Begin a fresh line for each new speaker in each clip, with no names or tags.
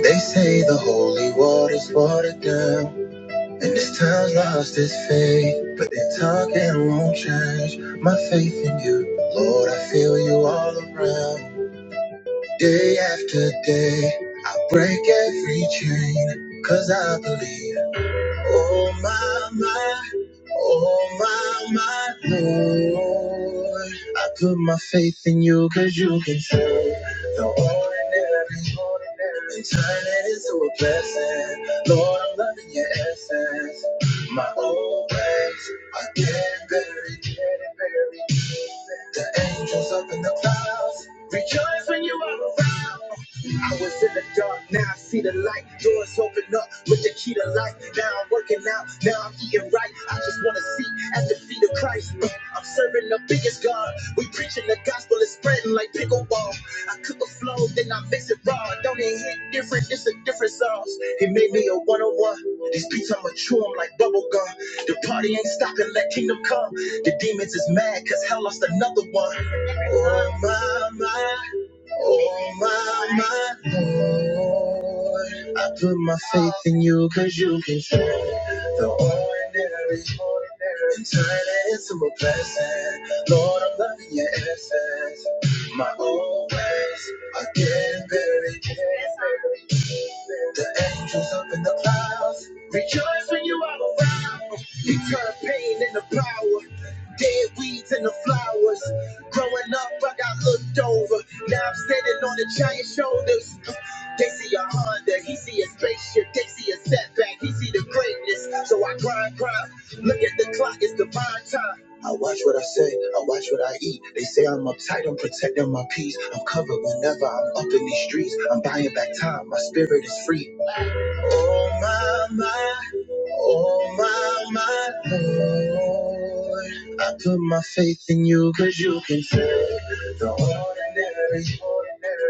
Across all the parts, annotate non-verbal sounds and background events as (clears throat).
They say the holy water's watered down, and this town's lost its faith. But their talking won't change my faith in you, Lord. I feel you all around, day after day. I break every chain 'cause I believe. Oh my my, Oh my, my Lord, I put my faith in you cause you can turn the ordinary, ordinary and turn it into a blessing. Lord, I'm loving your essence. My old ways are getting buried, getting buried. The angels up in the clouds rejoice when you are around. I was in the dark, now I see the light. Doors open up with the key to life. Now I'm working out, now I'm eating right. I just wanna see at the feet of Christ. Uh, I'm serving the biggest God. We preaching the gospel, it's spreading like pickleball. I cook a flow, then I mix it raw. Don't it hit different? It's a different sauce. He made me a one-on-one. These beats, I'ma chew 'em like bubble gum. The party ain't stopping, let kingdom come. The demons is mad, cause hell lost another one. Oh, my, my. Oh my, my Lord, I put my faith in you because you can turn the ordinary and turn it into a blessing. Lord, I'm loving your essence. My old ways are getting buried. The angels up in the clouds rejoice when you are around. You turn pain into power, dead weeds into flowers. Growing up, I got looked over. Now I'm standing on the giant shoulders. They see a Honda, he see a spaceship. They see a setback, he see the greatness. So I grind, grind. Look at the clock, it's divine time. I watch what I say, I watch what I eat. They say I'm uptight, I'm protecting my peace. I'm covered whenever I'm up in these streets. I'm buying back time, my spirit is free. Oh my, my, oh my, my Lord. I put my faith in you because you can take the ordinary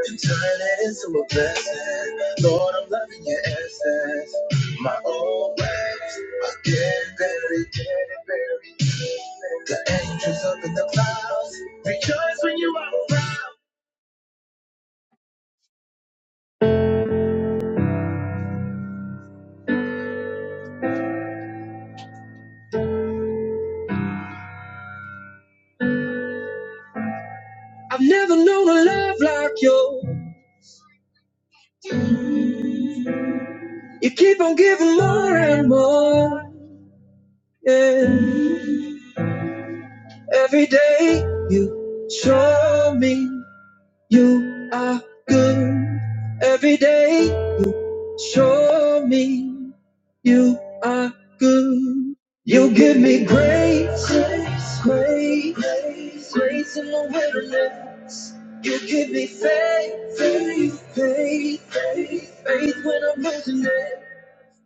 and turn it into a blessing. Lord, I'm loving your essence. My old ways are getting buried, getting buried. The angels up in the clouds rejoice when you are around. I've never known a love like you. You keep on giving more and more. in. Every day you show me you are good. Every day show me you are good. You give me grace, grace, grace, grace in the wilderness. You give me faith, faith, faith, faith, faith when I'm losing it.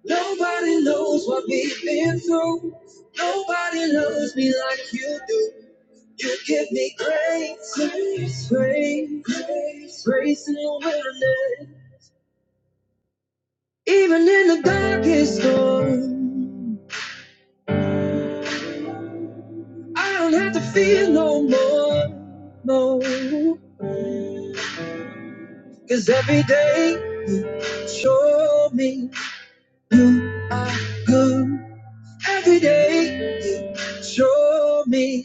Nobody knows what we've been through. Nobody loves me like you do. You give me grace, grace, grace, grace in the wilderness. Even in the darkest storm, I don't have to fear no more, no. Cause every day you show me you are good. Every day you show me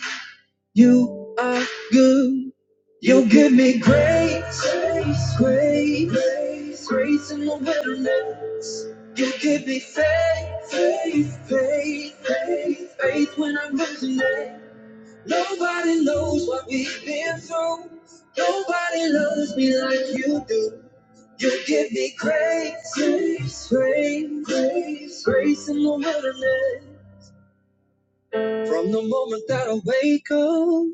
You are good. You give me grace, grace, grace, grace in the wilderness. You give me faith, faith, faith, faith, faith when I'm losing it. Nobody knows what we've been through. Nobody loves me like you do. You give me grace, grace, grace, grace, grace in the wilderness. From the moment that I wake up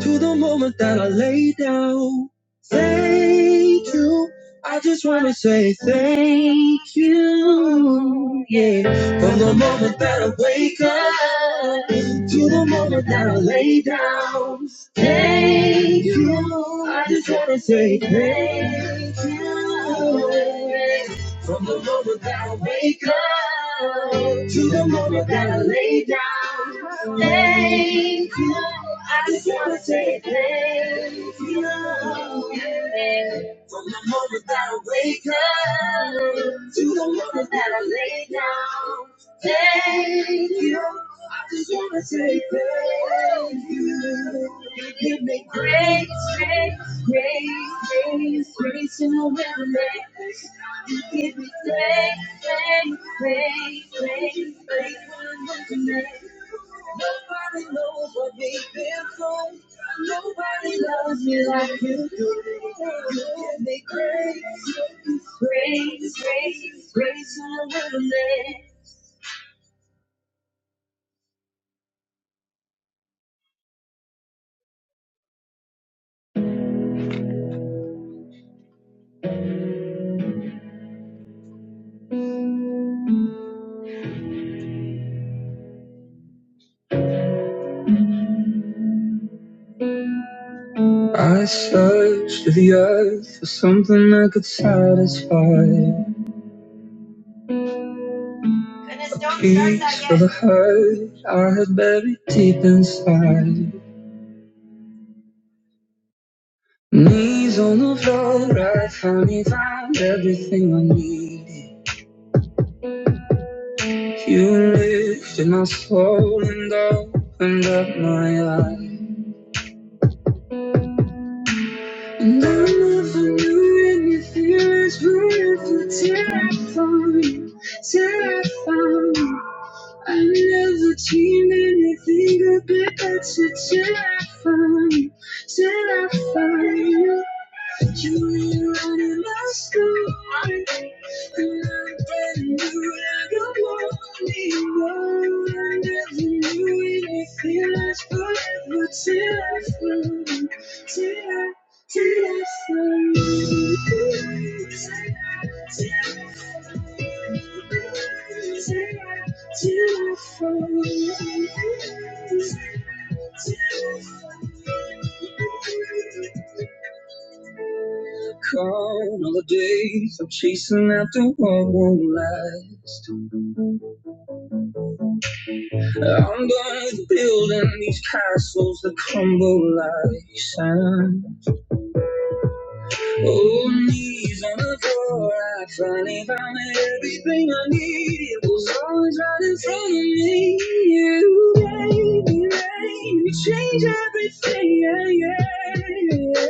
to the moment that I lay down. Thank you. I just wanna say thank you. Yeah. From the moment that I wake up to the moment that I lay down. Thank you. I just wanna say thank you. Yeah. From the moment that I wake up to the moment that I lay down. Thank you. I just wanna say thank you. From the moment that I wake up to the moment that I lay down, thank you. I just wanna say thank you. You give me grace, grace, grace, grace, grace in the wilderness. You give me grace, grace, grace, grace, grace in the wilderness. Nobody knows what we've been through. Nobody loves me like you do. You give me grace, grace, grace, grace on the land. I searched the earth for something that could satisfy. a piece not for the hurt I had buried deep inside. Knees on the floor, I finally found everything I needed. You lifted my soul and opened up my eyes. And I never knew anything as beautiful till I found you, till I found you. I never dreamed anything could be better till I found you, till I found you. You were running my story, and I brand new like a morning glow. I never knew. Caught all the days of chasing after what won't last. I'm done with building these castles that crumble like sand. Oh, knees on the floor, I finally found everything I need. It Was always right in front of me. You gave me rain, you changed everything. Yeah, yeah.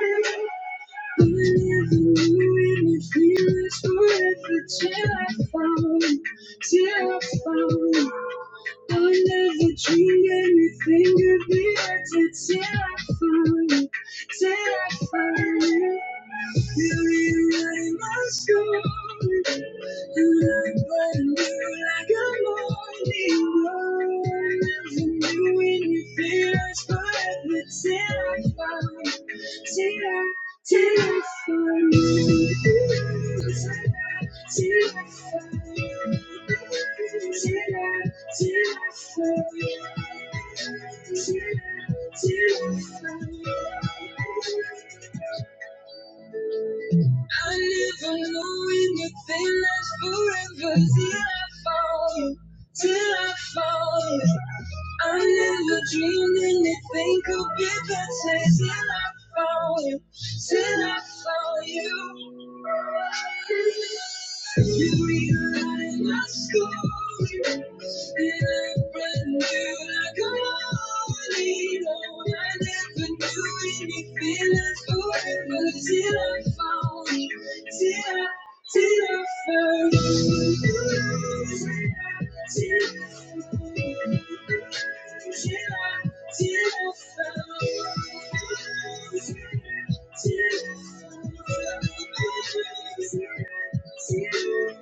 And if You never knew it would feel this forever till I found, till I found. I never dreamed anything could be better till I found you, till I found you. Feel it running in my soul, and I burn through like a morning rose. And you and your fears, but till I find, till I, till I find you, till I, till I find you, till I, till I find you, till I, till I find you. I never knew anything lasts forever till I fall, till I fall. I never dreamed anything could be better till I found you, till I found you. You rewrite my story, and I brand new like a morning. Oh, I never knew anything like forever till I found you, till I Till I found you, till I found you, till I found you, till I found you.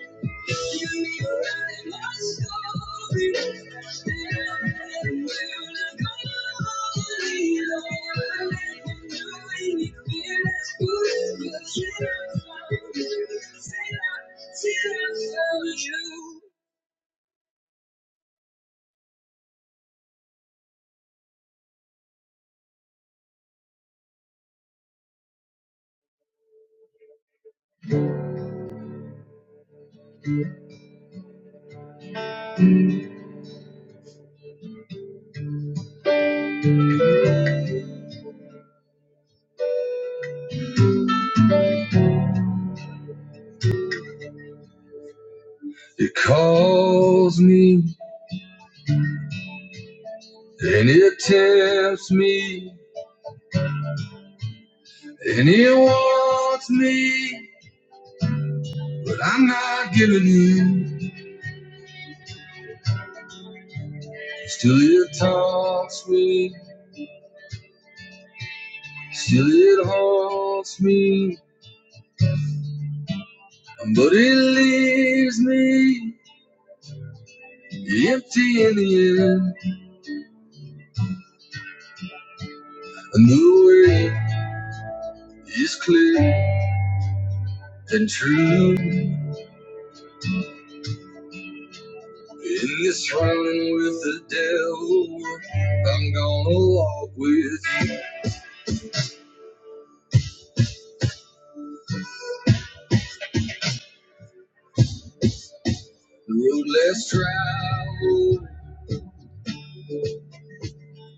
It calls me and it tempts me and it wants me, but I'm not giving in. Still, it taunts me Still it haunts me, but it leaves me empty in the end. And the way is clear and true. In this run with the devil, I'm gonna walk with you. The road less traveled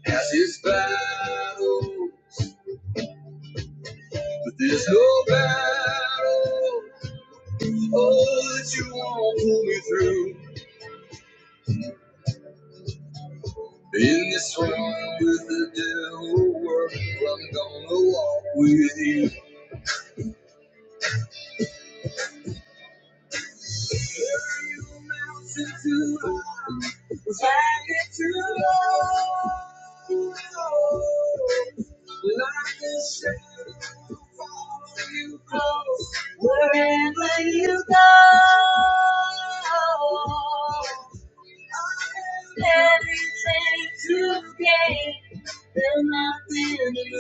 has its battle, but there's no battle. Oh, that you won't pull me through. In this room with the devil world, I'm gonna walk with you. Find it to love. Like the shade you wherever you go. I have Everything to gain and nothing to lose.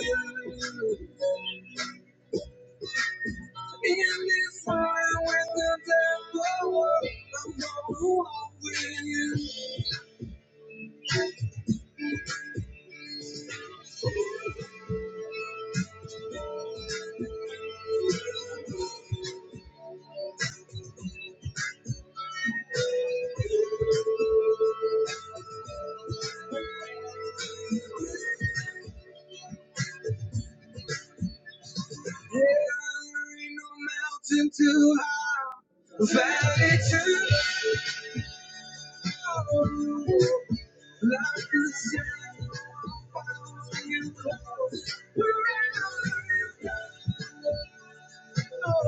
Into valley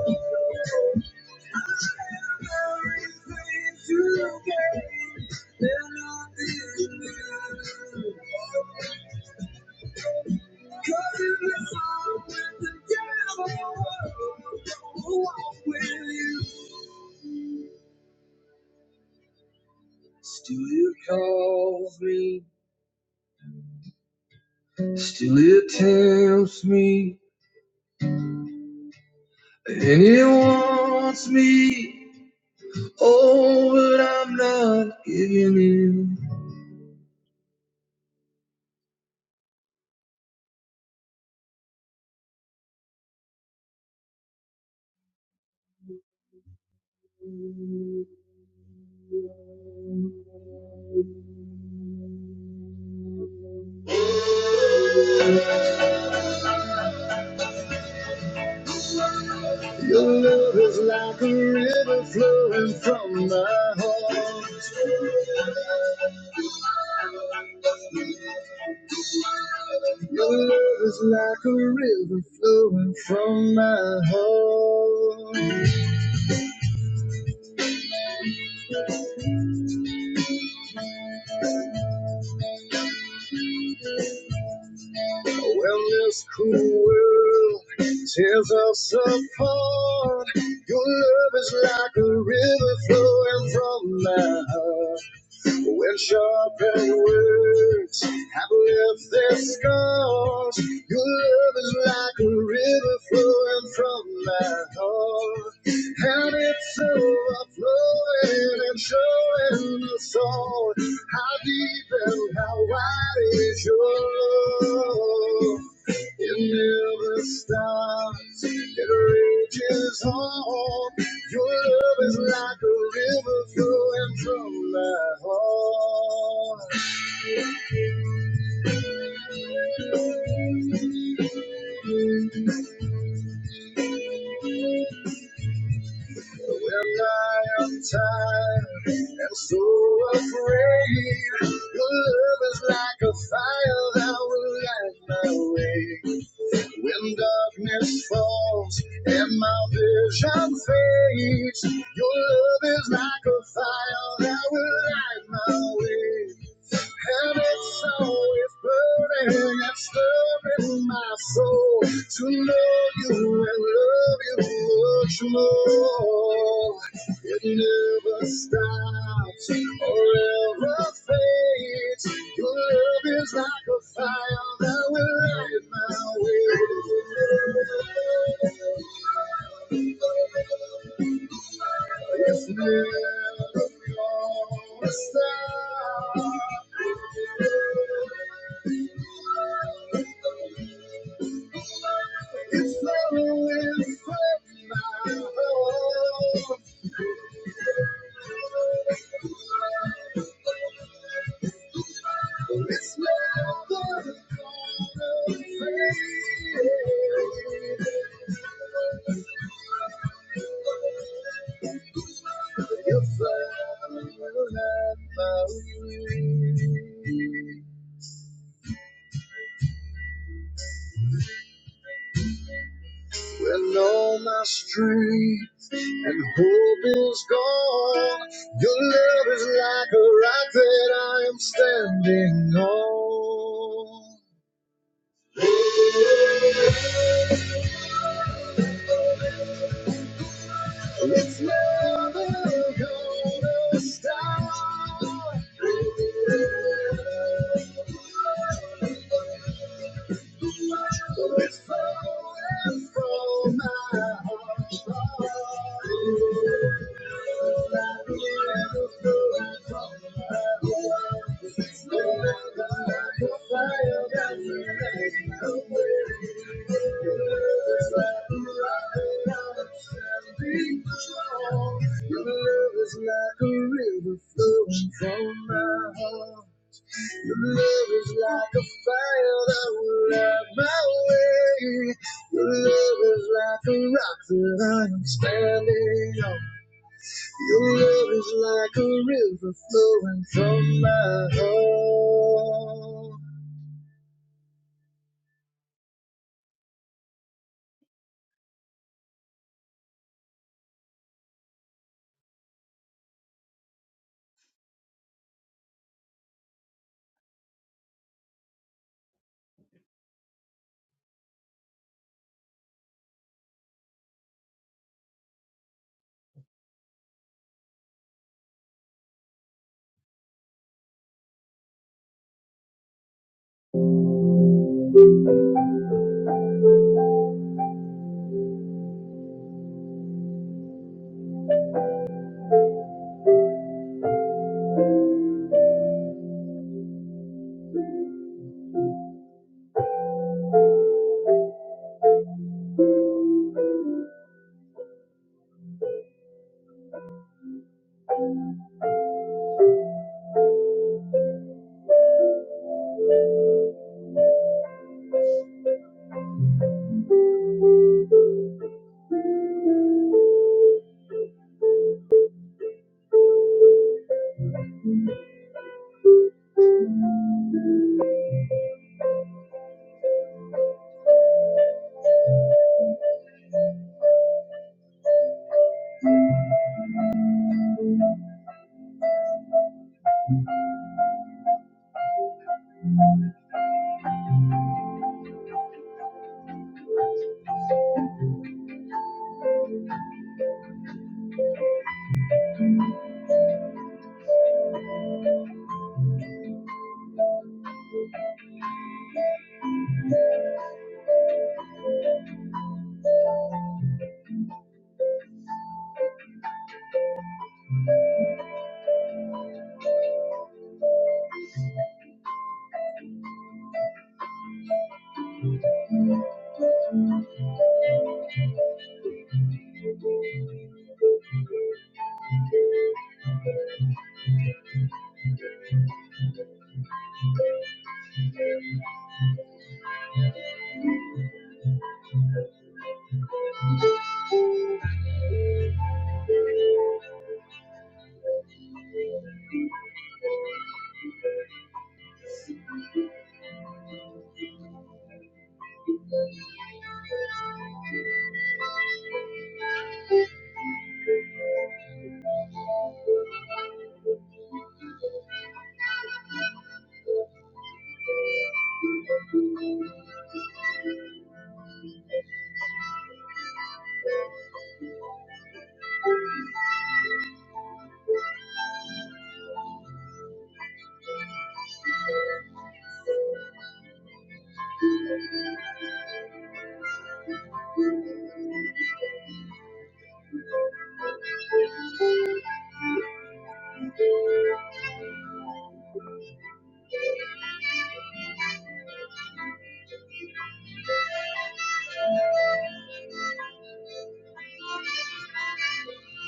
to Still it tempts me, and it wants me. Oh, but I'm not giving in. It's like a river flowing from my heart. is like a river flowing from my heart. You know I love you much more. It never stops or ever fades. Your love is like a fire that will light my way. It's never gonna stop. It's gonna Your love is like a rock that I am standing on. It's from my heart. It's like a fire that you make me feel. It's like a rock that I'm standing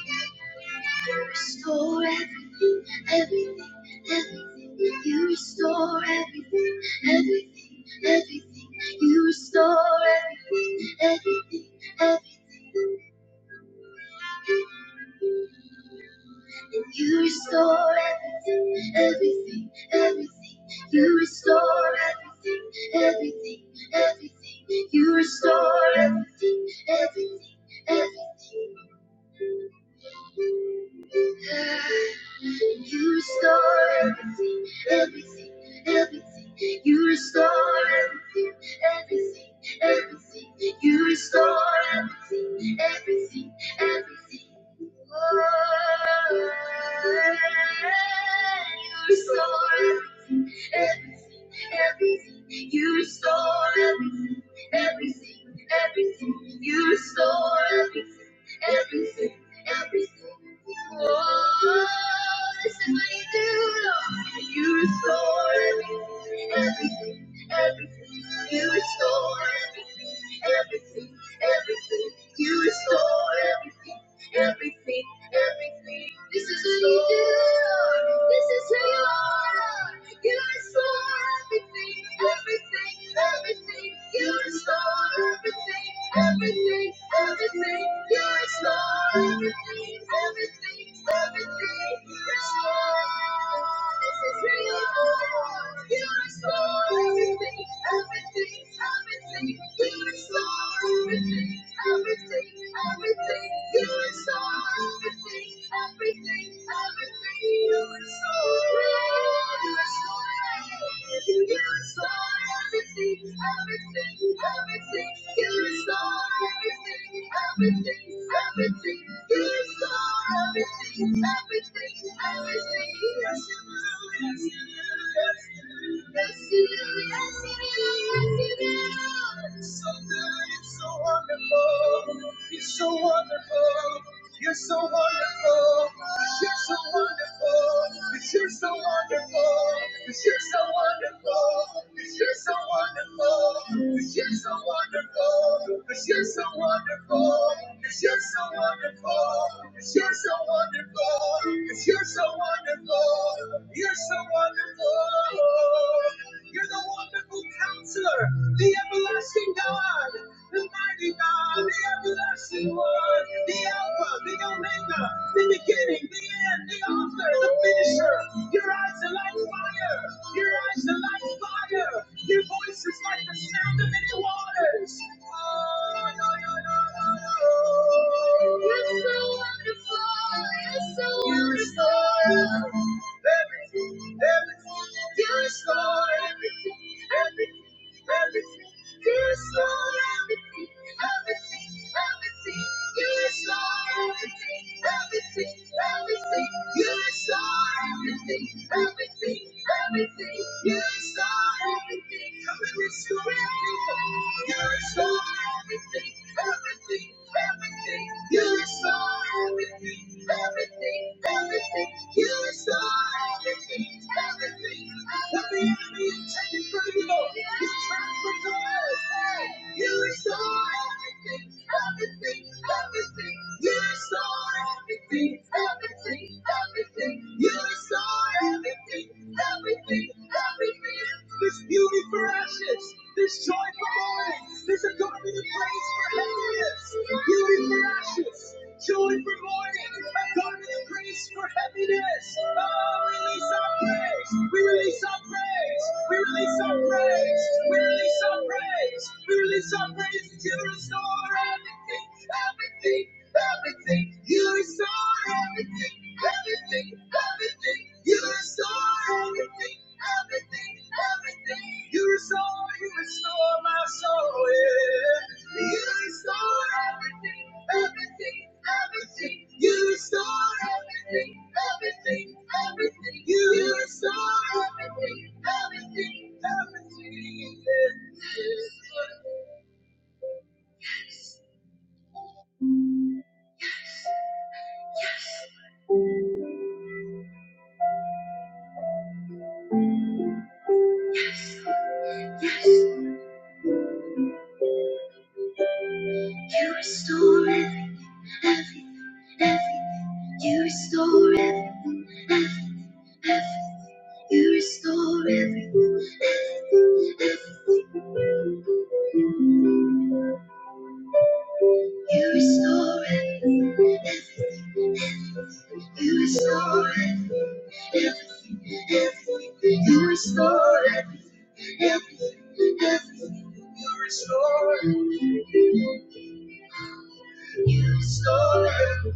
on. You restore everything, everything, everything. You restore everything, everything, everything. You restore everything, everything, everything. And you restore everything, everything, everything. You restore everything, everything, everything. You restore everything, everything, everything. You restore everything, everything, everything. You restore everything, everything, everything. You restore everything, everything, everything. Oh, you restore everything, everything, everything. You restore everything, everything, everything. You restore everything. Everything, everything, Oh, this is what you do, You restore everything, everything. everything. You restore everything, everything, everything. You restore everything, everything, everything. This is who you are. This is who you are. You restore everything, everything, everything. You restore everything, everything, everything. You restore everything, everything, everything. You Restore. This is who you are. You restore everything, everything, everything. You restore everything everything, everything. You restore everything, everything, everything. You restore, you restore, you restore everything, everything, everything. You restore everything, everything, everything. You restore everything, everything, everything. Yes, you do, yes, you do, yes, you do. Yes, you do, yes, you do so good, you're so wonderful, you're so wonderful, you're so wonderful, 'cause you're so wonderful, 'cause you're so wonderful, 'cause you're so wonderful, 'cause you're so wonderful, 'cause you're so wonderful, 'cause you're so wonderful, 'cause you're so wonderful, 'cause you're so wonderful, 'cause you're so wonderful, you're so wonderful. You're the wonderful counselor the everlasting God, the mighty God, the everlasting one, the Alpha, the Omega, the beginning, the end, the author, the finisher. Your eyes are like fire, your eyes are like fire, your voice is like the sound of many waters. Oh, no, no. You're so wonderful, you're so wonderful everything, everything. You restore everything, everything, everything. You restore everything, everything, everything. You restore everything, everything, everything. You restore everything, everything, everything. You restore everything. Come and restore everything. You restore everything, everything, everything. You restore everything, everything, everything. You restore everything, everything that the enemy has taken from you. You transform us. You restore everything, everything, everything. You restore everything, everything, everything. You restore everything, everything, everything. This beauty for ashes, this joy for mourning, this adornment of praise for heaviness. Beauty for ashes. Joy for mourning, a garment of grace for happiness. Oh, we release our praise. We release our praise. We release our praise. We release our praise. We release our praise. You restore everything, everything, everything. You restore everything, everything, everything. You restore everything, everything, everything. You restore, you restore my soul. Yeah. Restore everything, everything. Yes, yes, You restore every, every, every. You restore every, every, every. You restore every, every, every. You restore every, every, every. You restore every, every, every. You restore every, every, every. You restore every.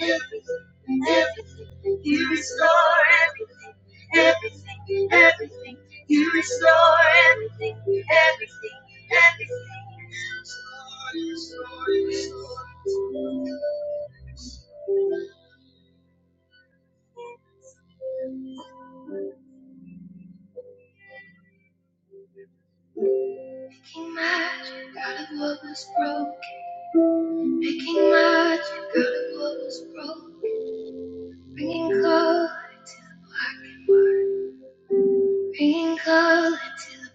Everything, everything, you restore everything, everything, everything, you restore everything, everything, everything. You restore, you restore, you restore. Making magic out of what was broken. Making magic out of what was broken. Bringing color to the black and white. Bringing color to the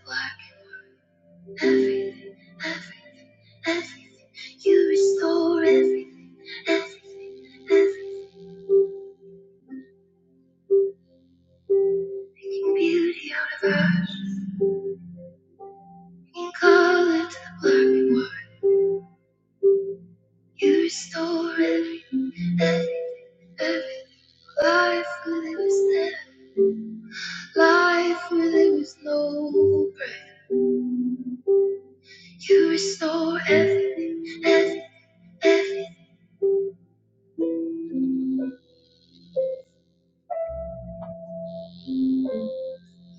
black. and white. Everything, everything, everything. You restore everything, everything, everything. Making beauty out of ashes. In color to the black and white. You restore everything, everything, everything. Life where there was never, life where there was no break. You restore everything, everything, everything.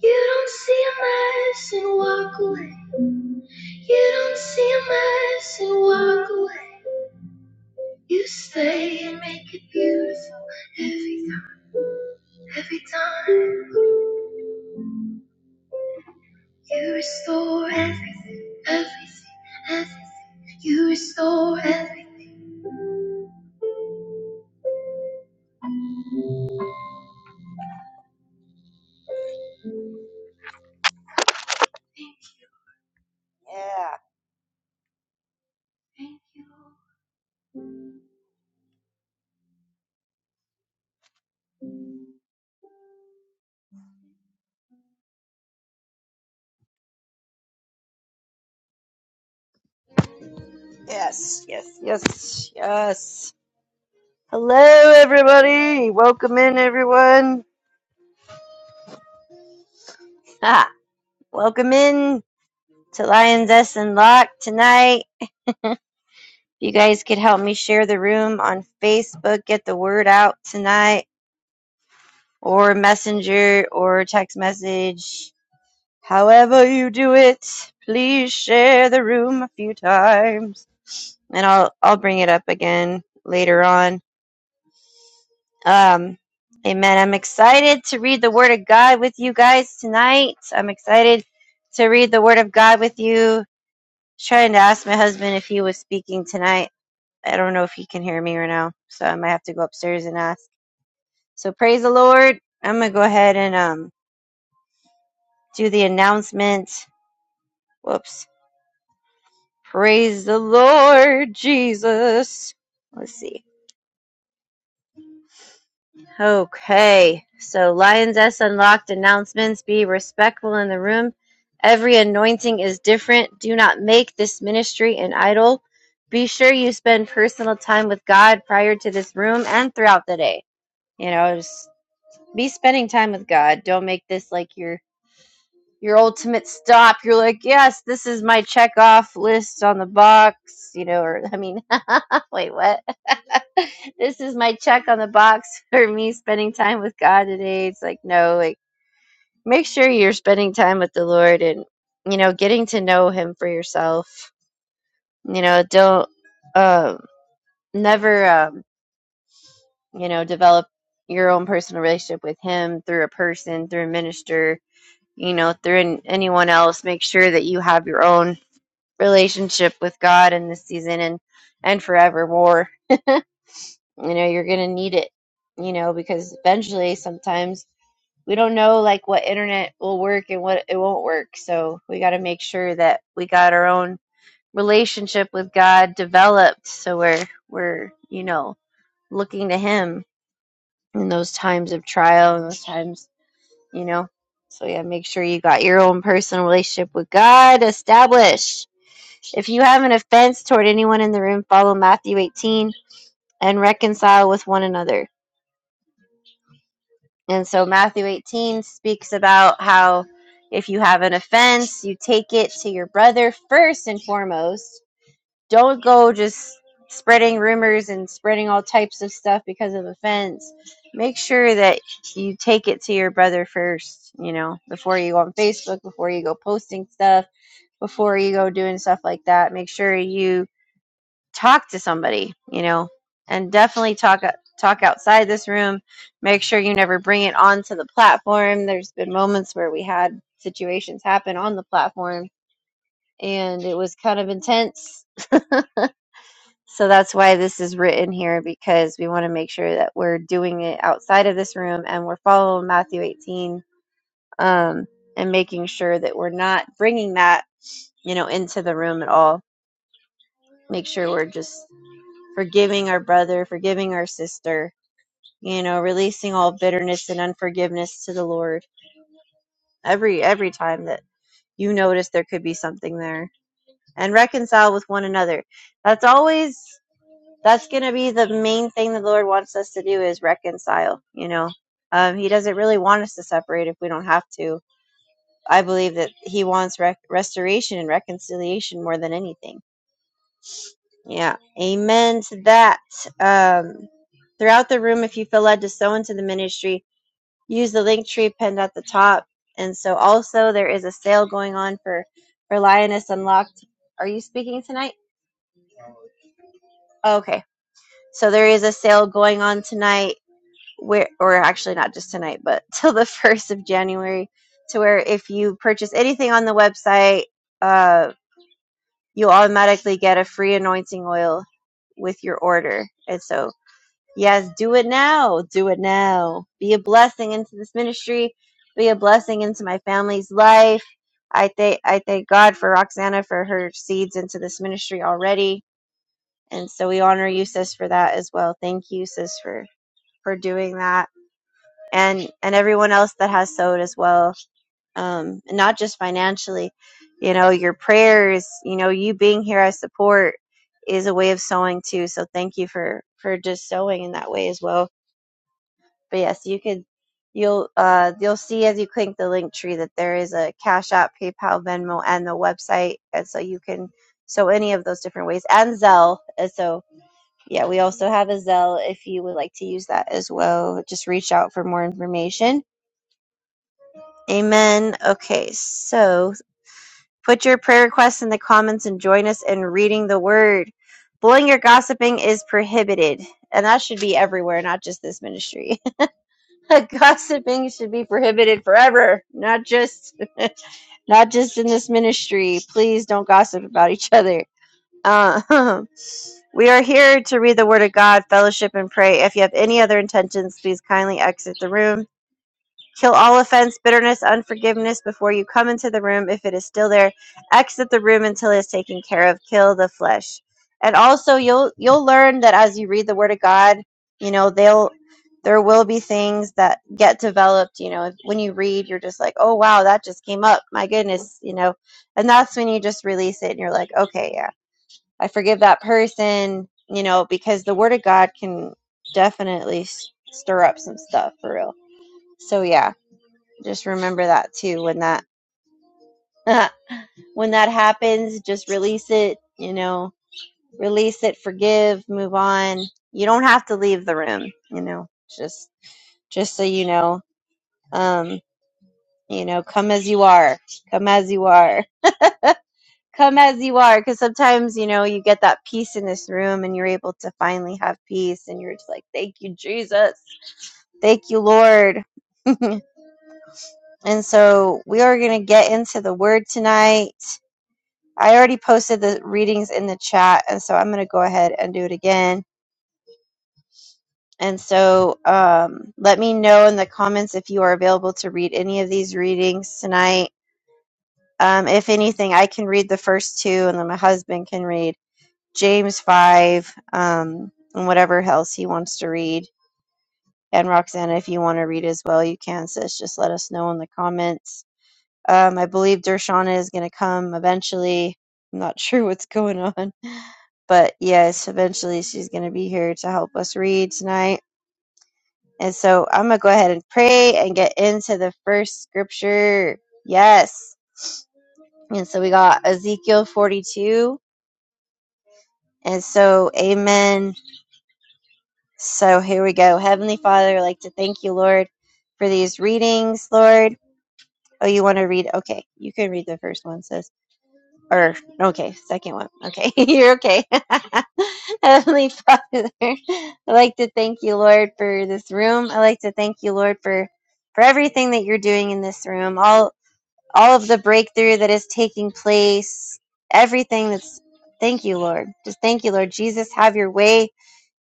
You don't see a mess and walk away. You don't see a mess and walk away. You stay and make it beautiful every time. Every time you restore everything, everything, everything. You restore everything. Thank you, thank you. Yes, yes, yes, yes. Hello, everybody. Welcome in, everyone. Ah, welcome in. to Lioness and Lock tonight. If you guys could help me share the room on Facebook, get the word out tonight, or messenger or text message. However you do it, please share the room a few times. And I'll I'll bring it up again later on. Um Amen. I'm excited to read the Word of God with you guys tonight. I'm excited to read the Word of God with you. I was Trying to ask my husband if he was speaking tonight I don't know if he can hear me right now, so I might have to go upstairs and ask. So praise the Lord. I'm gonna go ahead and um do the announcement. Whoops. Praise the Lord Jesus. Let's see. Okay. So Lions S unlocked announcements. Be respectful in the room. Every anointing is different. Do not make this ministry an idol. Be sure you spend personal time with God prior to this room and throughout the day. You know, be spending time with God. Don't make this like your your ultimate stop. You're like, yes, this is my check off list on the box, you know, or I mean, (laughs) wait, what? (laughs) this is my check on the box (laughs) for me spending time with God today. It's like, no, like make sure you're spending time with the Lord and you know, getting to know him for yourself. You know, don't um never um, you know, develop your own personal relationship with him through a person, through a minister you know, through an, anyone else. Make sure that you have your own relationship with God in this season and and forevermore. You know, you're gonna need it. You know, because eventually, sometimes we don't know like what internet will work and what it won't work. So we got to make sure that we got our own relationship with God developed, so we're we're you know looking to Him in those times of trial and those times you know? So yeah, make sure you got your own personal relationship with God established. If you have an offense toward anyone in the room, follow Matthew 18 and reconcile with one another. And so Matthew 18 speaks about how if you have an offense, you take it to your brother first and foremost Don't go just spreading rumors and spreading all types of stuff because of offense. Make sure that you take it to your brother first, you know, before you go on Facebook, before you go posting stuff, before you go doing stuff like that. Make sure you talk to somebody, you know, and definitely talk talk outside this room. Make sure you never bring it onto the platform. There's been moments where we had situations happen on the platform and it was kind of intense So that's why this is written here because we want to make sure that we're doing it outside of this room and we're following Matthew 18 um, and making sure that we're not bringing that, you know, into the room at all. Make sure we're just forgiving our brother, forgiving our sister, you know, releasing all bitterness and unforgiveness to the Lord every every time that you notice there could be something there and reconcile with one another. That's always that's going to be the main thing that the Lord wants us to do is reconcile. You know, um, He doesn't really want us to separate if we don't have to. I believe that He wants rec- restoration and reconciliation more than anything. Yeah, Amen to that. Um, throughout the room, if you feel led to sow into the ministry, use the link tree pinned at the top. And so, also there is a sale going on for for Lioness Unlocked. Are you speaking tonight? Okay, so there is a sale going on tonight where or actually not just tonight but (laughs) till the 1st of january to where if you purchase anything on the website uh, you'll automatically get a free anointing oil with your order and so yes do it now do it now be a blessing into this ministry be a blessing into my family's life i thank i thank god for roxana for her seeds into this ministry already and so we honor you sis for that as well thank you sis for for doing that and and everyone else that has sowed as well um and not just financially you know your prayers you know you being here as support is a way of sowing too so thank you for for just sowing in that way as well but yes you could you'll uh you'll see as you click the link tree that there is a cash app paypal venmo and the website and so you can sow any of those different ways and zelle and so yeah we also have a zelle if you would like to use that as well just reach out for more information Amen. Okay, so put your prayer requests in the comments and join us in reading the word. Blowing or gossiping is prohibited, and that should be everywhere, not just this ministry. (laughs) gossiping should be prohibited forever, not just (laughs) not just in this ministry. Please don't gossip about each other. Uh, (laughs) we are here to read the Word of God, fellowship, and pray. If you have any other intentions, please kindly exit the room. Kill all offense, bitterness, unforgiveness before you come into the room. If it is still there, exit the room until it is taken care of. Kill the flesh. And also, you'll you'll learn that as you read the Word of God, you know they'll there will be things that get developed. You know, when you read, you're just like, oh wow, that just came up. My goodness, you know. And that's when you just release it, and you're like, okay, yeah, I forgive that person. You know, because the Word of God can definitely stir up some stuff for real. So yeah just remember that too when that (laughs) when that happens, just release it, you know, release it, forgive, move on. You don't have to leave the room, you know. Just just so you know, um, you know, come as you are. Come as you are. (laughs) Come as you are because sometimes, you know, you get that peace in this room and you're able to finally have peace and you're just like, "Thank you, Jesus. Thank you, Lord." (laughs) And so we are going to get into the word tonight. I already posted the readings in the chat, and so I'm going to go ahead and do it again. And so um, let me know in the comments if you are available to read any of these readings tonight. Um, if anything, I can read the first two, and then my husband can read James 5 um, and whatever else he wants to read. And Roxana, if you want to read as well, you can, sis. Just let us know in the comments. Um, I believe Dershana is going to come eventually. I'm not (laughs) sure what's going on But yes, eventually she's going to be here to help us read tonight. And so I'm going to go ahead and pray and get into the first scripture. Yes. And so we got Ezekiel 42. And so, amen. So here we go. Heavenly Father, I'd like to thank you, Lord, for these readings, Lord. Oh, you want to read? Okay, you can read the first one, sis. or okay, second one. Okay, (laughs) you're okay. (laughs) Heavenly Father, I like to thank you, Lord, for this room. I like to thank you, Lord, for for everything that you're doing in this room. All all of the breakthrough that is taking place, everything that's. Thank you, Lord. Just thank you, Lord. Jesus, have your way.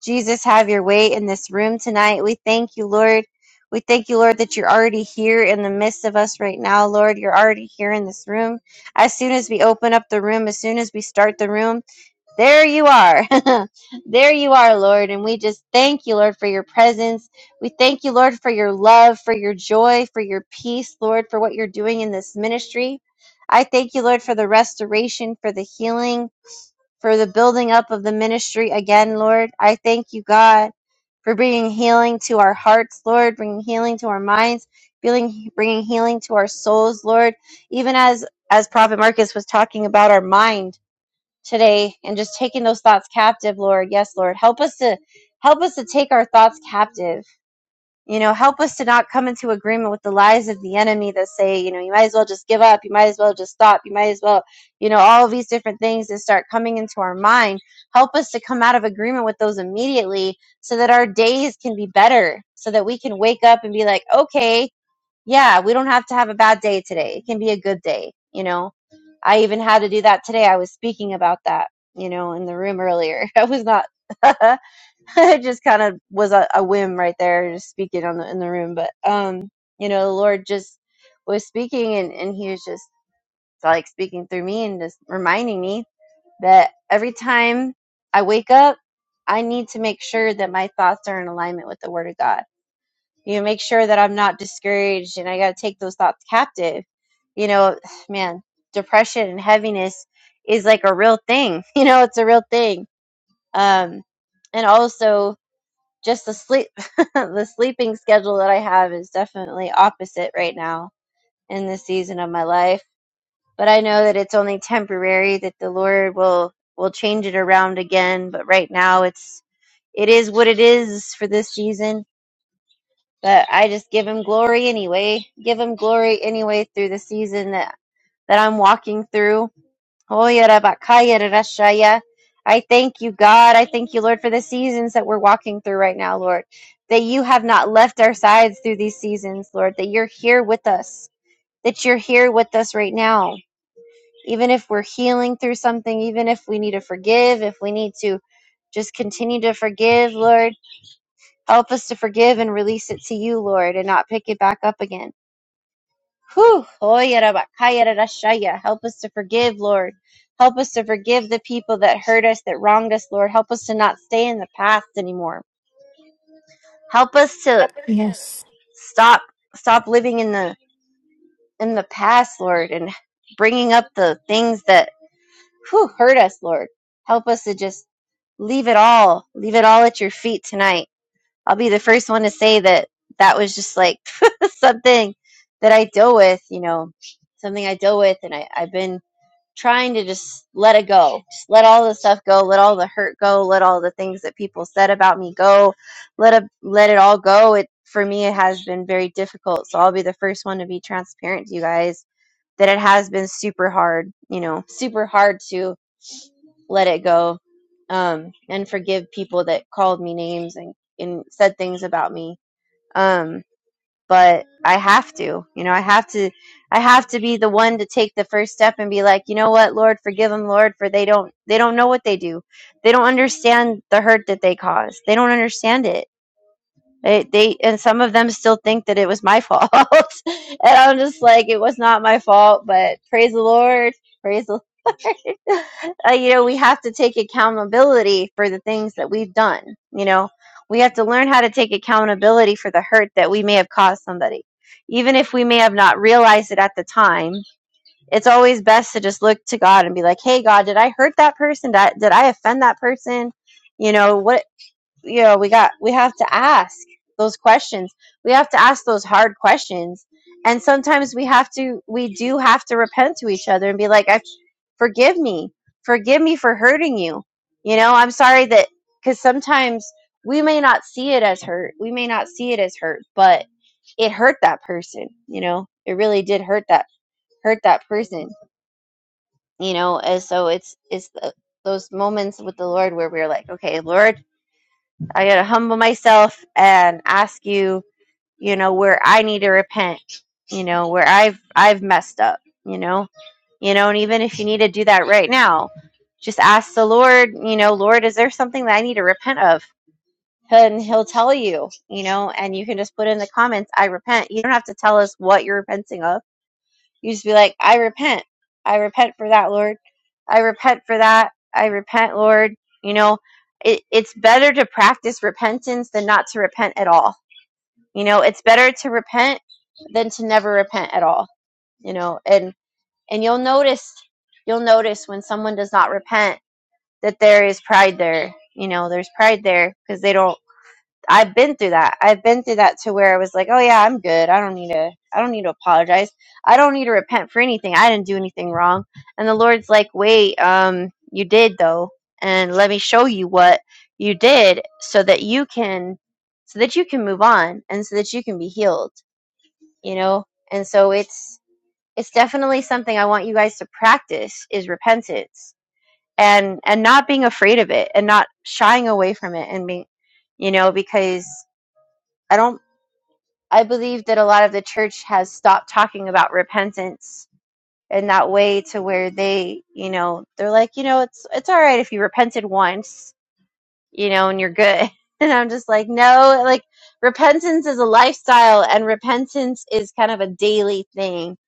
Jesus, have your way in this room tonight. We thank you, Lord. We thank you, Lord, that you're already here in the midst of us right now, Lord. You're already here in this room. As soon as we open up the room, as soon as we start the room, there you are. (laughs) there you are, Lord. And we just thank you, Lord, for your presence. We thank you, Lord, for your love, for your joy, for your peace, Lord, for what you're doing in this ministry. I thank you, Lord, for the restoration, for the healing, for the building up of the ministry again, Lord. I thank you, God, for bringing healing to our hearts, Lord, bringing healing to our minds, feeling, bringing healing to our souls, Lord. Even as as Prophet Marcus was talking about our mind today and just taking those thoughts captive, Lord. Yes, Lord. Help us to help us to take our thoughts captive. You know, help us to not come into agreement with the lies of the enemy that say, you know, you might as well just give up, you might as well just stop, you might as well, you know, all of these different things that start coming into our mind. Help us to come out of agreement with those immediately so that our days can be better, so that we can wake up and be like, okay, yeah, we don't have to have a bad day today. It can be a good day, you know? I even had to do that today. I was speaking about that, you know, in the room earlier. (laughs) I was not. (laughs) it just kind of was a, a whim right there, just speaking on the in the room. But um, you know, the Lord just was speaking, and and He was just like speaking through me and just reminding me that every time I wake up, I need to make sure that my thoughts are in alignment with the Word of God you know, make sure that I'm not discouraged and I got to take those thoughts captive. You know, (sighs) man, depression and heaviness is like a real thing. (laughs) You know, it's a real thing. Um, and also just the sleep, (laughs) the sleeping schedule that I have is definitely opposite right now in this season of my life. But I know that it's only temporary that the Lord will, will change it around again. But right now it's, it is what it is for this season but I just give him glory anyway. Give him glory anyway through the season that, that I'm walking through. Oh, yada bakaya da shaya. I thank you, God. I thank you, Lord, for the seasons that we're walking through right now, Lord. That you have not left our sides through these seasons, Lord. That you're here with us. That you're here with us right now. Even if we're healing through something, even if we need to forgive, if we need to just continue to forgive, Lord. Help us to forgive and release it to you, Lord, and not pick it back up again. Whew. Help us to forgive, Lord. Help us to forgive the people that hurt us, that wronged us, Lord. Help us to not stay in the past anymore. Help us to
Yes.
stop stop living in the in the past, Lord, and bringing up the things that whew, hurt us, Lord. Help us to just leave it all, leave it all at your feet tonight. I'll be the first one to say that that was just like (laughs) something that I deal with, you know, something I deal with, and I, I've been trying to just let it go. Just let all the stuff go, let all the hurt go, let all the things that people said about me go. Let it, let it all go. It for me it has been very difficult. So I'll be the first one to be transparent to you guys that it has been super hard, you know, super hard to let it go um and forgive people that called me names and and said things about me. Um but I have to, you know, I have to, I have to be the one to take the first step and be like, you know what, Lord, forgive them, Lord, for they don't, they don't know what they do. They don't understand the hurt that they cause. They don't understand it they, they and some of them still think that it was my fault, (laughs) and I'm just like, it was not my fault. But praise the Lord, praise the (laughs) Lord. uh, you know, we have to take accountability for the things that we've done. You know, we have to learn how to take accountability for the hurt that we may have caused somebody, even if we may have not realized it at the time. It's always best to just look to God and be like, "Hey, God, did I hurt that person? Did I, did I offend that person? You know, what you know we got we have to ask those questions we have to ask those hard questions and sometimes we have to we do have to repent to each other and be like i forgive me forgive me for hurting you you know i'm sorry that because sometimes we may not see it as hurt we may not see it as hurt but it hurt that person you know it really did hurt that hurt that person you know and so it's it's the, those moments with the lord where we're like okay lord I got to humble myself and ask you, you know, where I need to repent, you know, where I've I've messed up, you know. You know, and even if you need to do that right now, just ask the Lord, you know, Lord, is there something that I need to repent of? And he'll tell you, you know, and you can just put in the comments, I repent. You don't have to tell us what you're repenting of you just be like, I repent. I repent for that, Lord. I repent for that. I repent, Lord. You know, it, it's better to practice repentance than not to repent at all. You know, it's better to repent than to never repent at all. You know, and and you'll notice you'll notice when someone does not repent that there is pride there. You know, there's pride there because they don't I've been through that. I've been through that to where I was like, oh yeah, I'm good. I don't need to. I don't need to apologize. I don't need to repent for anything. I didn't do anything wrong. And the Lord's like, wait, um, you did though, and let me show you what you did, so that you can, so that you can move on, and so that you can be healed. You know. And so it's it's definitely something I want you guys to practice is repentance and and not being afraid of it and not shying away from it and being, you know, because. I don't I believe that a lot of the church has stopped talking about repentance in that way to where they, you know, they're like, you know, it's it's all right if you repented once, you know, and you're good. (laughs) And I'm just like, no, like repentance is a lifestyle and repentance is kind of a daily thing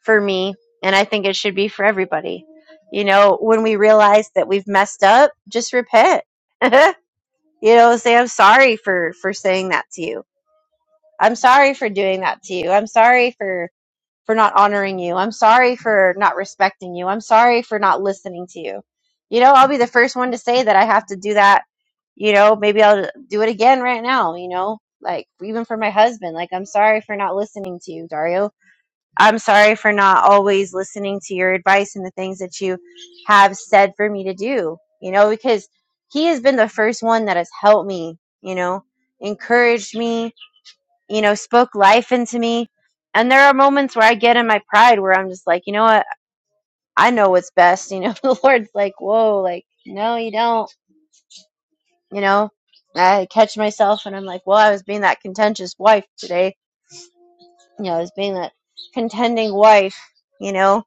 for me and I think it should be for everybody. You know, when we realize that we've messed up, just repent. (laughs) you know, say I'm sorry for for saying that to you. I'm sorry for doing that to you. I'm sorry for for not honoring you. I'm sorry for not respecting you. I'm sorry for not listening to you. You know, I'll be the first one to say that I have to do that. You know, maybe I'll do it again right now, you know, like even for my husband. Like, I'm sorry for not listening to you, Dario. I'm sorry for not always listening to your advice and the things that you have said for me to do, you know, because he has been the first one that has helped me, you know, encouraged me, you know, spoke life into me. And there are moments where I get in my pride where I'm just like, you know what? I know what's best. You know, (laughs) the Lord's like, whoa, like, no, you don't. You know, I catch myself and I'm like, well, I was being that contentious wife today. You know, I was being that contending wife, you know,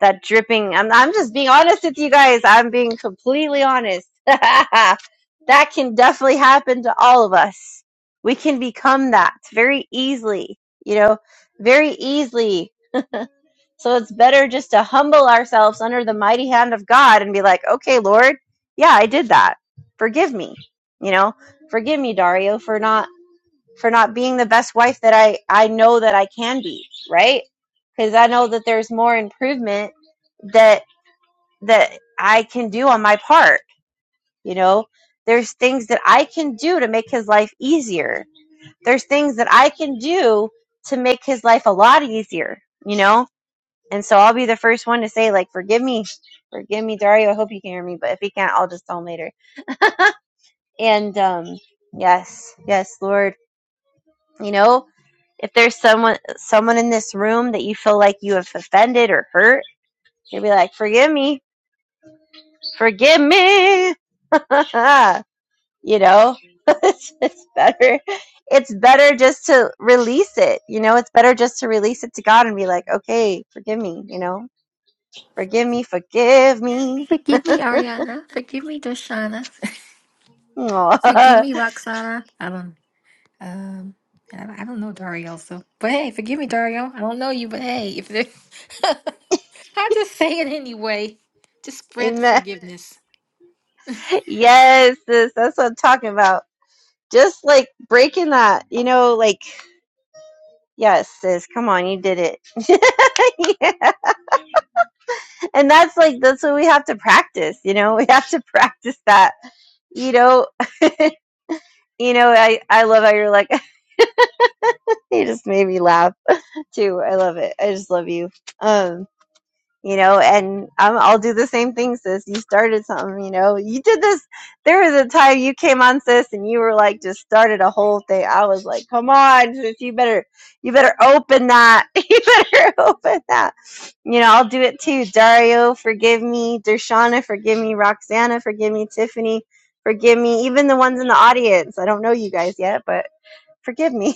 that dripping. I'm, I'm just being honest with you guys. I'm being completely honest. (laughs) that can definitely happen to all of us. We can become that very easily, you know, very easily. So it's better just to humble ourselves under the mighty hand of God and be like, okay, Lord, yeah, I did that. Forgive me, you know, forgive me, Dario, for not for not being the best wife that I I know that I can be, right? Because I know that there's more improvement that that I can do on my part. You know, there's things that I can do to make his life easier. There's things that I can do to make his life a lot easier, you know? And so I'll be the first one to say, like, forgive me, forgive me, Dario. I hope you can hear me, but if you can't, I'll just tell him later. And um, yes, yes, Lord, you know, if there's someone someone in this room that you feel like you have offended or hurt, you'll be like, forgive me, forgive me. (laughs) you know (laughs) it's, it's better it's better just to release it you know it's better just to release it to god and be like okay forgive me you know forgive me forgive me
Forgive me, Ariana. Forgive me, Doshana. (laughs) forgive
Aw.
me, Roxana. I don't. Um. I don't I don't know Dario, so but hey, forgive me, Dario. I don't know you, but hey, if there- (laughs) I just say it anyway, just
(laughs)
spread the Amen.
amen
forgiveness.
yes sis that's what i'm talking about just like breaking that you know like yes sis come on you did it (laughs) yeah. and that's like that's what we have to practice you know we have to practice that you know (laughs) you know i i love how you're like (laughs) you just made me laugh too. I love it. I just love you. Um, you know, and I'm, I'll do the same thing, sis. You started something, you know. You did this. There was a time you came on, sis, and you were like, just started a whole thing. I was like, come on, sis, you better, you better open that. (laughs) You better open that. You know, I'll do it too. Dario, forgive me. Dershana, forgive me. Roxana, forgive me. Tiffany, forgive me. Even the ones in the audience. I don't know you guys yet, but forgive me. (laughs)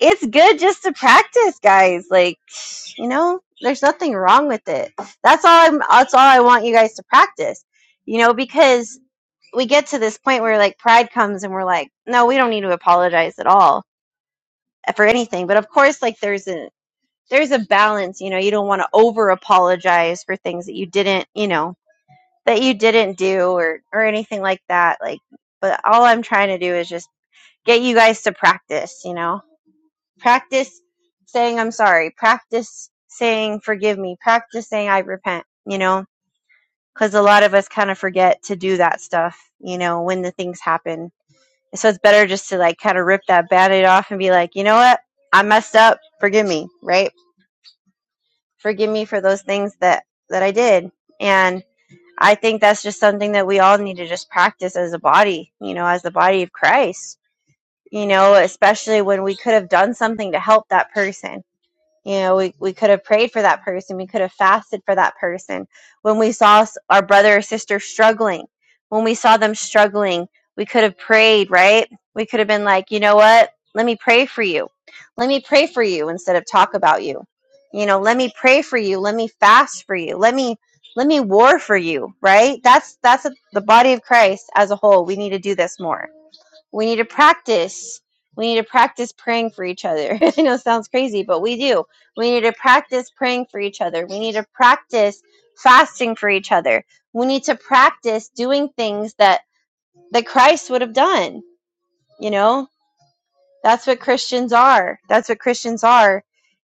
it's good just to practice, guys. Like, you know, there's nothing wrong with it. That's all I'm that's all I want you guys to practice. You know, because we get to this point where like pride comes and we're like, no, we don't need to apologize at all for anything. But of course, like there's a there's a balance, you know, you don't want to over apologize for things that you didn't, you know, that you didn't do or or anything like that. Like but all I'm trying to do is just get you guys to practice, you know practice saying I'm sorry, practice saying forgive me, practice saying I repent, you know, because a lot of us kind of forget to do that stuff, you know, when the things happen. So it's better just to like kind of rip that band aid off and be like, you know what? I messed up. Forgive me, right? Forgive me for those things that that I did. And I think that's just something that we all need to just practice as a body, you know, as the body of Christ, you know, especially when we could have done something to help that person You know, we, we could have prayed for that person. We could have fasted for that person. When we saw our brother or sister struggling, when we saw them struggling, we could have prayed, right? We could have been like, you know what? Let me pray for you. Let me pray for you instead of talk about you. You know, let me pray for you. Let me fast for you. Let me let me war for you, right? That's that's a, the body of Christ as a whole. We need to do this more we need to practice. We need to practice praying for each other. (laughs) I know it sounds crazy, but we do. We need to practice praying for each other. We need to practice fasting for each other. We need to practice doing things that that Christ would have done, you know? That's what Christians are. That's what Christians are,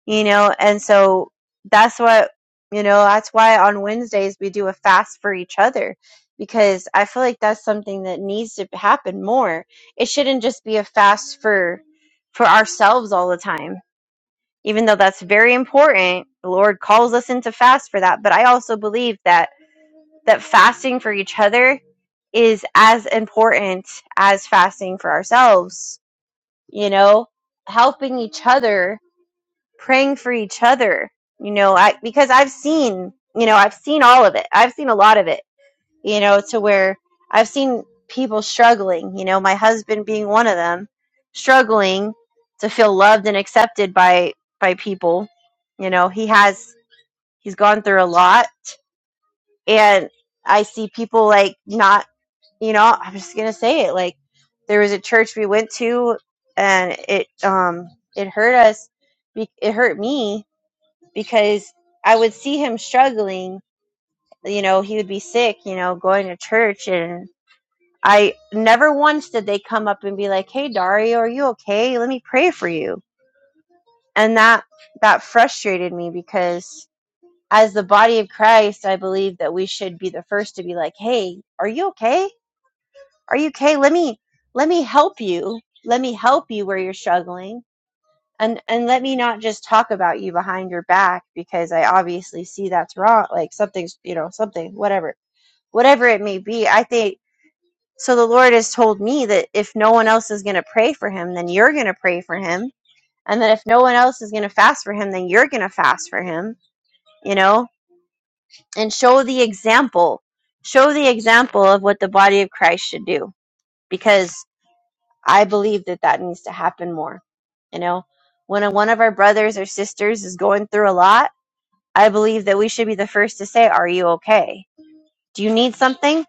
you know. And so that's what, you know, that's why on Wednesdays we do a fast for each other because I feel like that's something that needs to happen more. It shouldn't just be a fast for for ourselves all the time. Even though that's very important, the Lord calls us into fast for that, but I also believe that that fasting for each other is as important as fasting for ourselves you know, helping each other, praying for each other, you know, I because I've seen, you know, I've seen all of it. I've seen a lot of it, you know, to where I've seen people struggling, you know, my husband being one of them, struggling to feel loved and accepted by by people. You know, he has he's gone through a lot and I see people like not you know, I'm just gonna say it. Like there was a church we went to, and it um it hurt us. be- It hurt me because I would see him struggling. You know, he would be sick. You know, going to church, and I never once did they come up and be like, "Hey, Dario, are you okay? Let me pray for you." And that that frustrated me because as the body of Christ, I believe that we should be the first to be like, "Hey, are you okay?" are you okay let me let me help you let me help you where you're struggling and and let me not just talk about you behind your back because i obviously see that's wrong like something's you know something whatever whatever it may be i think so the lord has told me that if no one else is going to pray for him then you're going to pray for him and that if no one else is going to fast for him then you're going to fast for him you know and show the example show the example of what the body of christ should do because. I believe that that needs to happen more. You know, when a, one of our brothers or sisters is going through a lot, I believe that we should be the first to say, Are you okay? Do you need something?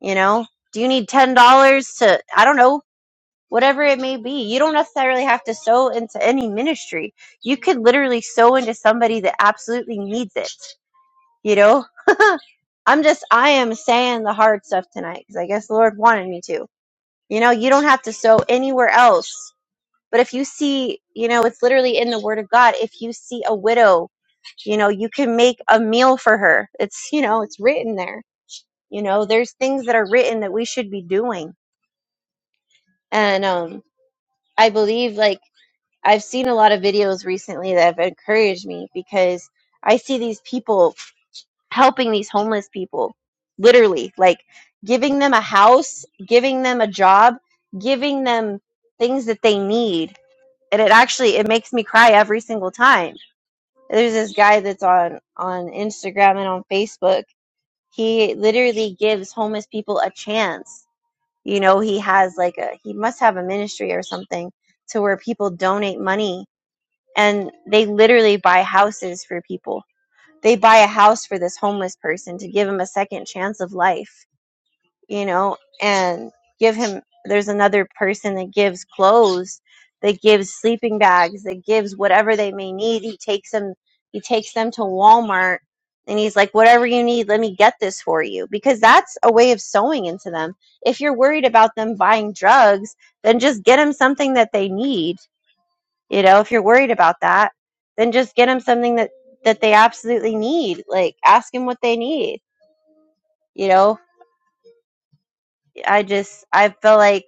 You know, do you need $10 to, I don't know, whatever it may be? You don't necessarily have to sow into any ministry. You could literally sow into somebody that absolutely needs it. You know, I'm just, I am saying the hard stuff tonight because I guess the Lord wanted me to. You know, you don't have to sow anywhere else But if you see, you know, it's literally in the word of God. If you see a widow, you know, you can make a meal for her. It's, you know, it's written there. You know, there's things that are written that we should be doing. And um I believe like I've seen a lot of videos recently that have encouraged me because I see these people helping these homeless people literally like giving them a house, giving them a job, giving them things that they need. And it actually it makes me cry every single time there's this guy that's on on Instagram and on Facebook. He literally gives homeless people a chance. You know, he has like a he must have a ministry or something to where people donate money and they literally buy houses for people. They buy a house for this homeless person to give him a second chance of life you know, and give him. There's another person that gives clothes, that gives sleeping bags, that gives whatever they may need. He takes them. He takes them to Walmart, and he's like, "Whatever you need, let me get this for you," because that's a way of sewing into them. If you're worried about them buying drugs, then just get them something that they need. You know, if you're worried about that, then just get them something that that they absolutely need. Like, ask them what they need. You know, I just I feel like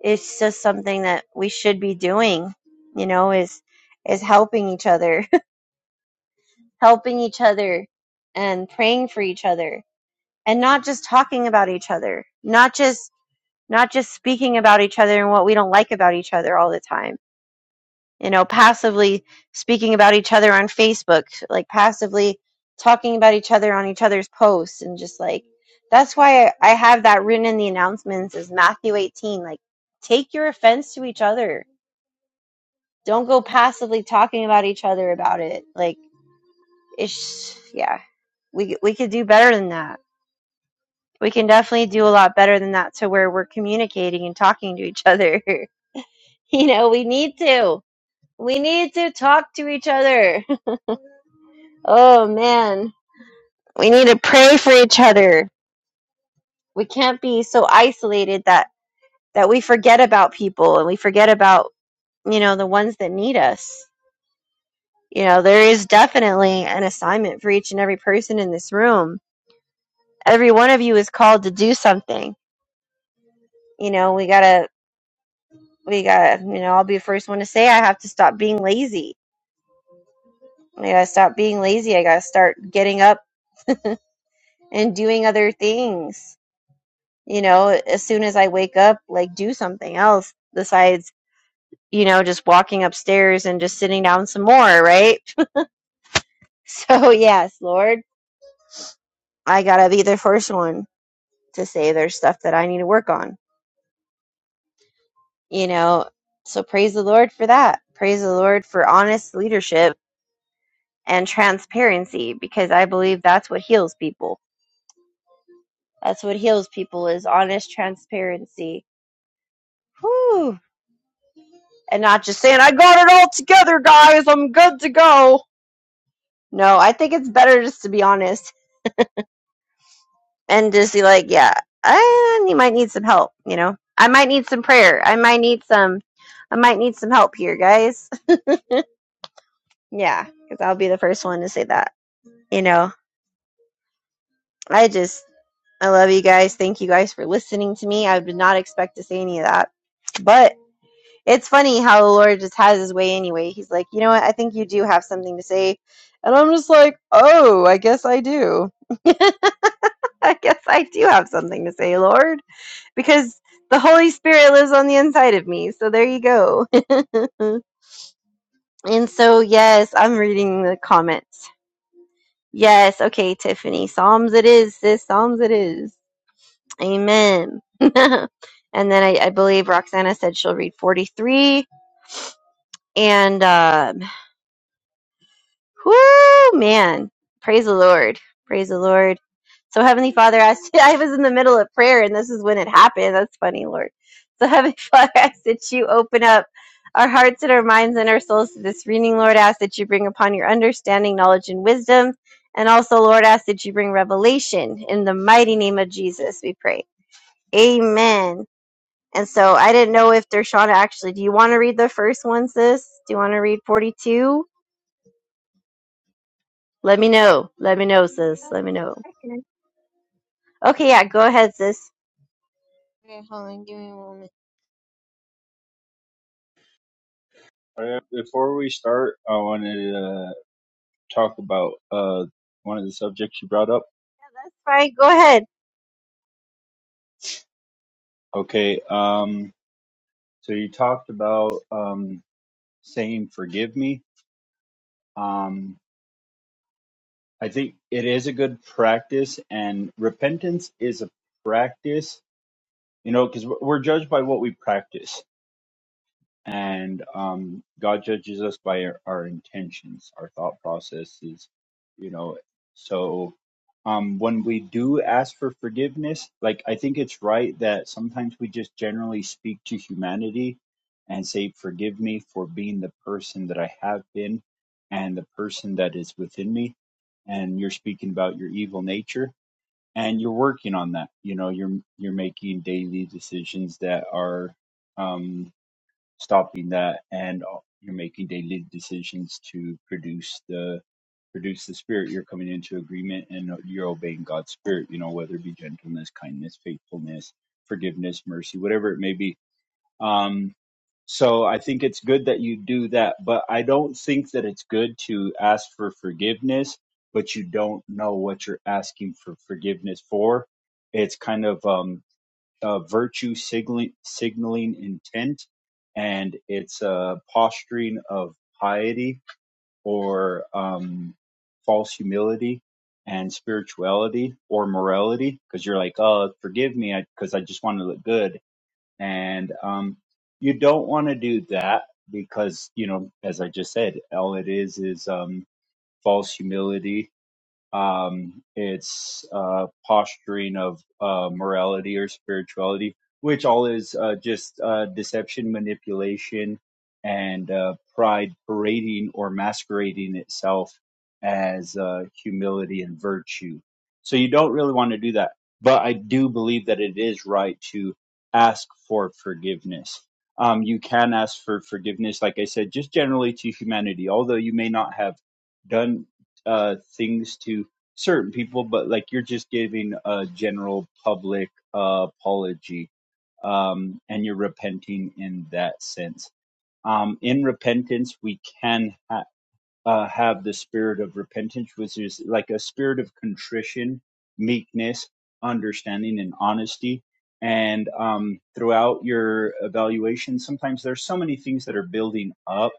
it's just something that we should be doing you know is is helping each other (laughs) helping each other and praying for each other and not just talking about each other not just not just speaking about each other and what we don't like about each other all the time you know passively speaking about each other on facebook like passively talking about each other on each other's posts and just like that's why i have that written in the announcements is matthew 18 like take your offense to each other Don't go passively talking about each other about it. Like it's yeah, we we could do better than that. We can definitely do a lot better than that to where we're communicating and talking to each other. (laughs) you know, we need to. We need to talk to each other. (laughs) oh man, we need to pray for each other. We can't be so isolated that that we forget about people and we forget about, you know, the ones that need us you know there is definitely an assignment for each and every person in this room every one of you is called to do something. You know, we gotta, we gotta, you know, I'll be the first one to say I have to stop being lazy. I gotta stop being lazy. I gotta start getting up and doing other things. You know, as soon as I wake up, like do something else besides, you know, just walking upstairs and just sitting down some more, right? (laughs) So, yes, Lord, I gotta be the first one to say there's stuff that I need to work on, you know. So, praise the Lord for that. Praise the Lord for honest leadership and transparency because I believe that's what heals people. That's what heals people is honest transparency. Whew. And not just saying, I got it all together, guys. I'm good to go. No, I think it's better just to be honest and just be like, yeah, I you might need some help, you know? I might need some prayer. I might need some, I might need some help here, guys. (laughs) yeah, because I'll be the first one to say that, you know? I just, I love you guys. Thank you guys for listening to me. I did not expect to say any of that. But it's funny how the Lord just has his way anyway. He's like, you know what? I think you do have something to say. And I'm just like, oh, I guess I do. (laughs) I guess I do have something to say, Lord, because the Holy Spirit lives on the inside of me. So there you go. (laughs) and so, yes, I'm reading the comments. Yes, okay, Tiffany. Psalms it is, sis. Psalms it is. Amen. (laughs) and then I, I believe Roxana said she'll read 43. And um, whoo, man, praise the Lord. Praise the Lord. So, Heavenly Father, asked, (laughs) I was in the middle of prayer, and this is when it happened. That's funny, Lord. So, Heavenly (laughs) Father, I ask that you open up our hearts and our minds and our souls to this reading, Lord. I ask that you bring upon your understanding, knowledge, and wisdom. And also, Lord, I ask that you bring revelation in the mighty name of Jesus, we pray. Amen. And so I didn't know if Dershana actually, do you want to read the first one, sis? Do you want to read 42? Let me know. Let me know, sis.
Oh,
Let me know. Okay, yeah, go ahead, sis.
Okay, hold on, give me a moment.
Uh, Before we start, I wanted to uh, talk about uh, one of the subjects you brought up.
All right, go ahead.
Okay, um, so you talked about um, saying "forgive me." Um, I think it is a good practice, and repentance is a practice. You know, because we're judged by what we practice. and um, God judges us by our, our intentions, our thought processes, you know. So um, when we do ask for forgiveness, like I think it's right that sometimes we just generally speak to humanity and say, "Forgive me for being the person that I have been, and the person that is within me." And you're speaking about your evil nature, and you're working on that. You know, you're you're making daily decisions that are. um stopping that and uh, you're making daily decisions to produce the produce the spirit you're coming into agreement and uh, you're obeying god's spirit you know whether it be gentleness kindness faithfulness forgiveness mercy whatever it may be um so i think it's good that you do that but i don't think that it's good to ask for forgiveness but you don't know what you're asking for forgiveness for it's kind of um uh, virtue signaling, signaling intent, and it's a posturing of piety or um, false humility and spirituality or morality because you're like, oh, forgive me because I, 'cause I just want to look good. And um, you don't want to do that because, you know, as I just said, all it is is um, false humility um, it's uh, posturing of uh, morality or spirituality, which all is uh, just uh, deception, manipulation, and uh, pride parading or masquerading itself as uh, humility and virtue. So you don't really want to do that. But I do believe that it is right to ask for forgiveness. Um, you can ask for forgiveness, like I said, just generally to humanity, although you may not have done uh, things to certain people, but like you're just giving a general public uh, apology um, and you're repenting in that sense. Um, in repentance, we can. ha uh, have the spirit of repentance, which is like a spirit of contrition, meekness, understanding, and honesty. And um, throughout your evaluation, sometimes there's so many things that are building up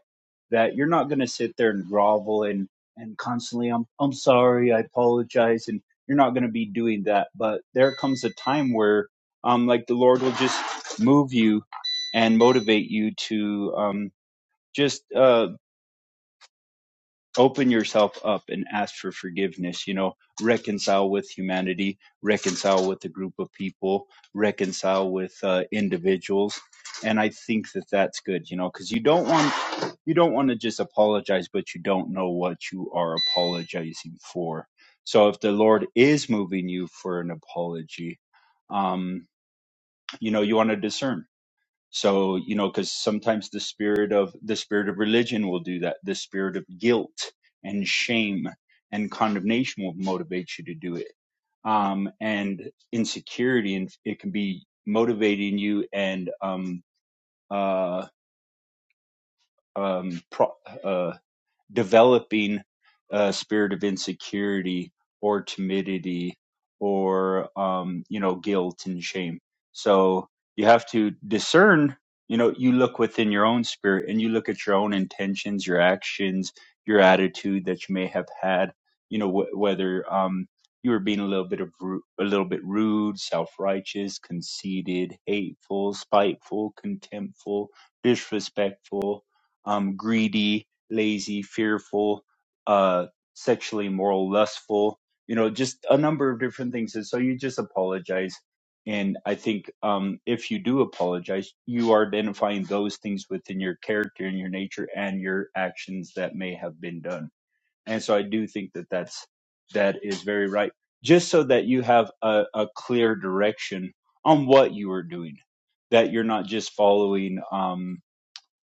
that you're not going to sit there and grovel and and constantly, I'm I'm sorry, I apologize, and you're not going to be doing that. But there comes a time where, um, like the Lord will just move you and motivate you to um just uh open yourself up and ask for forgiveness you know reconcile with humanity reconcile with a group of people reconcile with uh, individuals and i think that that's good you know because you don't want you don't want to just apologize but you don't know what you are apologizing for so if the lord is moving you for an apology um you know you want to discern so, you know, because sometimes the spirit of the spirit of religion will do that. The spirit of guilt and shame and condemnation will motivate you to do it. Um, and insecurity and it can be motivating you and, um, uh, um, pro- uh, developing a spirit of insecurity or timidity or um, you know guilt and shame. So you have to discern. You know, you look within your own spirit and you look at your own intentions, your actions, your attitude that you may have had. You know, wh- whether um, you were being a little bit of ru- a little bit rude, self-righteous, conceited, hateful, spiteful, contemptful, disrespectful, um, greedy lazy, fearful, uh, sexually immoral, lustful, you know, just a number of different things. And so you just apologize. And I think um, if you do apologize, you are identifying those things within your character and your nature and your actions that may have been done. And so I do think that that's that is very right. Just so that you have a, a clear direction on what you are doing, that you're not just following. Um,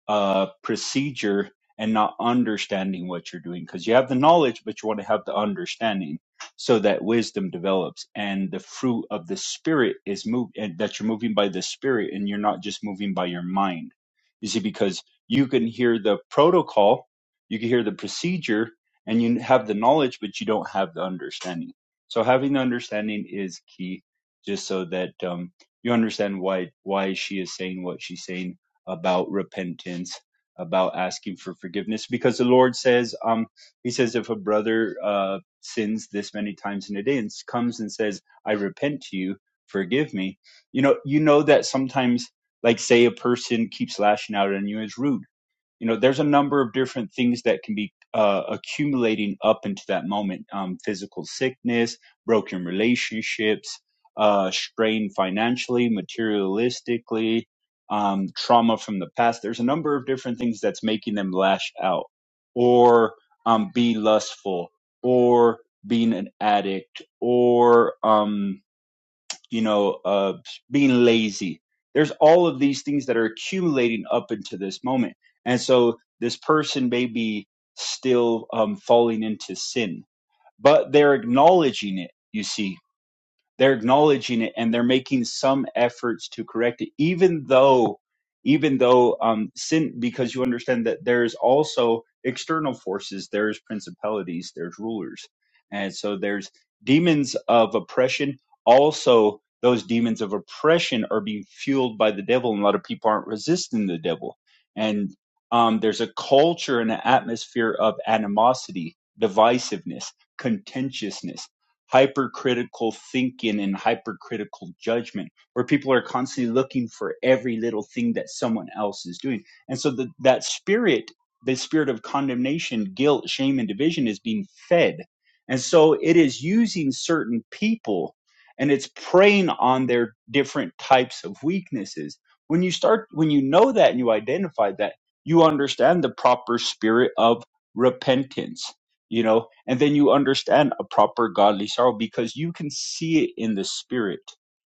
uh, procedure and not understanding what you're doing because you have the knowledge, but you want to have the understanding so that wisdom develops and the fruit of the spirit is moved and that you're moving by the spirit and you're not just moving by your mind. You see, because you can hear the protocol, you can hear the procedure and you have the knowledge, but you don't have the understanding. So having the understanding is key just so that, um, you understand why, why she is saying what she's saying about repentance, about asking for forgiveness, because the Lord says, um, He says, if a brother uh, sins this many times in a day and comes and says, I repent to you, forgive me, you know, you know that sometimes, like, say a person keeps lashing out on you as rude you know there's a number of different things that can be uh, accumulating up into that moment um, physical sickness broken relationships uh, strain financially materialistically um, trauma from the past there's a number of different things that's making them lash out or um, be lustful or being an addict or um, you know, uh, being lazy. There's all of these things that are accumulating up into this moment. And so this person may be still um, falling into sin, but they're acknowledging it, you see they're acknowledging it and they're making some efforts to correct it even though even though um sin because you understand that there's also external forces there's principalities there's rulers and so there's demons of oppression also those demons of oppression are being fueled by the devil and a lot of people aren't resisting the devil and um, there's a culture and an atmosphere of animosity divisiveness contentiousness hypercritical thinking and hypercritical judgment where people are constantly looking for every little thing that someone else is doing and so the, that spirit the spirit of condemnation guilt shame and division is being fed and so it is using certain people and it's preying on their different types of weaknesses when you start when you know that and you identify that you understand the proper spirit of repentance you know and then you understand a proper godly sorrow because you can see it in the spirit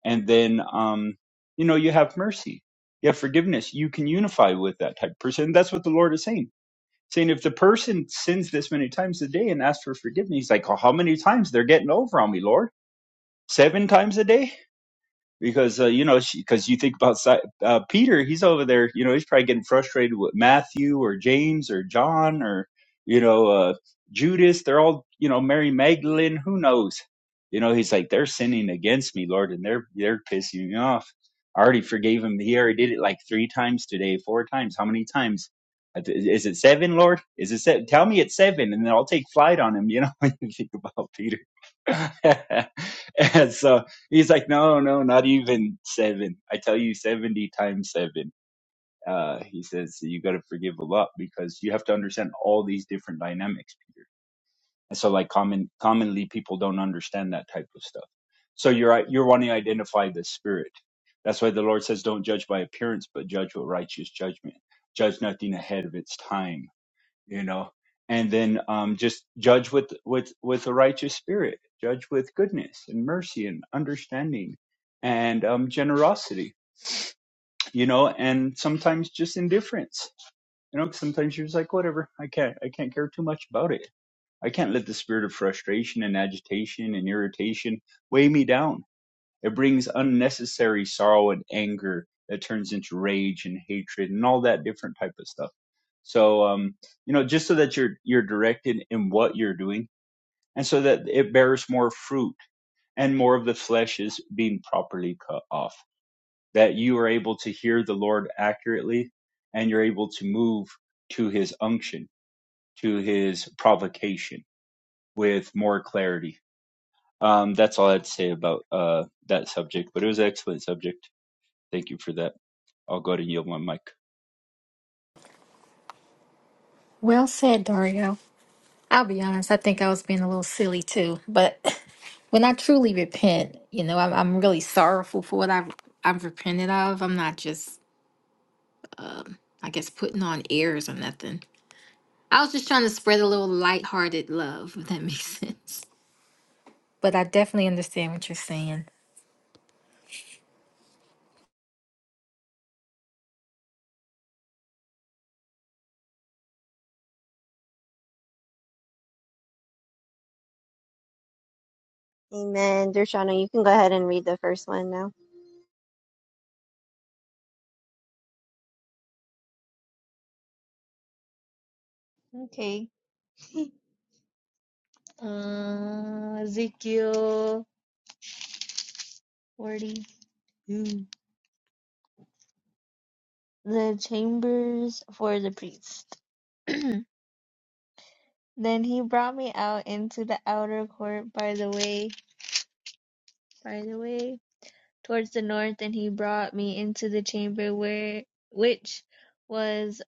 and then um you know you have mercy you have forgiveness you can unify with that type of person that's what the lord is saying saying if the person sins this many times a day and asks for forgiveness he's like oh, how many times they're getting over on me lord seven times a day because uh, you know because you think about Si- uh, Peter, he's over there. You know, he's probably getting frustrated with Matthew or James or John or you know uh, Judas. They're all you know Mary Magdalene. Who knows? You know, he's like they're sinning against me, Lord, and they're they're pissing me off. I already forgave him. He already did it like three times today, four times. How many times? Is it seven, Lord? Is it seven? Tell me it's seven, and then I'll take flight on him. You know, (laughs) when you think about Peter, (laughs) and so He's like, no, no, not even seven. I tell you, 70 times seven. Uh, he says, "So you got to forgive a lot because you have to understand all these different dynamics, Peter. And so, like, common, commonly people don't understand that type of stuff. So you're, you're wanting to identify the spirit. That's why the Lord says, don't judge by appearance, but judge with righteous judgment. Judge nothing ahead of its time you know and then um, just judge with with with a righteous spirit judge with goodness and mercy and understanding and um, generosity you know and sometimes just indifference you know sometimes you're just like whatever i can't i can't care too much about it i can't let the spirit of frustration and agitation and irritation weigh me down it brings unnecessary sorrow and anger that turns into rage and hatred and all that different type of stuff. So um, you know, just so that you're you're directed in what you're doing, and so that it bears more fruit and more of the flesh is being properly cut off. That you are able to hear the Lord accurately, and you're able to move to His unction, to His provocation with more clarity. Um, that's all I'd say about uh, that subject, but it was an excellent subject. Thank you for that. I'll go ahead and yield my mic.
Well said, Dario. I'll be honest. I think I was being a little silly too, but (laughs) when I truly repent, you know, I'm, I'm really sorrowful for what I've I've repented of. I'm not just, um, I guess, putting on airs or nothing. I was just trying to spread a little lighthearted love, if that (laughs) makes sense. But I definitely understand what you're saying.
Amen. Dershana, you can go ahead and read the first one now.
Okay. (laughs) Uh, Ezekiel 42. The chambers for the priest. Then he brought me out into the outer court by the way, by the way, towards the north, and he brought me into the chamber where, which was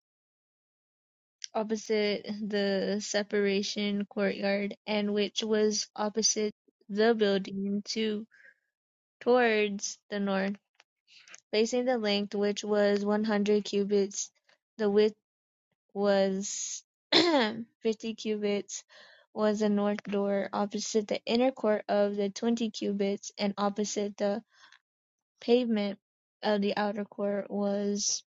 opposite the separation courtyard, and which was opposite the building to towards the north Facing the length, which was one hundred cubits, the width was (clears throat) fifty cubits, was the north door, opposite the inner court of the twenty cubits, and opposite the pavement of the outer court was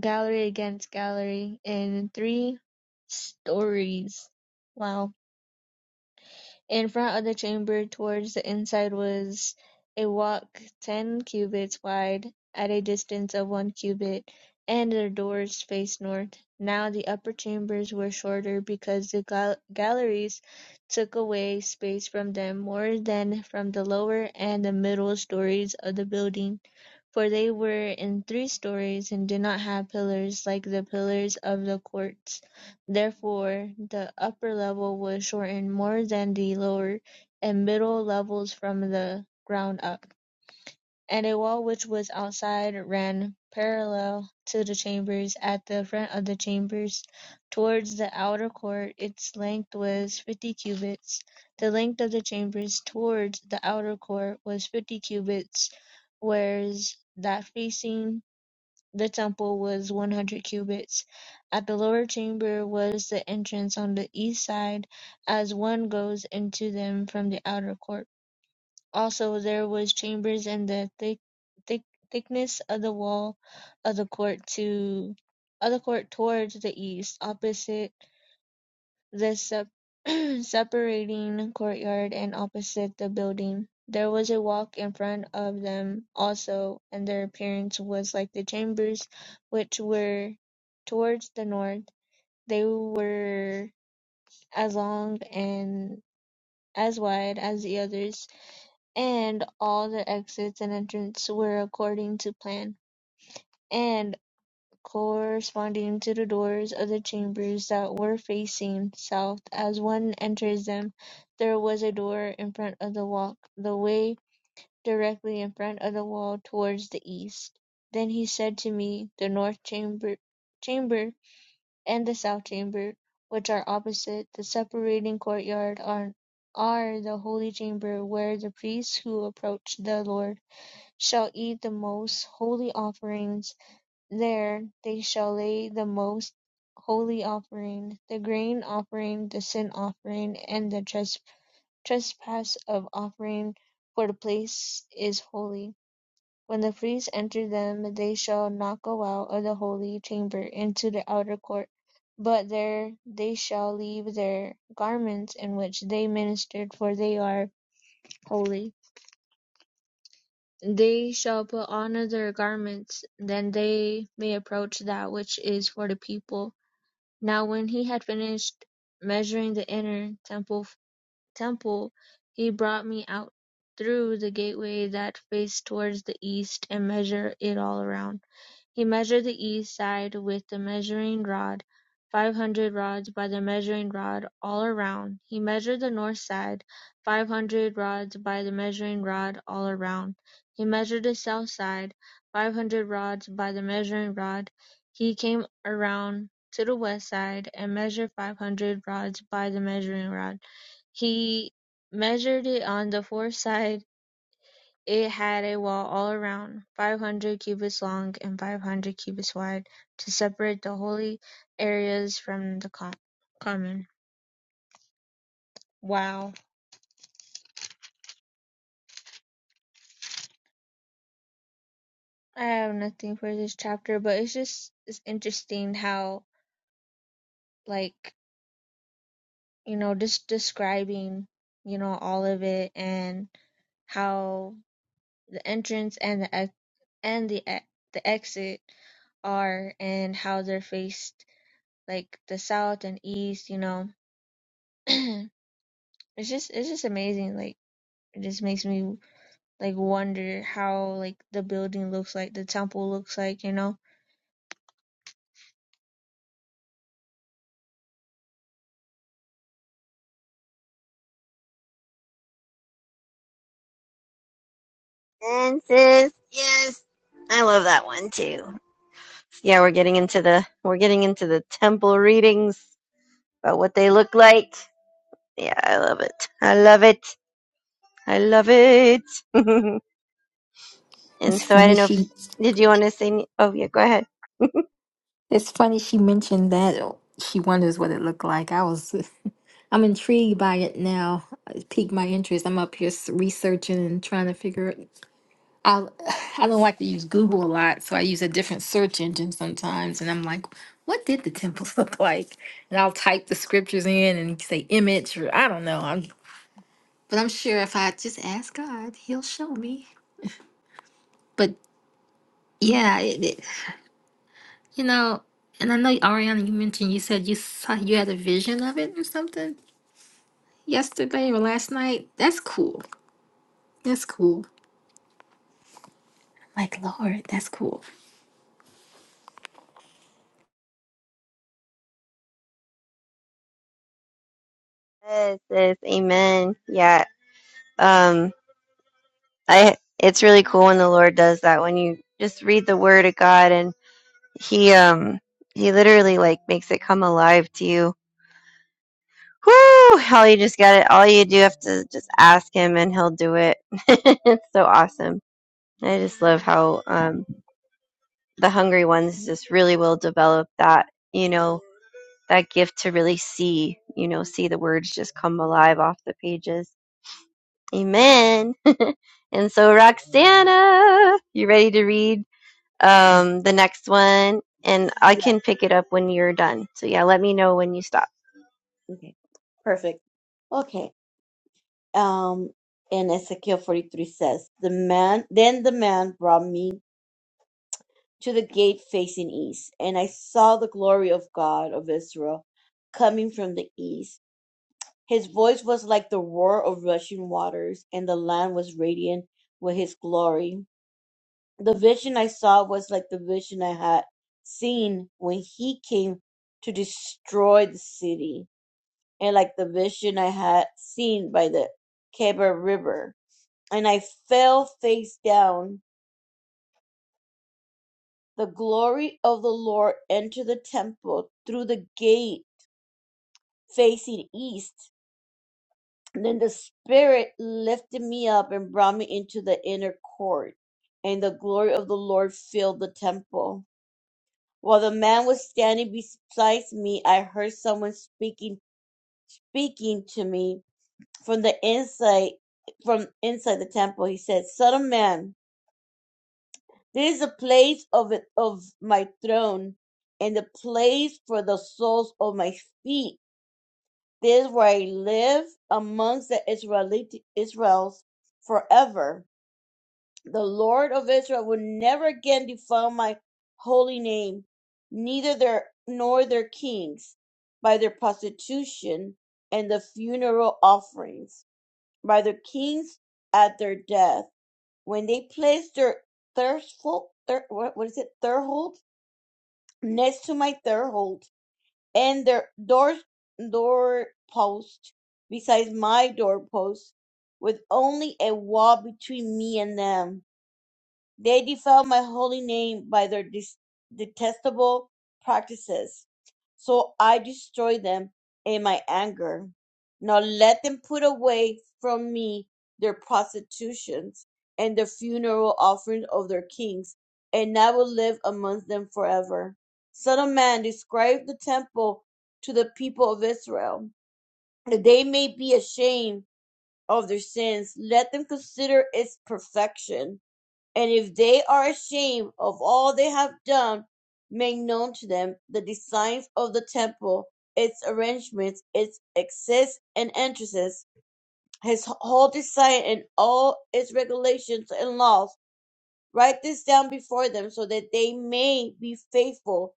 gallery against gallery, in three stories. Wow. In front of the chamber towards the inside was a walk ten cubits wide, at a distance of one cubit, and the doors faced north. Now the upper chambers were shorter, because the gal- galleries took away space from them more than from the lower and the middle stories of the building for they were in three stories, and did not have pillars like the pillars of the courts; therefore the upper level was shortened more than the lower, and middle levels from the ground up and a wall which was outside ran parallel to the chambers. At the front of the chambers, towards the outer court, its length was fifty cubits. The length of the chambers towards the outer court was fifty cubits, whereas that facing the temple was one hundred cubits. At the lower chamber was the entrance on the east side, as one goes into them from the outer court. Also there was chambers and the thick, thick, thickness of the wall of the court to of the court towards the east, opposite the sep- (clears throat) separating courtyard and opposite the building. There was a walk in front of them also, and their appearance was like the chambers, which were towards the north. They were as long and as wide as the others and all the exits and entrances were according to plan, and corresponding to the doors of the chambers that were facing south. As one enters them, there was a door in front of the walk, the way directly in front of the wall towards the east. Then he said to me, The north chamber, chamber and the south chamber, which are opposite, the separating courtyard, are, are the holy chamber where the priests who approach the Lord shall eat the most holy offerings; there they shall lay the most holy offering, the grain offering, the sin offering, and the tres- trespass of offering: for the place is holy. When the priests enter them, they shall not go out of the holy chamber into the outer court, but there they shall leave their garments in which they ministered: for they are holy. They shall put on other garments: then they may approach that which is for the people. Now when he had finished measuring the inner temple, temple, he brought me out through the gateway that faced towards the east, and measured it all around. He measured the east side with the measuring rod, five hundred rods by the measuring rod all around. He measured the north side, five hundred rods by the measuring rod all around. He measured the south side, five hundred rods by the measuring rod. He came around to the west side, and measured five hundred rods by the measuring rod. He measured it on the fourth side, it had a wall all around, five hundred cubits long and five hundred cubits wide, to separate the holy areas from the com- common. Wow. I have nothing for this chapter, but it's just it's interesting how like, you know, just describing, you know, all of it and how the entrance and the ex- and the e- the exit are and how they're faced like the south and east, you know. (clears throat) it's just it's just amazing like it just makes me like wonder how like the building looks like the temple looks like you know
And sis, yes. I love that one too. Yeah, we're getting into the we're getting into the temple readings about what they look like. Yeah, I love it. I love it. I love it. (laughs) And
It's
so I
funny
don't know if
she
did you want to say? any- Oh yeah, go ahead. (laughs)
it's funny she mentioned that she wonders what it looked like. I was (laughs) I'm intrigued by it now. It piqued my interest. I'm up here s- researching and trying to figure it out. (sighs) I don't like to use Google a lot, so I use a different search engine sometimes. And I'm like, what did the temple (laughs) look like? And I'll type the scriptures in and say image, or I don't know. But I'm sure if I just ask God, He'll show me. But yeah, it, it, you know, and I know Ariana, you mentioned you said you saw you had a vision of it or something yesterday or last night. That's cool. That's cool. Like Lord, that's cool.
Yes, yes, amen. Yeah. Um I it's really cool when the Lord does that when you just read the word of God and he um he literally like makes it come alive to you. Whoo! All you just got it. All you do have to just ask him and he'll do it. (laughs) it's so awesome. I just love how um the hungry ones just really will develop that you know that gift to really see you know see the words just come alive off the pages amen (laughs) and so roxana you ready to read um, the next one, and I
Yeah.
can pick it up when you're done. So yeah, let me know when you stop.
Okay. Perfect. Okay. Um, and Ezekiel 43 says, The man, then the man brought me to the gate facing east, and I saw the glory of God of Israel coming from the east. His voice was like the roar of rushing waters, and the land was radiant with his glory. The vision I saw was like the vision I had seen when he came to destroy the city and like the vision I had seen by the Keba River. And I fell face down. The glory of the Lord entered the temple through the gate facing east. And then the Spirit lifted me up and brought me into the inner court. And the glory of the Lord filled the temple. While the man was standing beside me, I heard someone speaking, speaking to me from the inside from inside the temple he said son of man this is the place of it of my throne and the place for the soles of my feet this is where i live amongst the israelite israels forever the lord of israel will never again defile my holy name neither their nor their kings by their prostitution and the funeral offerings by the kings at their death when they placed their thirstful thir, what, what is it third next to my third and their door door post besides my doorpost with only a wall between me and them they defiled my holy name by their des- detestable practices. So I destroyed them in my anger. Now let them put away from me their prostitutions and the funeral offerings of their kings, and I will live amongst them forever. Son of man, describe the temple to the people of Israel, that they may be ashamed of their sins. Let them consider its perfection and if they are ashamed of all they have done, make known to them the designs of the temple, its arrangements, its exits and entrances, his whole design and all its regulations and laws. Write this down before them so that they may be faithful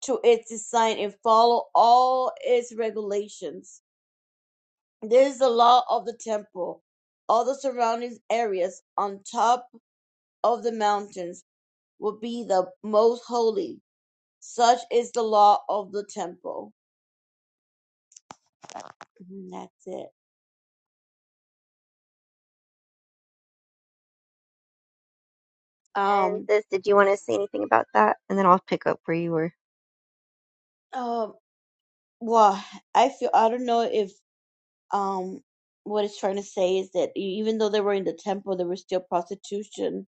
to its design and follow all its regulations. This is the law of the temple, all the surrounding areas on top of the mountains would be the most holy. Such is the law of the temple. And that's it.
And
Um,
sis, did you want to say anything about that? And then I'll pick up where you were.
um, well, I feel, I don't know if, um, what it's trying to say is that e- even though they were in the temple, there was still prostitution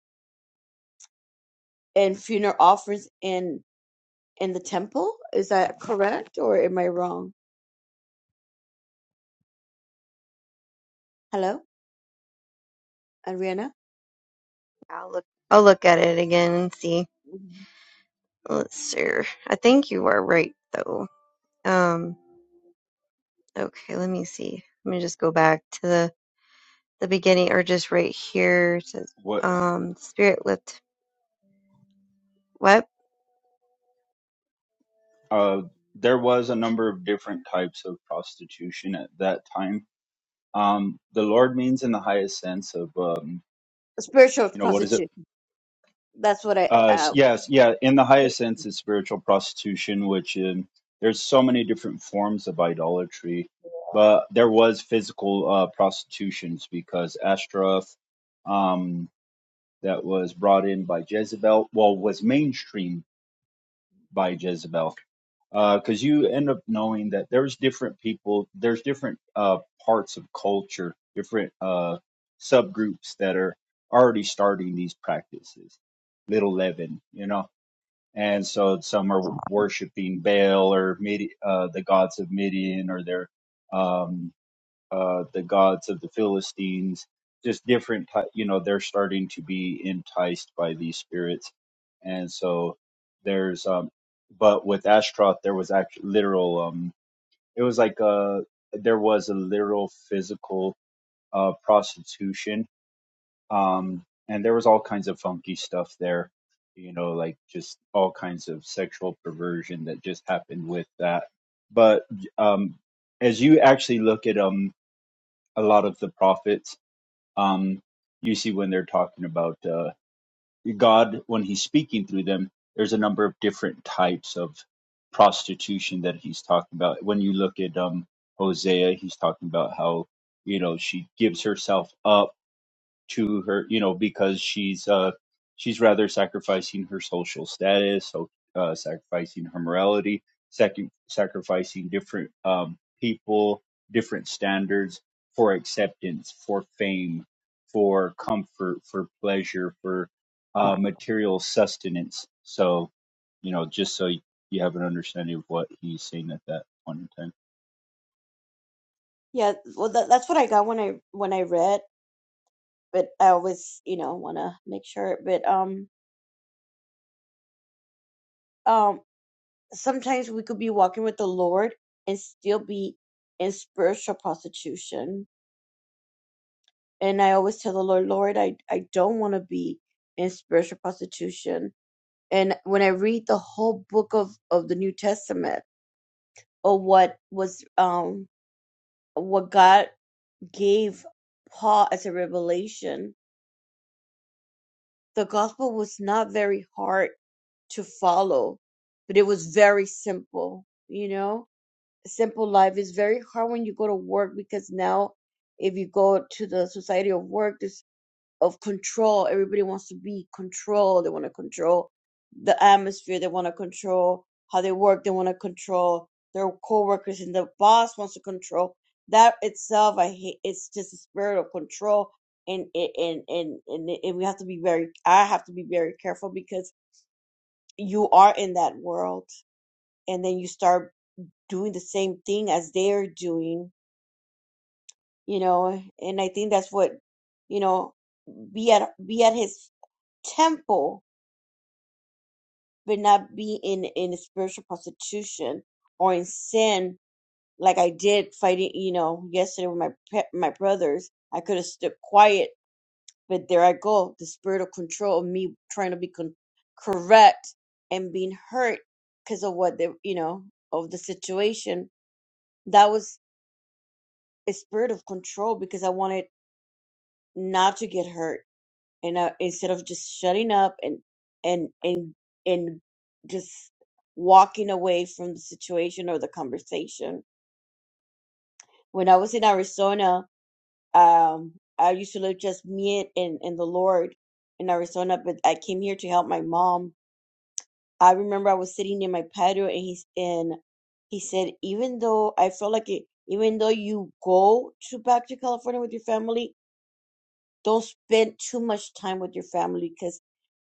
and funeral offerings in, in the temple. Is that correct or am I wrong? Hello, Ariana?
I'll look. I'll look at it again and see.
Mhm.
Let's see. I think you are right though. Um okay, let me see. Let me just go back to the, the beginning or just right here. It says
What
um spirit lift what?
uh, there was a number of different types of prostitution at that time. Um, the Lord means in the highest sense of um,
Spiritual
you know what is it?
prostitution. That's what I,
Uh, s-
uh,
yes, yeah. In the highest sense, is spiritual prostitution, which um there's so many different forms of idolatry, but there was physical uh, prostitutions because Ashtaroth, um, that was brought in by Jezebel, well, was mainstreamed by Jezebel because uh, you end up knowing that there's different people, there's different uh, parts of culture, different uh, subgroups that are already starting these practices, little leaven, you know. And so some are worshiping Baal or Midi, uh, the gods of Midian, or they're um, uh, the gods of the Philistines, just different, ty- you know, they're starting to be enticed by these spirits. And so there's, um, but with Ashtaroth, there was actually literal, um, it was like, uh, there was a literal physical, uh, prostitution. Um, and there was all kinds of funky stuff there, you know, like just all kinds of sexual perversion that just happened with that. But, um, as you actually look at 'em a lot of the prophets. Um, you see when they're talking about uh, God, when he's speaking through them, there's a number of different types of prostitution that he's talking about. When you look at um, Hosea, he's talking about how, you know, she gives herself up to her, you know, because she's uh, she's rather sacrificing her social status, so uh, sacrificing her morality, sac- sacrificing different um, people, different standards for acceptance, for fame, for comfort, for pleasure, for uh, material sustenance. So, you know, just so you have an understanding of what he's saying at that point in time.
yeah, well, that, that's what I got when I, when I read. but I always, you know, want to make sure. But um, um, sometimes we could be walking with the Lord and still be in spiritual prostitution. And I always tell the Lord, Lord, I I don't want to be in spiritual prostitution. And when I read the whole book of of the New Testament, or what was um what God gave Paul as a revelation the gospel was not very hard to follow, but it was very simple, you know? Simple life is very hard when you go to work because now if you go to the society of work, there's of control. Everybody wants to be controlled. They want to control the atmosphere. They want to control how they work. They want to control their coworkers, and the boss wants to control. That itself, I hate. It's just a spirit of control, and and and and, and, and we have to be very. I have to be very careful because you are in that world, and then you start doing the same thing as they're doing. You know, and I think that's what you know. Be at be at his temple but not be in in spiritual prostitution or in sin like I did fighting. You know, yesterday with my pe- my brothers, I could have stood quiet, but there I go, the spirit of control of me trying to be con- correct and being hurt because of what the you know of the situation. That was a spirit of control because I wanted not to get hurt and uh, instead of just shutting up and and and and just walking away from the situation or the conversation. When I was in Arizona, um, I used to live just me and and the Lord in Arizona, but I came here to help my mom. I remember I was sitting in my patio, and he's and he said, even though I felt like it, even though you go to back to California with your family, don't spend too much time with your family because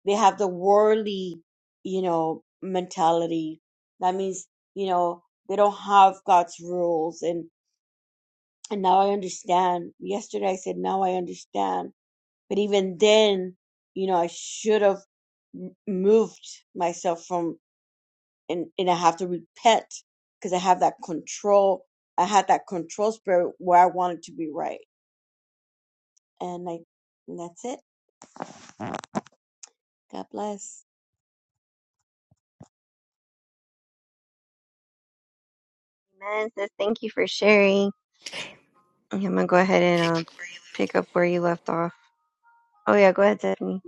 they have the worldly, you know, mentality. That means, you know, they don't have God's rules. And, and now I understand. Yesterday I said, now I understand. But even then, you know, I should have m- moved myself from, and, and I have to repent because I have that control. I had that control spirit where I wanted to be right. And I, and that's it. God bless.
Amen. It Says thank you for sharing. Okay, I'm gonna go ahead and um pick up where you left off. Oh yeah, go ahead, Stephanie.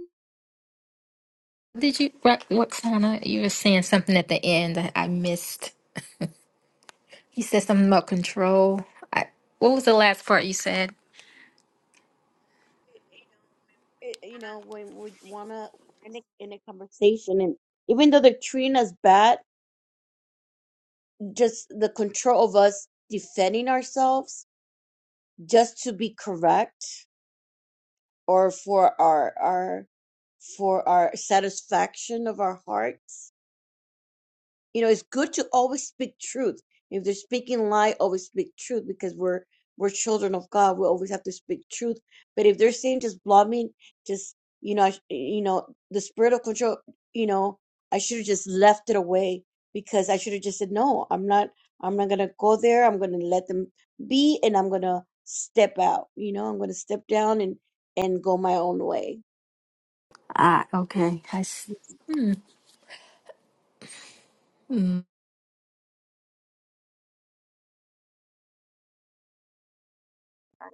Did you right, what Sana? You were saying something at the end that I missed. You said something about control. I, what was the last part you said?
it- you know, when we want to in a, in a conversation, and even though they're treating us bad, just the control of us defending ourselves just to be correct or for our our for our satisfaction of our hearts you know it's good to always speak truth if they're speaking lie always speak truth because we're we're children of god we always have to speak truth but if they're saying just blaming just you know I sh- you know the spirit of control you know i should have just left it away because i should have just said no i'm not i'm not gonna go there i'm gonna let them be and i'm gonna step out you know i'm gonna step down and and go my own way.
Ah, okay. I s-
I
mm.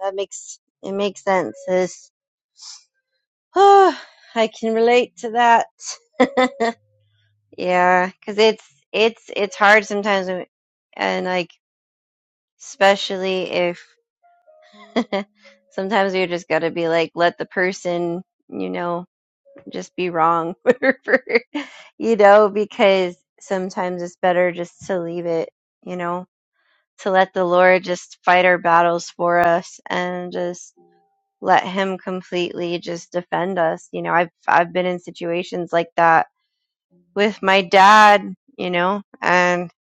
That makes it makes sense. It's, "Oh, (sighs) I can relate to that. (laughs) yeah, because it's it's it's hard sometimes when- and like especially if (laughs) Sometimes you just got to be like, let the person, you know, just be wrong, (laughs) whatever, you know, because sometimes it's better just to leave it, you know, to let the Lord just fight our battles for us and just let Him completely just defend us. You know, I've I've been in situations like that with my dad, you know, and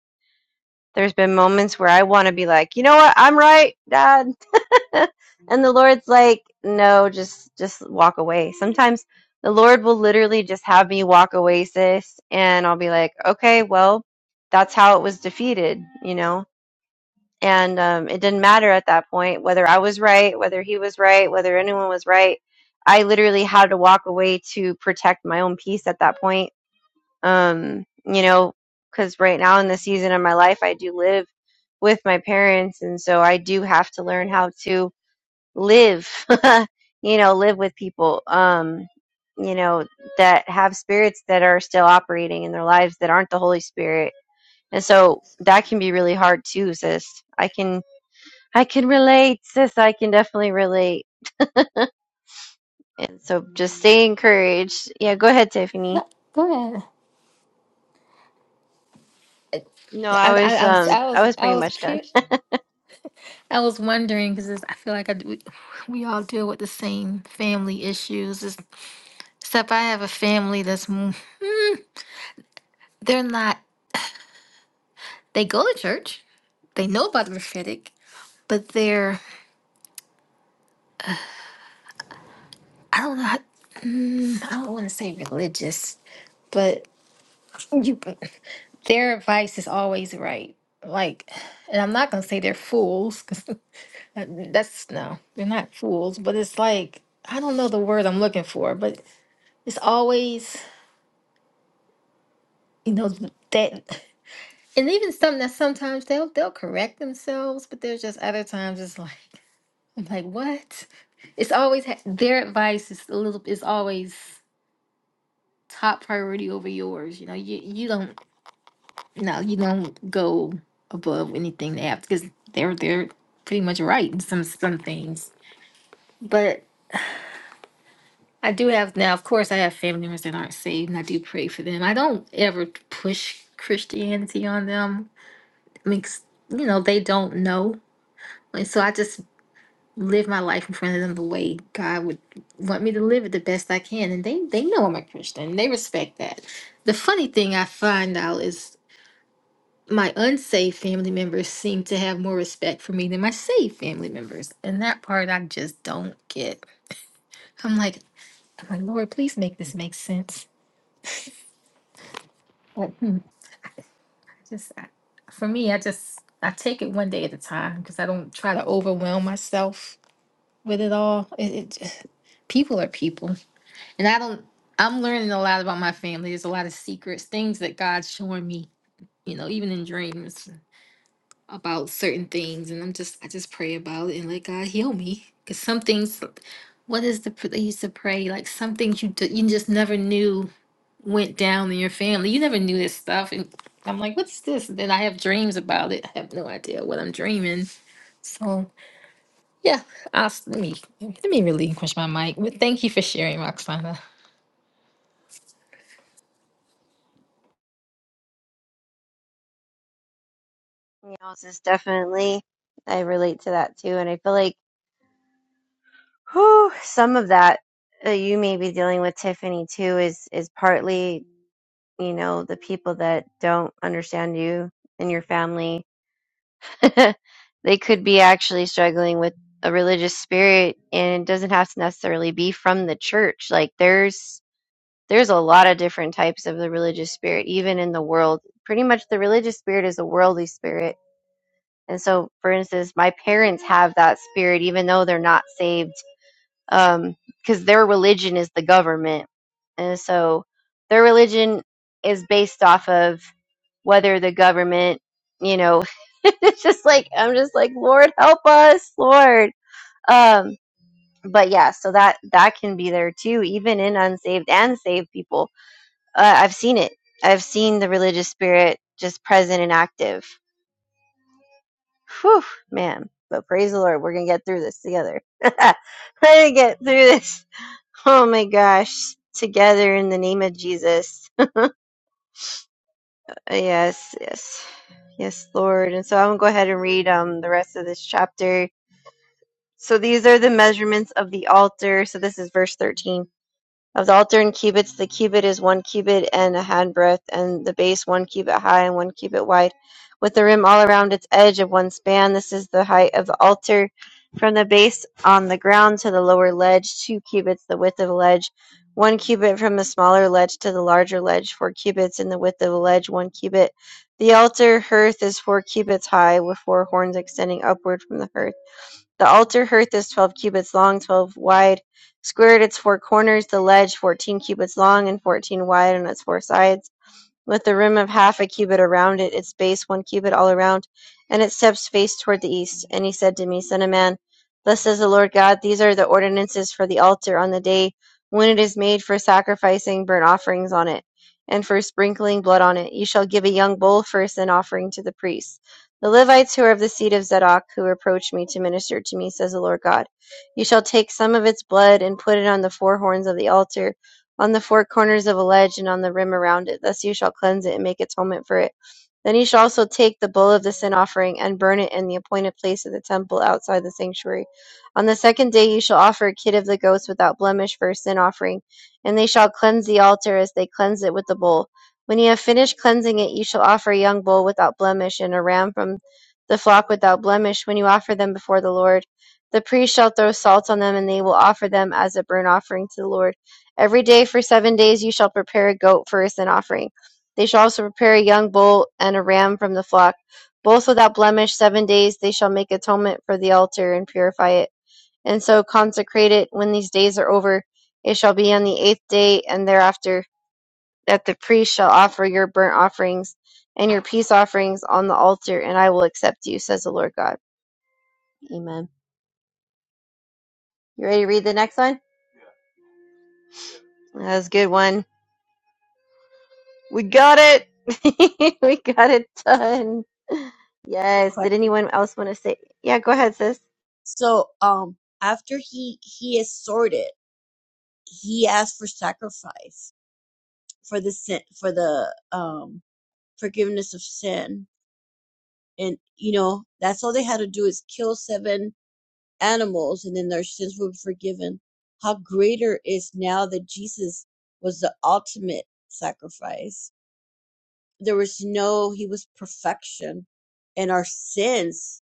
there's been moments where I want to be like, you know what, I'm right, dad (laughs) and the Lord's like, no, just just walk away. Sometimes the Lord will literally just have me walk away, sis, and I'll be like, okay, well, that's how it was defeated, you know. And um, it didn't matter at that point whether I was right, whether he was right, whether anyone was right. I literally had to walk away to protect my own peace at that point. Um, you know, because right now in the season of my life, I do live with my parents, and so I do have to learn how to live (laughs) you know live with people um you know that have spirits that are still operating in their lives that aren't the holy spirit and so that can be really hard too sis i can i can relate sis i can definitely relate and so just stay encouraged yeah go ahead tiffany
No, go ahead.
no
I,
i
I,
was
I was
um
I
i
was
was pretty
I was
much done
cute. I was wondering because I feel like I, d- we, (sighs) we all deal with the same family issues. It's- Except I have a family that's m- they're not they go to church, they know about the prophetic, but they're I don't know. How, mm, I don't want to say religious, but you (sighs) their advice is always right. Like, and I'm not gonna say they're fools because (laughs) that's no, they're not fools. But it's like I don't know the word I'm looking for, but it's always. You know that And even something that sometimes they'll they'll correct themselves, but there's just other times it's like (laughs) I'm like, what? It's always ha- their advice is a little is always top priority over yours. You know, you you don't no you don't go above anything they have because they're they're pretty much right in some some things. But I do have now, of course, I have family members that aren't saved, and I do pray for them. I don't ever push Christianity on them. I mean, 'cause, you know, they don't know Like, so I just live my life in front of them the way God would want me to live it the best I can. And they, they know I'm a Christian. They respect that. The funny thing I find out is my unsaved family members seem to have more respect for me than my saved family members. And that part I just don't get. I'm like, I'm like, Lord, please make this make sense. But hmm, just, I, for me, I just, I take it one day at a time because I don't try to overwhelm myself with it all. It, it people are people. and I don't. I'm learning a lot about my family. There's a lot of secrets, things that God's showing me. You know, even in dreams about certain things, and I'm just I just pray about it and let God heal me. Cause some things, what is the pr- they used to pray like some things you d- you just never knew went down in your family. You never knew this stuff, and I'm like, what's this? And then I have dreams about it. I have no idea what I'm dreaming. So yeah, I'll, s- let me let me relinquish my mic. But thank you for sharing, Roxana.
you know sis definitely i relate to that too and i feel like whew, some of that that you may be dealing with Tiffany too is is partly you know, the people that don't understand you and your family, (laughs) they could be actually struggling with a religious spirit and it doesn't have to necessarily be from the church. Like there's there's a lot of different types of the religious spirit even in the world. Pretty much the religious spirit is a worldly spirit. And so for instance, my parents have that spirit even though they're not saved um, because their religion is the government. And so their religion is based off of whether the government, you know, (laughs) it's just like, I'm just like, Lord, help us, Lord. Um, but yeah, so that, that can be there too, even in unsaved and saved people. Uh, I've seen it. I've seen the religious spirit just present and active. Whew, man. But praise the Lord, we're gonna get through this together. (laughs) we're gonna get through this. Oh my gosh. Together in the name of Jesus. (laughs) yes, yes. Yes, Lord. And so I'm gonna go ahead and read um the rest of this chapter. So these are the measurements of the altar. So this is verse 13. Of the altar in cubits, the cubit is one cubit and a handbreadth, and the base one cubit high and one cubit wide, with the rim all around its edge of one span. This is the height of the altar from the base on the ground to the lower ledge, two cubits the width of a ledge, one cubit from the smaller ledge to the larger ledge, four cubits in the width of a ledge, one cubit. The altar hearth is four cubits high, with four horns extending upward from the hearth. The altar hearth is twelve cubits long, twelve wide, square at its four corners; the ledge fourteen cubits long, and fourteen wide on its four sides with the rim of half a cubit around it, its base one cubit all around, and its steps faced toward the east. And he said to me, Son of man, thus says the Lord God, these are the ordinances for the altar on the day when it is made for sacrificing burnt offerings on it, and for sprinkling blood on it. You shall give a young bull for a sin offering to the priests. The Levites who are of the seed of Zadok, who approach me to minister to me, says the Lord God, you shall take some of its blood and put it on the four horns of the altar on the four corners of a ledge and on the rim around it. Thus you shall cleanse it and make atonement for it. Then you shall also take the bull of the sin offering and burn it in the appointed place of the temple outside the sanctuary. On the second day you shall offer a kid of the goats without blemish for a sin offering, and they shall cleanse the altar as they cleanse it with the bull. When you have finished cleansing it, you shall offer a young bull without blemish and a ram from the flock without blemish when you offer them before the Lord. The priest shall throw salt on them, and they will offer them as a burnt offering to the Lord. Every day for seven days you shall prepare a goat for a sin offering. They shall also prepare a young bull and a ram from the flock, both without blemish. Seven days they shall make atonement for the altar and purify it, and so consecrate it. When these days are over, it shall be on the eighth day and thereafter that the priest shall offer your burnt offerings and your peace offerings on the altar, and I will accept you, says the Lord God. Amen. You ready to read the next one? That was a good one. We got it. (laughs) we got it done.
have a
Yes.
question.
Did anyone else want to say? Yeah, go ahead, sis.
So, um, after he he is sorted, he asks for sacrifice for the sin, for the um forgiveness of sin, and you know that's all they had to do is kill seven animals and then their sins were forgiven. How greater is now that Jesus was the ultimate sacrifice. There was no, he was perfection and our sins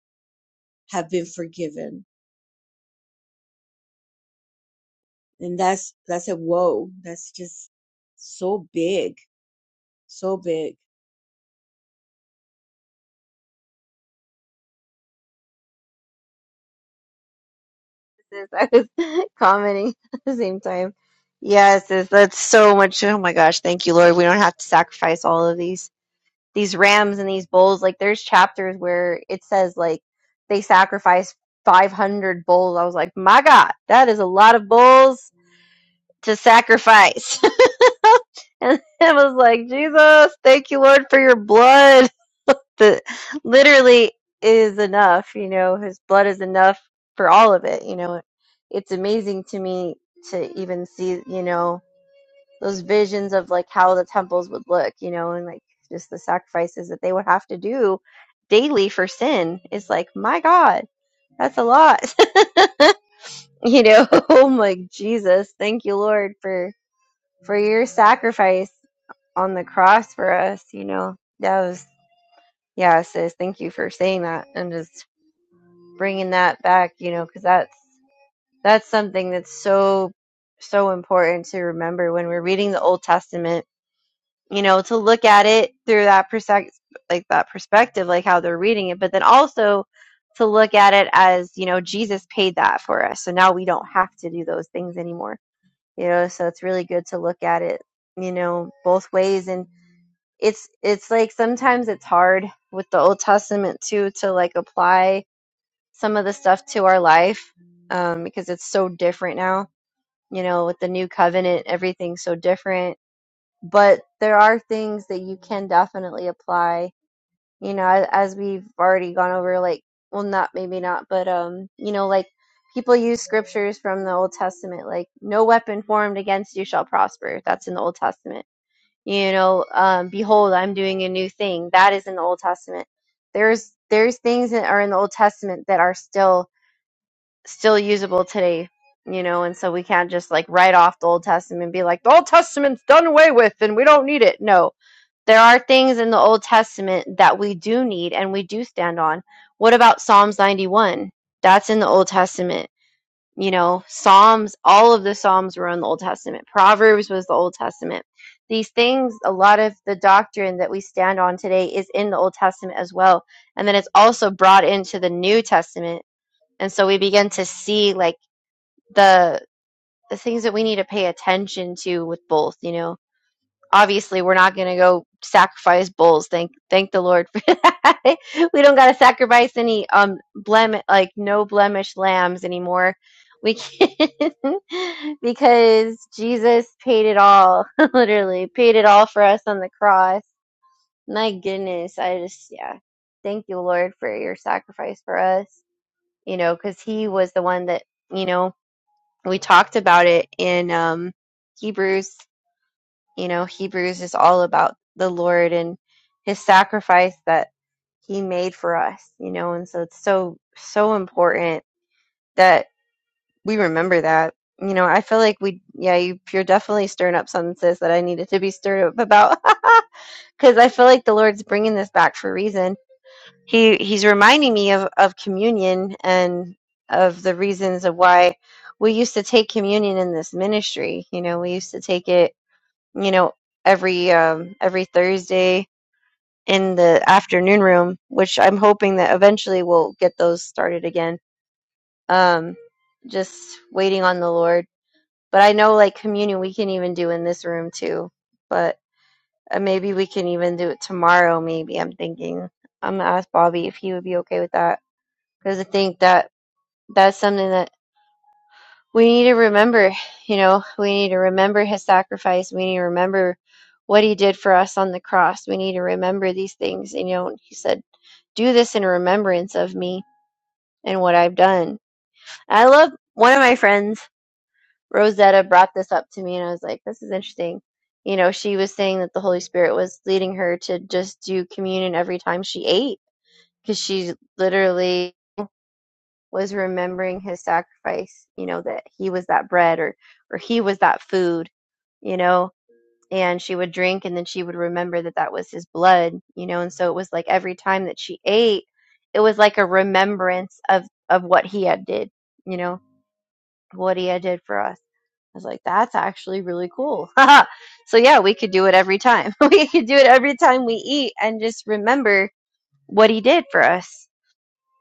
have been forgiven. And that's, that's a whoa. That's just so big, so big.
sis. I was (laughs) commenting at the same time. Yes, sis. That's so much. Oh my gosh. Thank you, Lord. We don't have to sacrifice all of these these rams and these bulls. Like there's chapters where it says like they sacrificed 500 bulls. I was like, my God, that is a lot of bulls to sacrifice. (laughs) and I was like, Jesus, thank you, Lord, for your blood. the literally is enough you know his blood is enough for all of it you know it's amazing to me to even see you know those visions of like how the temples would look you know and like just the sacrifices that they would have to do daily for sin it's like my god that's a lot (laughs) you know (laughs) i'm like jesus thank you lord for for your sacrifice on the cross for us you know that was yeah sis thank you for saying that and just bringing that back, you know, because that's that's something that's so so important to remember when we're reading the Old Testament. You know, to look at it through that perspective, like that perspective, like how they're reading it, but then also to look at it as you know Jesus paid that for us, so now we don't have to do those things anymore. You know, so it's really good to look at it, you know, both ways, and it's it's like sometimes it's hard with the Old Testament too to like apply some of the stuff to our life um, because it's so different now. You know, with the new covenant, everything's so different. But there are things that you can definitely apply. You know, a- as we've already gone over, like, well, not maybe not, but um, you know, like people use scriptures from the Old Testament, like "No weapon formed against you shall prosper." That's in the Old Testament. You know, um, behold, I'm doing a new thing. That is in the Old Testament. There's there's things that are in the Old Testament that are still still usable today, you know, and so we can't just like write off the Old Testament and be like, the Old Testament's done away with and we don't need it. No, there are things in the Old Testament that we do need and we do stand on. What about Psalms 91? That's in the Old Testament. You know, Psalms, all of the Psalms were in the Old Testament. Proverbs was the Old Testament. These things, a lot of the doctrine that we stand on today is in the Old Testament as well. And then it's also brought into the New Testament and so we begin to see like the the things that we need to pay attention to with both you know obviously we're not going to go sacrifice bulls thank thank the lord for that (laughs) we don't got to sacrifice any um blem like no blemish lambs anymore we can (laughs) because jesus paid it all (laughs) literally paid it all for us on the cross my goodness i just yeah thank you lord for your sacrifice for us you know because he was the one that you know we talked about it in um, Hebrews. You know, Hebrews is all about the Lord and His sacrifice that He made for us. You know, and so it's so so important that we remember that. You know, I feel like we, yeah, you, you're definitely stirring up something, sis, that I needed to be stirred up about, (laughs) because I feel like the Lord's bringing this back for a reason he he's reminding me of of communion and of the reasons of why we used to take communion in this ministry you know we used to take it you know every um every thursday in the afternoon room which i'm hoping that eventually we'll get those started again um just waiting on the lord but i know like communion we can even do in this room too but uh, maybe we can even do it tomorrow maybe i'm thinking i'm gonna ask bobby if he would be okay with that because I think that that's something that we need to remember. You know, we need to remember his sacrifice. We need to remember what he did for us on the cross. We need to remember these things. And, you know, he said, do this in remembrance of me and what I've done. I love one of my friends, Rosetta, brought this up to me, and I was like, this is interesting. You know, she was saying that the Holy Spirit was leading her to just do communion every time she ate because she literally was remembering his sacrifice, you know, that he was that bread or or he was that food, you know, and she would drink and then she would remember that that was his blood, you know, and so it was like every time that she ate, it was like a remembrance of of what he had did, you know, what he had did for us. I was like, that's actually really cool. (laughs) so yeah, we could do it every time. (laughs) we could do it every time we eat and just remember what he did for us,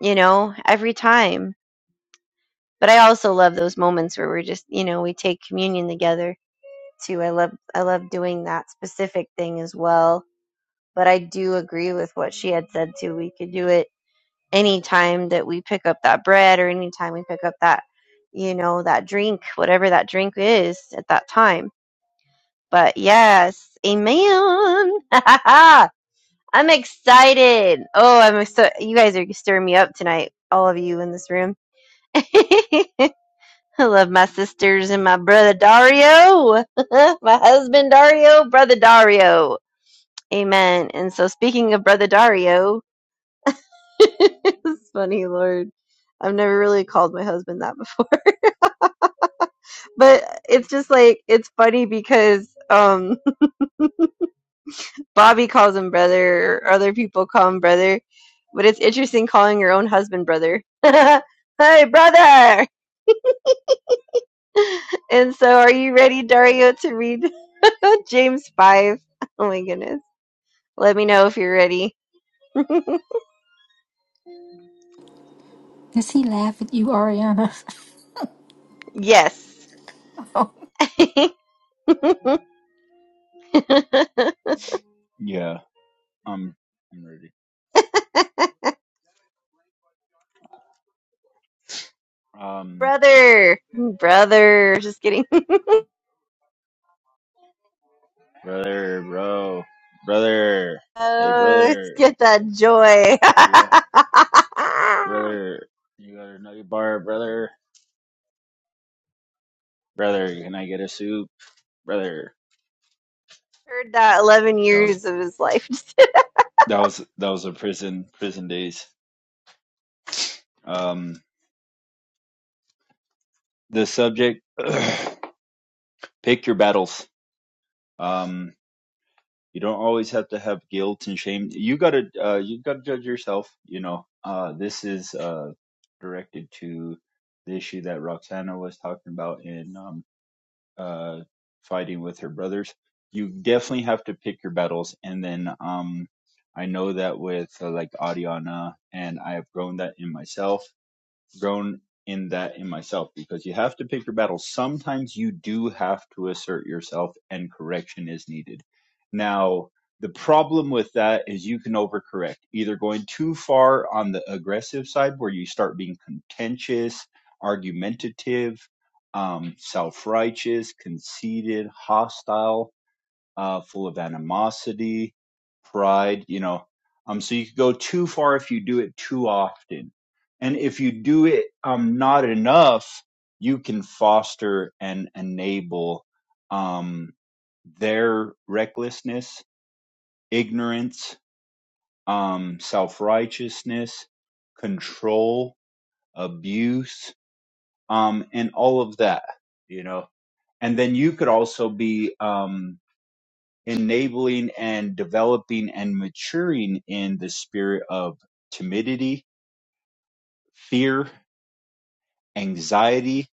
you know, every time but I also love those moments where we're just, you know, we take communion together too. I love I love doing that specific thing as well. But I do agree with what she had said too. We could do it any time that we pick up that bread or any time we pick up that, you know, that drink, whatever that drink is at that time. But yes, amen. (laughs) I'm excited. Oh, I'm so you guys are stirring me up tonight, all of you in this room. (laughs) I love my sisters and my brother Dario, (laughs) my husband Dario, brother Dario. Amen. And so, speaking of brother Dario, (laughs) it's funny, Lord. I've never really called my husband that before, but it's just like it's funny because um, (laughs) Bobby calls him brother, or other people call him brother, but it's interesting calling your own husband brother. (laughs) hey, brother! (laughs) And so, are you ready, Dario, to read (laughs) James five? Oh my goodness. Let me know if you're ready. (laughs)
Does he laugh at you, Ariana?
Yes. (laughs)
Yeah, I'm I'm ready. Um,
brother. Brother. Just kidding. (laughs)
Brother, bro. Brother. Hey,
Oh, let's
brother.
get that joy. (laughs)
You got, brother. You got a nugget bar, brother. Brother, can I get a soup? Brother.
Heard that 11
That was,
years of his life.
that was, that was a prison, prison days. Um, the subject, (clears throat) pick your battles. Um, you don't always have to have guilt and shame. You gotta, uh, you gotta judge yourself, you know. Uh, this is, uh, directed to the issue that Roxana was talking about in, um, uh, fighting with her brothers. You definitely have to pick your battles, and then um, I know that with uh, like Ariana, and I have grown that in myself grown in that in myself because you have to pick your battles. Sometimes you do have to assert yourself and correction is needed. Now, the problem with that is you can overcorrect, either going too far on the aggressive side where you start being contentious, argumentative, um, self righteous, conceited, hostile uh, full of animosity, pride, you know. Um, so you could go too far if you do it too often. And if you do it um, not enough, you can foster and enable um, their recklessness, ignorance, um, self righteousness, control, abuse, um, and all of that, you know. And then you could also be um, enabling and developing and maturing in the spirit of timidity, fear, anxiety,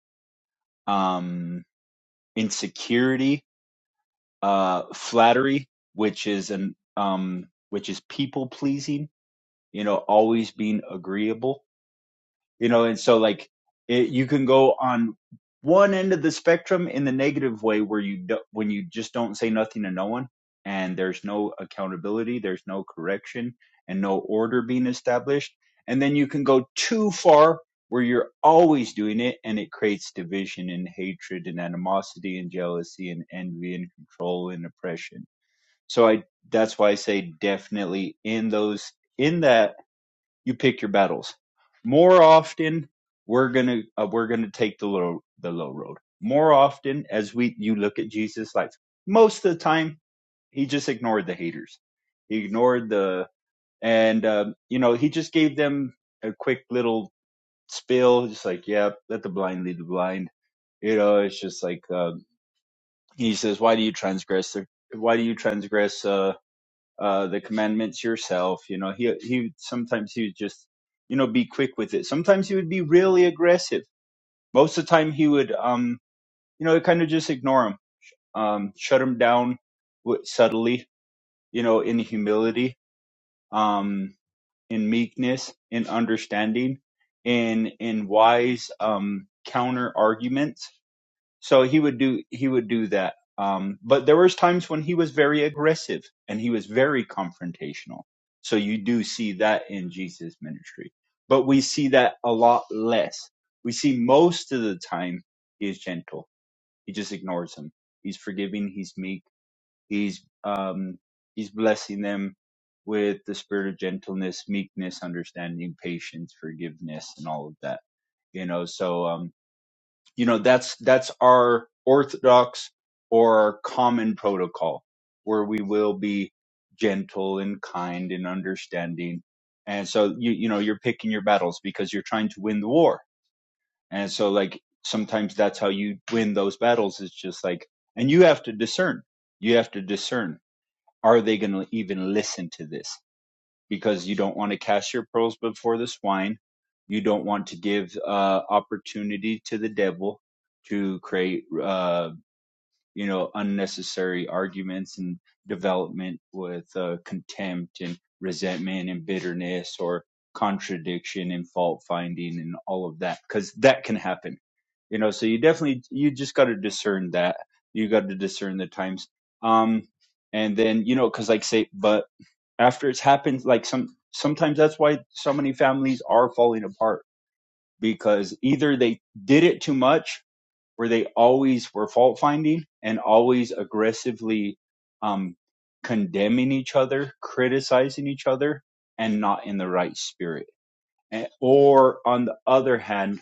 um, insecurity, uh, flattery, which is an um, which is people pleasing. You know, always being agreeable you know and so like it, you can go on one end of the spectrum in the negative way where you do, when you just don't say nothing to no one and there's no accountability there's no correction and no order being established and then you can go too far where you're always doing it and it creates division and hatred and animosity and jealousy and envy and control and oppression so i that's why i say definitely in those in that you pick your battles. More often, we're gonna uh, we're gonna take the low the low road. More often, as we you look at Jesus' life, most of the time he just ignored the haters. He ignored the and um, you know he just gave them a quick little spill, just like yeah, let the blind lead the blind. You know, it's just like um, he says, why do you transgress? The, why do you transgress? Uh, uh, the commandments yourself. You know, he he sometimes he would just you know be quick with it. Sometimes he would be really aggressive. Most of the time he would um you know kind of just ignore him, um shut him down w- subtly. You know, in humility, um, in meekness, in understanding, in in wise um counter arguments so he would do he would do that um but there was times when he was very aggressive and he was very confrontational so you do see that in jesus ministry but we see that a lot less we see most of the time he is gentle he just ignores them he's forgiving he's meek he's um he's blessing them with the spirit of gentleness meekness understanding patience forgiveness and all of that you know so um you know that's that's our orthodox or our common protocol where we will be gentle and kind and understanding and so you you know you're picking your battles because you're trying to win the war and so like sometimes that's how you win those battles it's just like and you have to discern you have to discern are they going to even listen to this because you don't want to cast your pearls before the swine. You don't want to give uh, opportunity to the devil to create, uh, you know, unnecessary arguments and development with uh, contempt and resentment and bitterness or contradiction and fault finding and all of that because that can happen, you know. So you definitely you just got to discern that. You got to discern the times. Um, and then you know because like say but after it's happened like some sometimes that's why so many families are falling apart because either they did it too much or they always were fault finding and always aggressively um condemning each other criticizing each other and not in the right spirit And- or on the other hand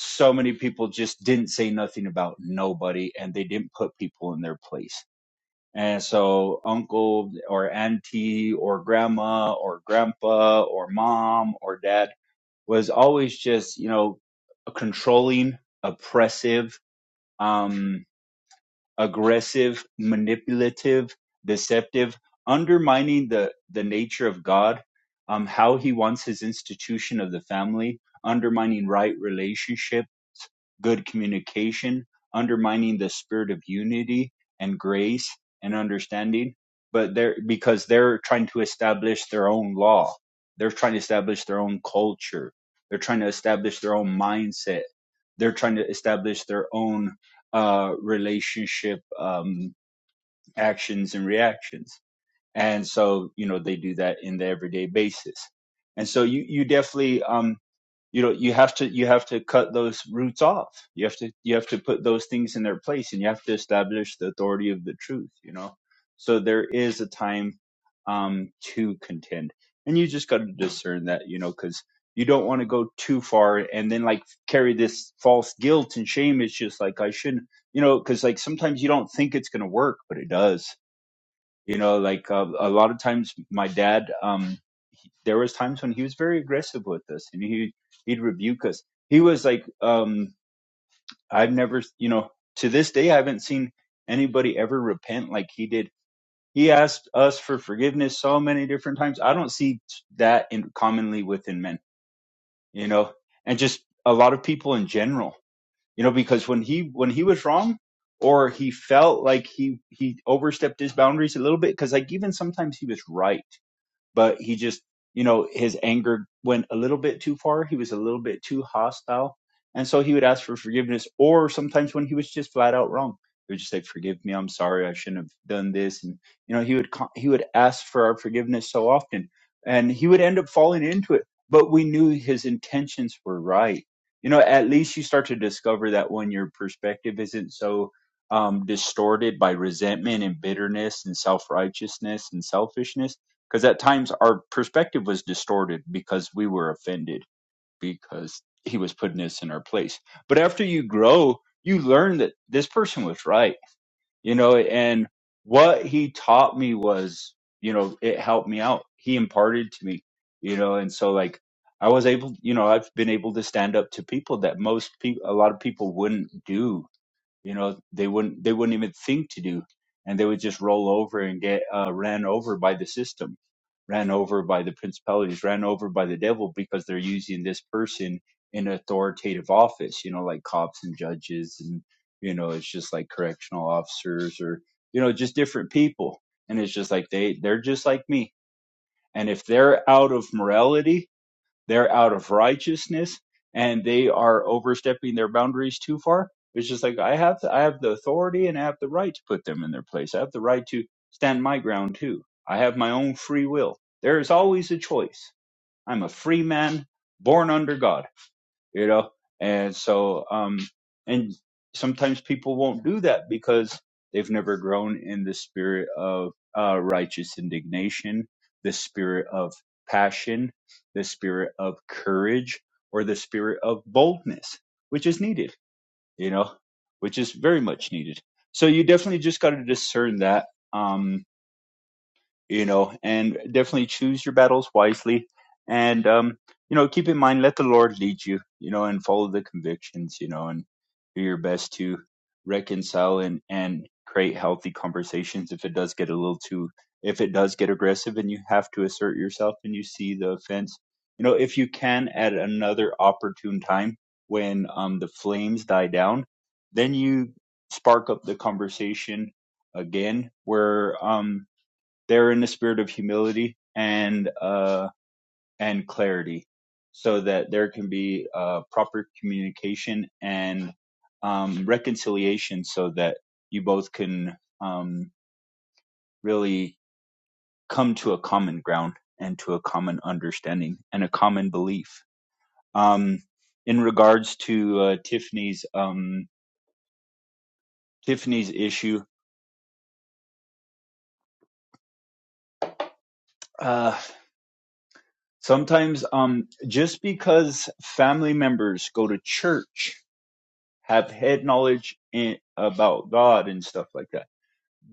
so many people just didn't say nothing about nobody and they didn't put people in their place and so uncle or auntie or grandma or grandpa or mom or dad was always just, you know, controlling, oppressive. Um, aggressive, manipulative, deceptive, undermining the, the nature of God, um, how he wants his institution of the family, undermining right relationships, good communication, undermining the spirit of unity and grace and understanding. But they're because they're trying to establish their own law. They're trying to establish their own culture. They're trying to establish their own mindset. They're trying to establish their own uh, relationship um, actions and reactions. And so, you know, they do that in the everyday basis. And so you, you definitely, um, you know you have to you have to cut those roots off you have to you have to put those things in their place and you have to establish the authority of the truth you know so there is a time um to contend and you just got to discern that you know because you don't want to go too far and then like carry this false guilt and shame it's just like i shouldn't you know because like sometimes you don't think it's going to work but it does you know like uh, a lot of times my dad um there was times when he was very aggressive with us and he he'd rebuke us he was like um i've never you know to this day i haven't seen anybody ever repent like he did he asked us for forgiveness so many different times i don't see that in commonly within men you know and just a lot of people in general you know because when he when he was wrong or he felt like he he overstepped his boundaries a little bit because like even sometimes he was right but he just you know his anger went a little bit too far he was a little bit too hostile and so he would ask for forgiveness or sometimes when he was just flat out wrong he would just say forgive me i'm sorry i shouldn't have done this and you know he would co- he would ask for our forgiveness so often and he would end up falling into it but we knew his intentions were right you know at least you start to discover that when your perspective isn't so um, distorted by resentment and bitterness and self-righteousness and selfishness because at times our perspective was distorted because we were offended because he was putting us in our place but after you grow you learn that this person was right you know and what he taught me was you know it helped me out he imparted to me you know and so like i was able you know i've been able to stand up to people that most people a lot of people wouldn't do you know they wouldn't they wouldn't even think to do and they would just roll over and get uh, ran over by the system ran over by the principalities ran over by the devil because they're using this person in authoritative office you know like cops and judges and you know it's just like correctional officers or you know just different people and it's just like they they're just like me and if they're out of morality they're out of righteousness and they are overstepping their boundaries too far. It's just like I have I have the authority and I have the right to put them in their place. I have the right to stand my ground too. I have my own free will. There is always a choice. I'm a free man, born under God you know and so um and sometimes people won't do that because they've never grown in the spirit of uh, righteous indignation the spirit of passion the spirit of courage or the spirit of boldness which is needed you know which is very much needed so you definitely just got to discern that Um, you know, and definitely choose your battles wisely. And, um, you know, keep in mind, let the Lord lead you, you know, and follow the convictions, you know, and do your best to reconcile and, and create healthy conversations if it does get a little too, if it does get aggressive and you have to assert yourself and you see the offense, you know, if you can at another opportune time when um, the flames die down, then you spark up the conversation again where, um, they're in the spirit of humility and uh, and clarity, so that there can be uh, proper communication and um, reconciliation, so that you both can um, really come to a common ground and to a common understanding and a common belief. Um, in regards to uh, Tiffany's um, Tiffany's issue, uh, sometimes um, just because family members go to church have head knowledge in, about God and stuff like that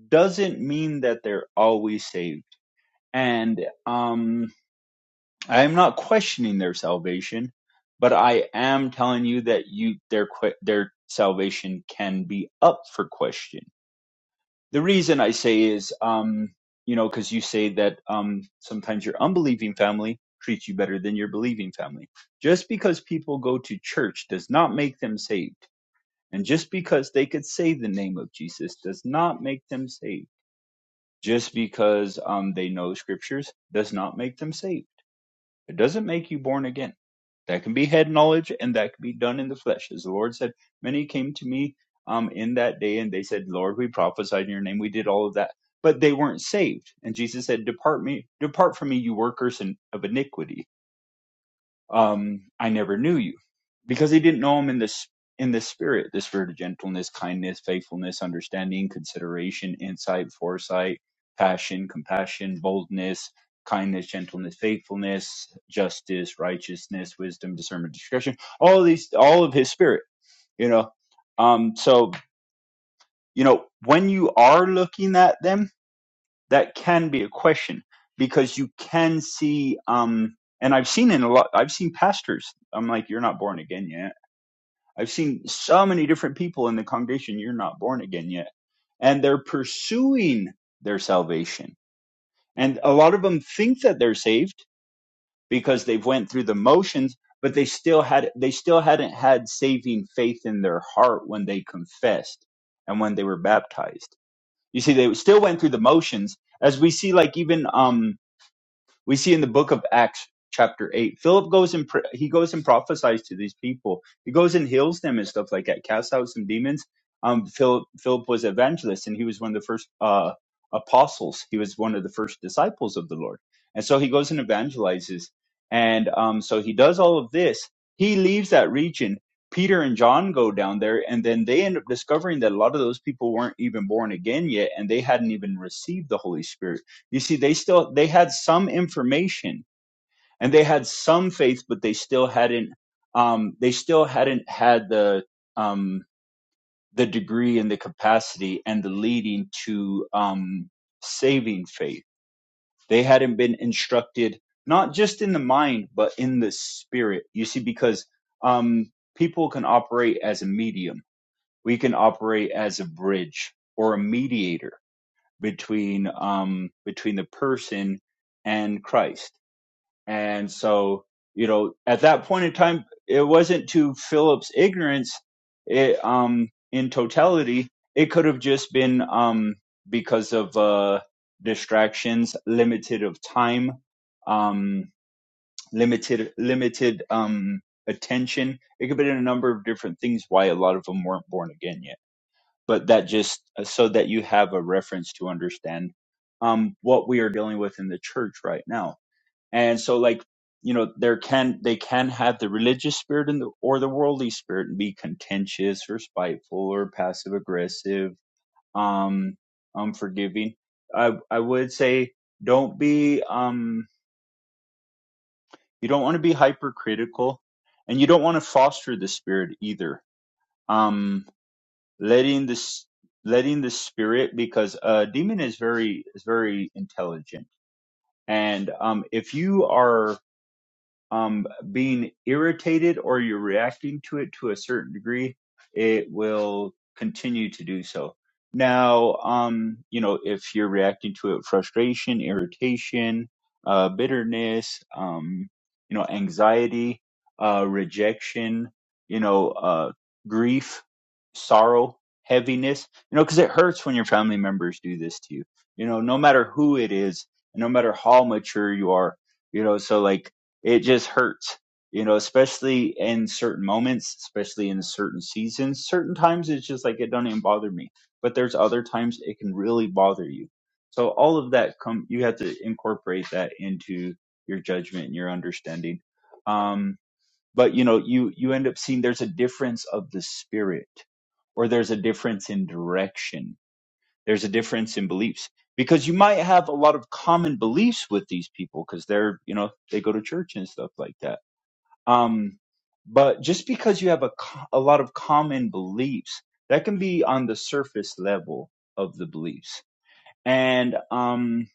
doesn't mean that they're always saved. And um, I am not questioning their salvation, but I am telling you that you their their salvation can be up for question. The reason I say is, um, you know, because you say that um, sometimes your unbelieving family treats you better than your believing family. Just because people go to church does not make them saved and just because they could say the name of Jesus does not make them saved. Just because um, they know scriptures does not make them saved. It doesn't make you born again. That can be head knowledge and that can be done in the flesh. As the Lord said, many came to me um, in that day and they said, Lord, we prophesied in your name. We did all of that. But they weren't saved. And Jesus said, Depart me, depart from me, you workers of iniquity um, I never knew you. Because he didn't know him in this in the spirit, the spirit of gentleness, kindness, faithfulness, understanding, consideration, insight, foresight, passion, compassion, boldness, kindness, gentleness, faithfulness, justice, righteousness, wisdom, discernment, discretion. All of these all of his spirit, you know. Um so you know, when you are looking at them that can be a question because you can see um and i've seen in a lot i've seen pastors i'm like you're not born again yet i've seen so many different people in the congregation you're not born again yet and they're pursuing their salvation and a lot of them think that they're saved because they've went through the motions but they still had they still hadn't had saving faith in their heart when they confessed and when they were baptized you see they still went through the motions as we see like even um We see in the book of Acts chapter 8 philip goes and pr- he goes and prophesies to these people he goes and heals them and stuff like that casts out some demons um philip philip was evangelist and he was one of the first uh apostles he was one of the first disciples of the lord and so he goes and evangelizes and um so he does all of this he leaves that region Peter and John go down there, and then they end up discovering that a lot of those people weren't even born again yet, and they hadn't even received the Holy Spirit. You see, they still they had some information and they had some faith, but they still hadn't um, they still hadn't had the um, the degree and the capacity and the leading to um, saving faith. They hadn't been instructed not just in the mind but in the spirit. You see, because um, people can operate as a medium, we can operate as a bridge or a mediator between um, between the person and Christ And so, you know, at that point in time, it wasn't to Philip's ignorance. It, um, in totality, it could have just been, um, because of, uh, distractions, limited of time, um, limited, limited, um, attention. It could have been a number of different things why a lot of them weren't born again yet. But that just uh, so that you have a reference to understand, um, what we are dealing with in the church right now and so like you know there can they can have the religious spirit and the, or the worldly spirit and be contentious or spiteful or passive aggressive um unforgiving i i would say don't be um you don't want to be hypercritical and you don't want to foster the spirit either um letting this letting the spirit because a demon is very is very intelligent and um if you are um, being irritated or you're reacting to it to a certain degree, it will continue to do so. Now, um, you know, if you're reacting to it, with frustration, irritation, uh, bitterness, um, you know, anxiety, uh, rejection, you know, uh, grief, sorrow, heaviness, you know, because it hurts when your family members do this to you. You know, no matter who it is, no matter how mature you are, you know, so like it just hurts you know especially in certain moments especially in certain seasons certain times it's just like it do not even bother me but there's other times it can really bother you so all of that come you have to incorporate that into your judgment and your understanding um but you know you you end up seeing there's a difference of the spirit or there's a difference in direction there's a difference in beliefs because you might have a lot of common beliefs with these people because they're you know they go to church and stuff like that um but just because you have a, co- a lot of common beliefs that can be on the surface level of the beliefs and um,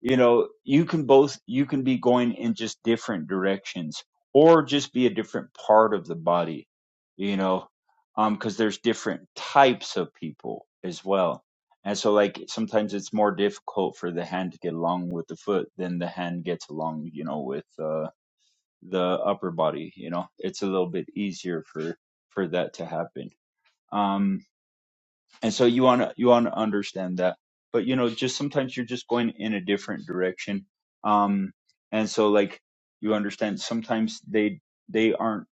you know you can both you can be going in just different directions or just be a different part of the body you know um because there's different types of people as well and so like sometimes it's more difficult for the hand to get along with the foot than the hand gets along you know with uh the upper body you know it's a little bit easier for for that to happen Um, and so you want to you want to understand that but you know just sometimes you're just going in a different direction um and so like you understand sometimes they they aren't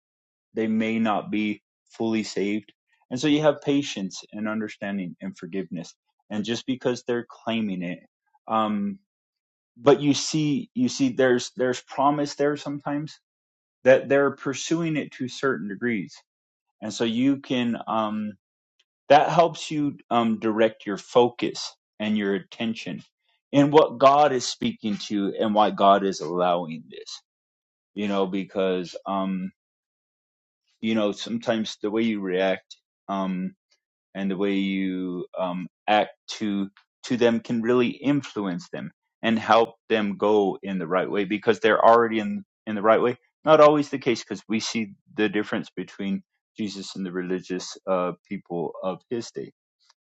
they may not be fully saved and so you have patience and understanding and forgiveness and just because they're claiming it um but you see you see there's there's promise there sometimes that they're pursuing it to certain degrees and so you can um that helps you um, direct your focus and your attention and what god is speaking to and why god is allowing this you know because um you know sometimes the way you react um and the way you um act to to them can really influence them and help them go in the right way because they're already in in the right way not always the case because we see the difference between jesus and the religious uh people of his day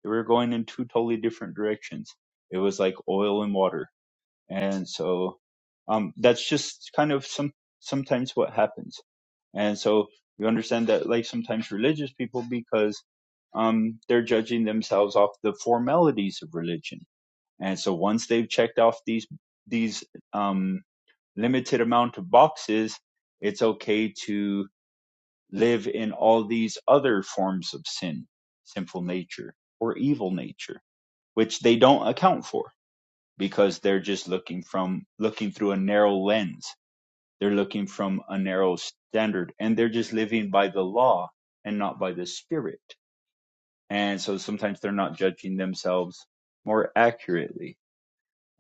they were going in two totally different directions. It was like oil and water. And so, um, that's just kind of some, sometimes what happens. And so you understand that like sometimes religious people, because, um, they're judging themselves off the formalities of religion. And so once they've checked off these, these, um, limited amount of boxes, it's okay to live in all these other forms of sin, sinful nature or evil nature which they don't account for because they're just looking from looking through a narrow lens. They're looking from a narrow standard and they're just living by the law and not by the spirit. And so sometimes they're not judging themselves more accurately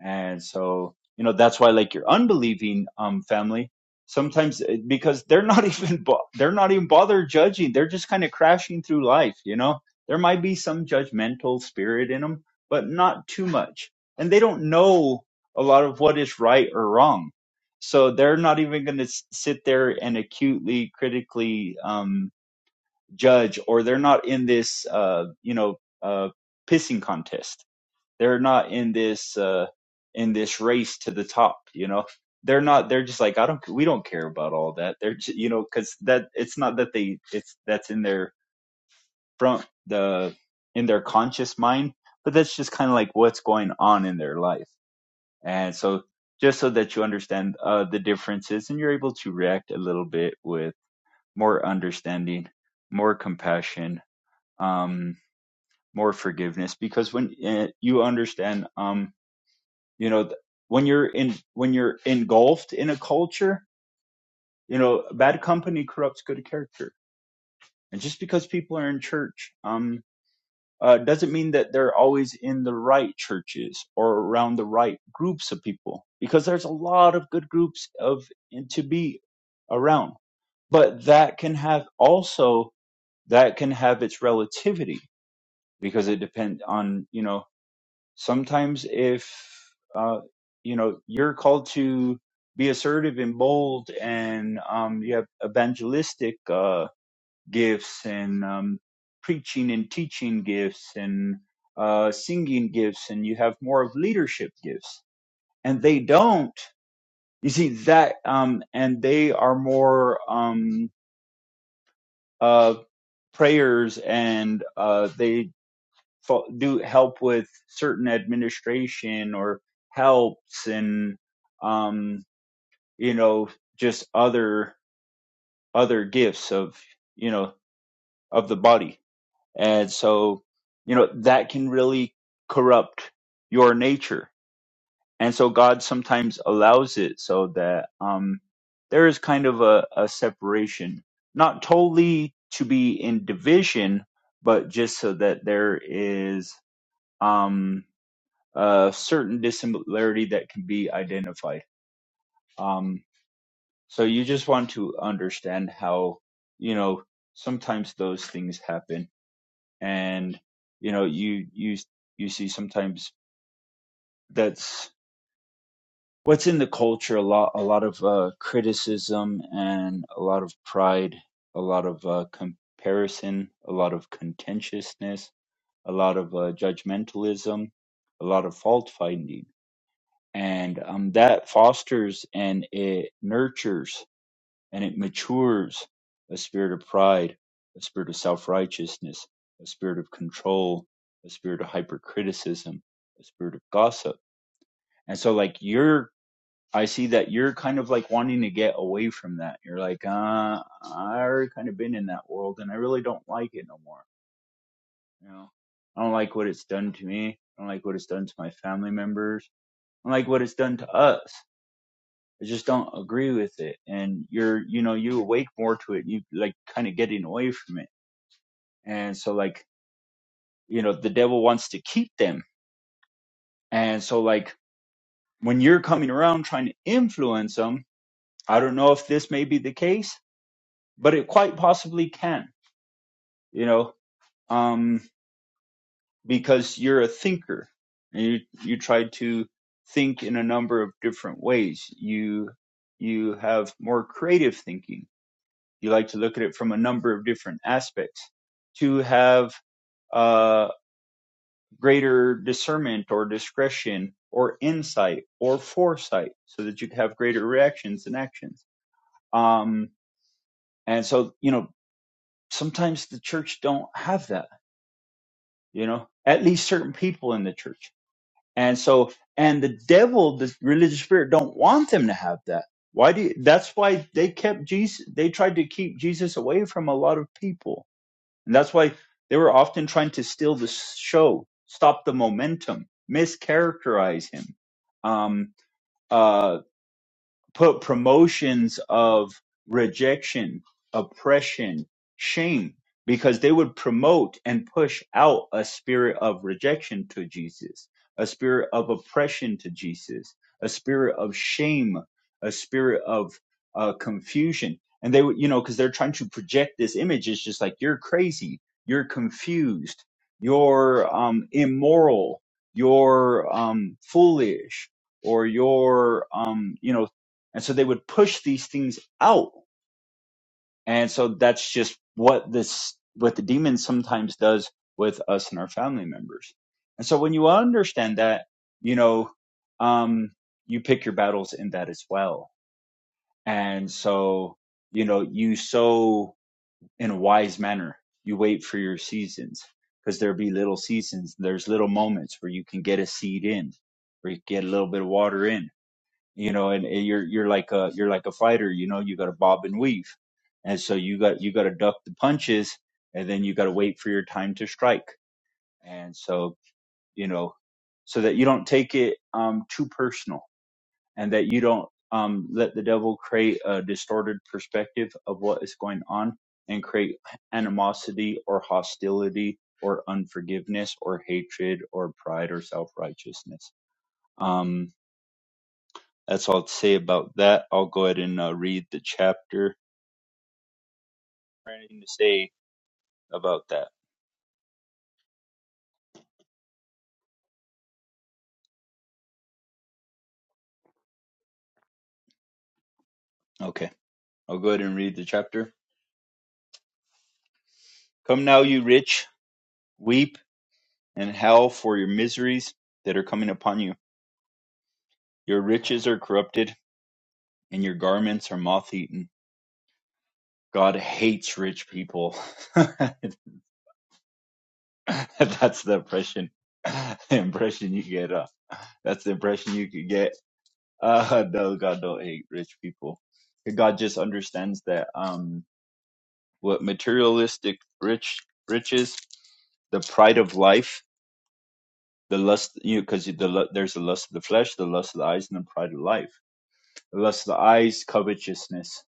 and so, you know, that's why like your unbelieving um family sometimes eh, because they're not (laughs) even bo- they're not even bothered judging. They're just kind of crashing through life, you know. There might be some judgmental spirit in them, but not too much. And they don't know a lot of what is right or wrong. So they're not even going to sit there and acutely critically um judge or they're not in this uh you know uh pissing contest they're not in this uh in this race to the top, you know. They're not they're just like I don't we don't care about all that. They're ju- you know cuz that it's not that they it's that's in their front the in their conscious mind, but that's just kind of like what's going on in their life. And so just so that you understand uh the differences and you're able to react a little bit with more understanding, more compassion, um more forgiveness because when uh, you understand um you know th- when you're in when you're engulfed in a culture you know bad company corrupts good character and just because people are in church um uh, doesn't mean that they're always in the right churches or around the right groups of people because there's a lot of good groups of to be around but that can have also that can have its relativity because it depends on you know sometimes if uh, you know you're called to be assertive and bold and um, you have evangelistic uh, gifts and um, preaching and teaching gifts and uh, singing gifts and you have more of leadership gifts and they don't you see that um, and they are more um, uh, prayers and uh, they do help with certain administration or helps and um you know just other other gifts of you know of the body and so you know that can really corrupt your nature and so god sometimes allows it so that um there is kind of a, a separation not totally to be in division but just so that there is um, a certain dissimilarity that can be identified. Um, so you just want to understand how, you know, sometimes those things happen, and you know, you you you see sometimes that's what's in the culture a lot a lot of uh, criticism and a lot of pride, a lot of uh, comparison, a lot of contentiousness, a lot of uh, judgmentalism, a lot of fault finding and um, that fosters and it nurtures and it matures a spirit of pride, a spirit of self-righteousness, a spirit of control, a spirit of hypercriticism, a spirit of gossip. And so, like you're, I see that you're kind of like wanting to get away from that. You're like, uh, I already kind of been in that world, and I really don't like it no more. You know, I don't like what it's done to me. I don't like what it's done to my family members. I don't like what it's done to us I just don't agree with it. And you're, you know, you awake more to it. You like kind of getting away from it. And so like, you know, the devil wants to keep them. And so like when you're coming around trying to influence them, I don't know if this may be the case, but it quite possibly can, you know, um, because you're a thinker and you, you try to think in a number of different ways. You, you have more creative thinking You like to look at it from a number of different aspects to have uh, greater discernment or discretion or insight or foresight so that you can have greater reactions and actions. Um, and so, you know, sometimes the church don't have that, you know, at least certain people in the church. And so, and the devil, the religious spirit don't want them to have that. Why do you, that's why they kept Jesus, they tried to keep Jesus away from a lot of people And that's why they were often trying to steal the show, stop the momentum, mischaracterize him. Um, uh, put promotions of rejection, oppression, shame, because they would promote and push out a spirit of rejection to Jesus, a spirit of oppression to Jesus, a spirit of shame, a spirit of uh, confusion. And they would, you know, because they're trying to project this image. It's just like, you're crazy, you're confused, you're um, immoral, you're um, foolish, or you're um you know and so they would push these things out. And so that's just what this, what the demon sometimes does with us and our family members. And so when you understand that, you know, um, you pick your battles in that as well. And so, you know, you sow in a wise manner. You wait for your seasons because there'll be little seasons. There's little moments where you can get a seed in, where you get a little bit of water in you know, and, and you're you're like a you're like a fighter, you know, you got to bob and weave, and so you got you got to duck the punches, and then you got to wait for your time to strike, and so you know, so that you don't take it um, too personal, and that you don't um, let the devil create a distorted perspective of what is going on and create animosity or hostility or unforgiveness or hatred or pride or self righteousness. That's all to say about that. I'll go ahead and uh, read the chapter. Anything to say about that? Okay, I'll go ahead and read the chapter. Come now, you rich, weep and howl for your miseries that are coming upon you. Your riches are corrupted, and your garments are moth eaten. God hates rich people. (laughs) that's the impression. (laughs) The impression you get. Uh, that's the impression you could get. (laughs) Uh, no, God don't hate rich people. God just understands that. Um, what materialistic rich riches, the pride of life, the lust you know, because the lu- there's the lust of the flesh, the lust of the eyes, and the pride of life. The lust of the eyes, covetousness.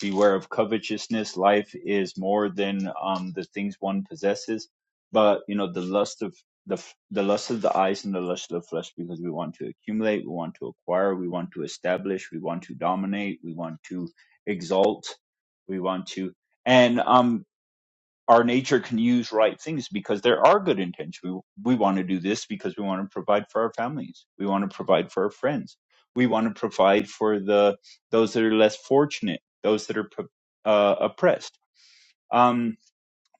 Beware of covetousness. Life is more than um the things one possesses, but you know the lust of the f- the lust of the eyes and the lust of the flesh because we want to accumulate, we want to acquire, we want to establish, we want to dominate, we want to exalt, we want to and um our nature can use right things because there are good intentions. We, we want to do this because we want to provide for our families. We want to provide for our friends. We want to provide for the those that are less fortunate, those that are pro- uh, oppressed. Um,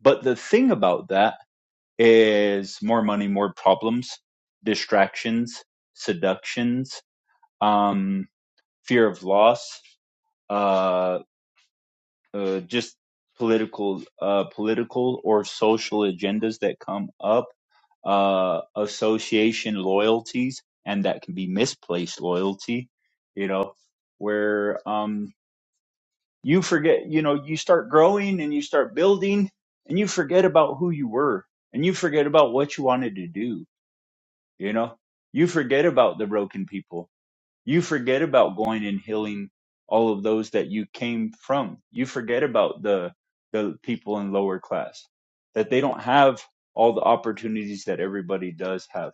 but the thing about that is more money, more problems, distractions, seductions, um, fear of loss, uh, uh, just political uh, political or social agendas that come up uh, association loyalties and that can be misplaced loyalty you know where um, you forget you know you start growing and you start building and you forget about who you were and you forget about what you wanted to do you know you forget about the broken people you forget about going and healing all of those that you came from. You forget about the the people in lower class that they don't have all the opportunities that everybody does have.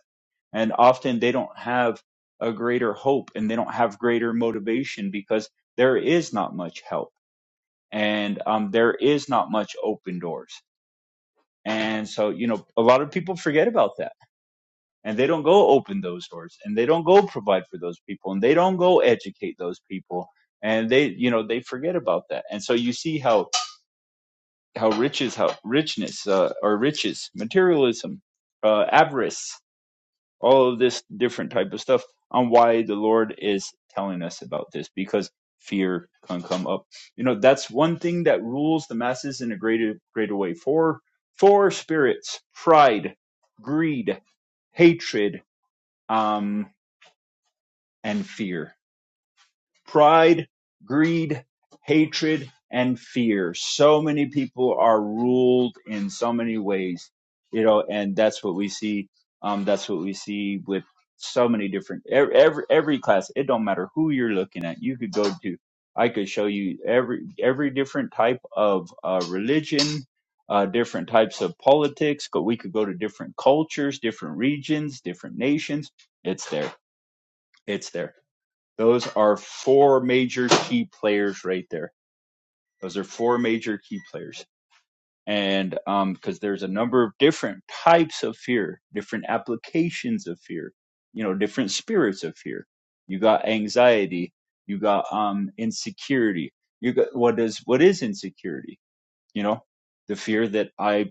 And often they don't have a greater hope and they don't have greater motivation because there is not much help and um, there is not much open doors. And so, you know, a lot of people forget about that and they don't go open those doors and they don't go provide for those people and they don't go educate those people and they you know they forget about that and so you see how how riches how richness uh, or riches materialism uh, avarice all of this different type of stuff on why the lord is telling us about this because fear can come up you know that's one thing that rules the masses in a greater greater way four four spirits pride greed hatred, um, and fear. Pride, greed, hatred, and fear. So many people are ruled in so many ways, you know, and that's what we see. Um, that's what we see with so many different every, every every class. It don't matter who you're looking at. You could go to. I could show you every every different type of uh, religion, uh, different types of politics. But we could go to different cultures, different regions, different nations. It's there. It's there those are four major key players right there. Those are four major key players. And um, because there's a number of different types of fear, different applications of fear, you know, different spirits of fear. You got anxiety, you got um insecurity. You got what is what is insecurity? You know, the fear that I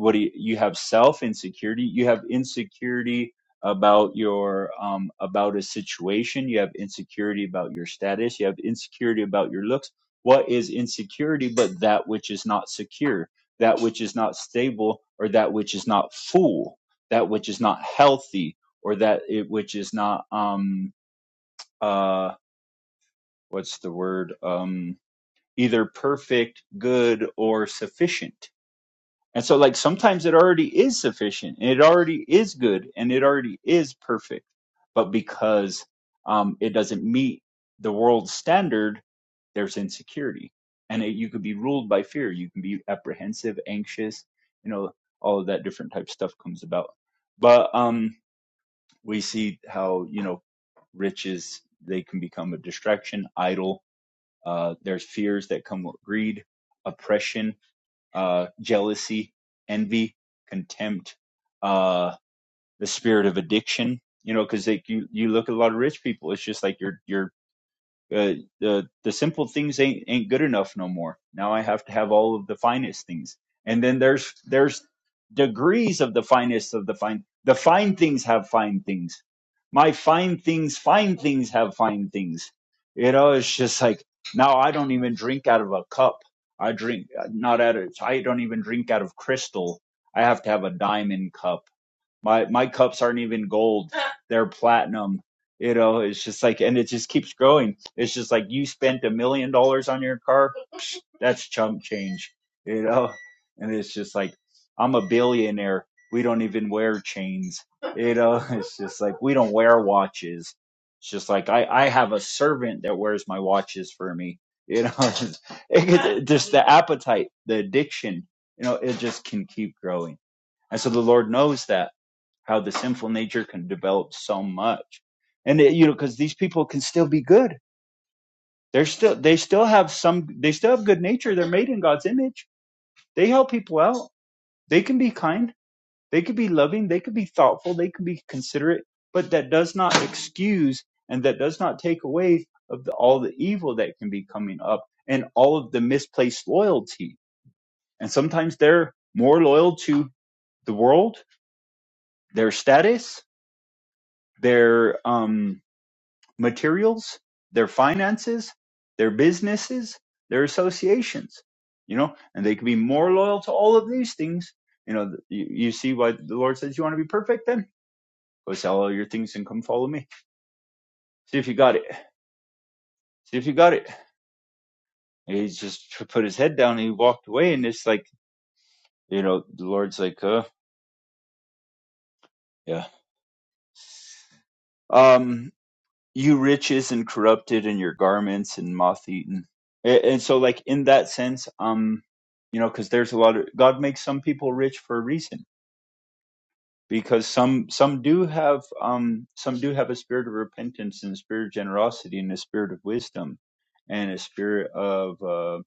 what do you, you have self insecurity you have insecurity about your um about a situation you have insecurity about your status you have insecurity about your looks what is insecurity but that which is not secure that which is not stable or that which is not full that which is not healthy or that it which is not um uh what's the word um either perfect good or sufficient and so, like, sometimes it already is sufficient and it already is good and it already is perfect. But because um, it doesn't meet the world's standard, there's insecurity. And it, you could be ruled by fear. You can be apprehensive, anxious, you know, all of that different type of stuff comes about. But um, we see how, you know, riches, they can become a distraction, idol. Uh, there's fears that come with greed, oppression uh, jealousy, envy, contempt, uh, the spirit of addiction. You know, because like you you look at a lot of rich people, it's just like you're you're uh, the the simple things ain't ain't good enough no more. Now I have to have all of the finest things. And then there's there's degrees of the finest of the fine. The fine things have fine things. My fine things, fine things have fine things. You know, it's just like now I don't even drink out of a cup. I drink not out of. I don't even drink out of crystal. I have to have a diamond cup my my cups aren't even gold; (laughs) they're platinum. You know, it's just like, and it just keeps growing. It's just like you spent a million dollars on your car. Psh, that's chump change. You know, and it's just like I'm a billionaire. We don't even wear chains. You know, (laughs) it's just like we don't wear watches. It's just like I I have a servant that wears my watches for me. You know, (laughs) it, just the appetite, the addiction. You know, it just can keep growing and so the Lord knows that how the sinful nature can develop so much. And it, you know, because these people can still be good. They're still they still have some they still have good nature. They're made in God's image. They help people out. They can be kind. They could be loving. They could be thoughtful. They could be considerate. But that does not excuse and that does not take away of the, all the evil that can be coming up and all of the misplaced loyalty. And sometimes they're more loyal to the world, their status, their um, materials, their finances, their businesses, their associations, you know, and they can be more loyal to all of these things. You know, you, you see why the Lord says you want to be perfect then? Go sell all your things and come follow me. See if you got it. See if you got it. And He just put his head down and he walked away. And it's like, you know, the Lord's like, uh, yeah. Um, you rich isn't corrupted and your garments and moth eaten and, and so like in that sense um you know because there's a lot of god makes some people rich for a reason because some some do have um some do have a spirit of repentance and a spirit of generosity and a spirit of wisdom and a spirit of uh,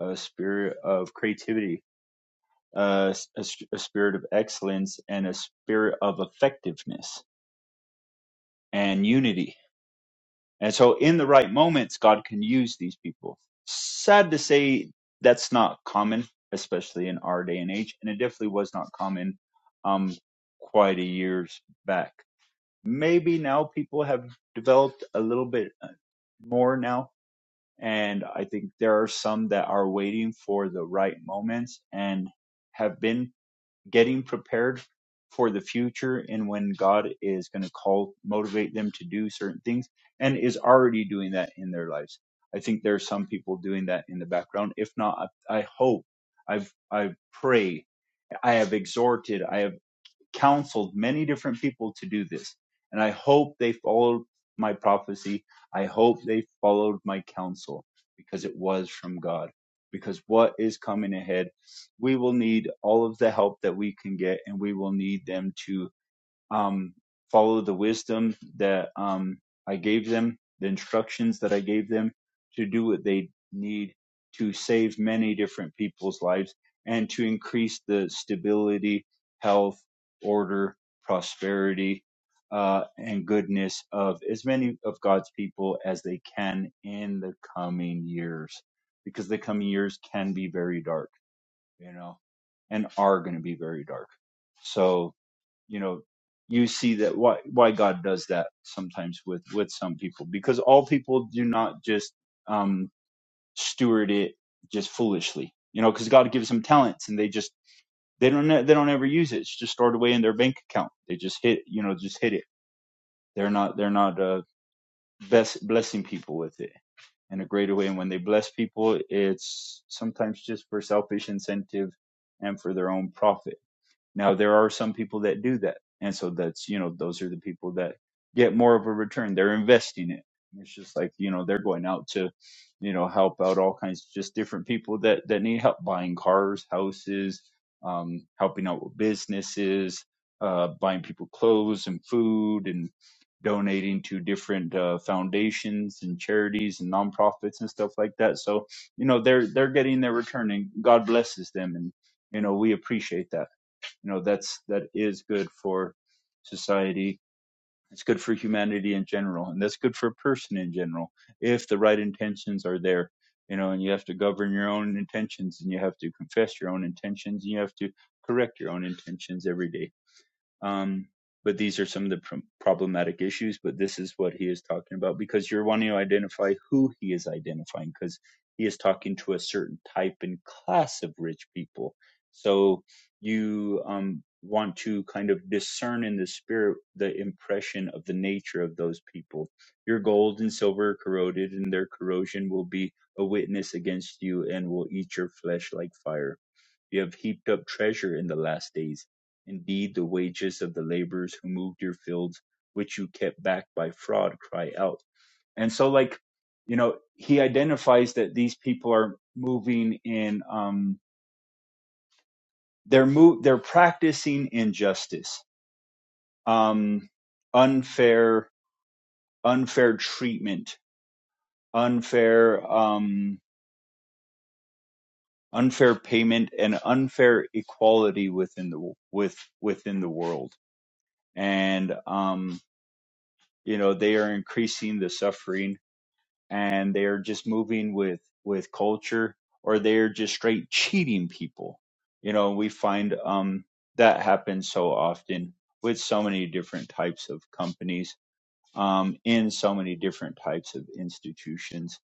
a spirit of creativity uh, s- a s- a spirit of excellence and a spirit of effectiveness and unity And so, in the right moments, God can use these people. Sad to say, that's not common, especially in our day and age. And it definitely was not common um, quite a years back. Maybe now people have developed a little bit uh, more now. And I think there are some that are waiting for the right moments and have been getting prepared for the future and when God is going to call, motivate them to do certain things and is already doing that in their lives. I think there are some people doing that in the background. If not, I, I hope, I've, I pray, I have exhorted, I have counseled many different people to do this. And I hope they followed my prophecy. I hope they followed my counsel because it was from God. Because what is coming ahead, we will need all of the help that we can get, and we will need them to um, follow the wisdom that um, I gave them, the instructions that I gave them to do what they need to save many different people's lives and to increase the stability, health, order, prosperity, uh, and goodness of as many of God's people as they can in the coming years, because the coming years can be very dark, you know, and are going to be very dark. So, you know you see that why why God does that sometimes with with some people because all people do not just um steward it just foolishly you know because God gives them talents and they just they don't ne- they don't ever use it it's just stored away in their bank account they just hit you know just hit it they're not they're not uh best blessing people with it in a greater way and when they bless people it's sometimes just for selfish incentive and for their own profit now there are some people that do that, and so that's you know those are the people that get more of a return. They're investing it. It's just like you know they're going out to you know help out all kinds just different people that that need help buying cars, houses, um, helping out with businesses, uh, buying people clothes and food and donating to different uh, foundations and charities and nonprofits and stuff like that. So you know they're they're getting their return, and God blesses them, and you know we appreciate that you know that's that is good for society it's good for humanity in general and that's good for a person in general if the right intentions are there you know and you have to govern your own intentions and you have to confess your own intentions and you have to correct your own intentions every day um, but these are some of the pr- problematic issues. But this is what he is talking about because you're wanting to identify who he is identifying because he is talking to a certain type and class of rich people. So you um, want to kind of discern in the spirit the impression of the nature of those people. Your gold and silver are corroded, and their corrosion will be a witness against you and will eat your flesh like fire you have heaped up treasure in the last days. Indeed, the wages of the laborers who moved your fields, which you kept back by fraud, cry out. And so, like, you know, he identifies that these people are moving in, um, they're move, they're practicing injustice, um, unfair, unfair treatment, unfair, um, unfair payment, and unfair equality within the with within the world. And um, you know they are increasing the suffering and they are just moving with with culture or they're just straight (laughs) cheating people you know we find um that happens so often with so many different types of companies um, in so many different types of institutions.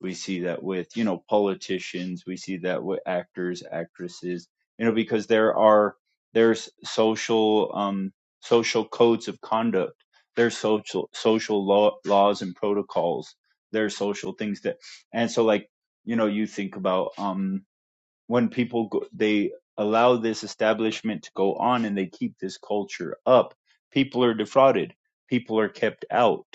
We see that with, you know, politicians, we see that with actors, actresses, you know, because there are, there's social, um, social codes of conduct. There's social, social law, laws and protocols. There's social things that, and so like, you know, you think about, um, when people go, they allow this establishment to go on and they keep this culture up people are defrauded people are kept out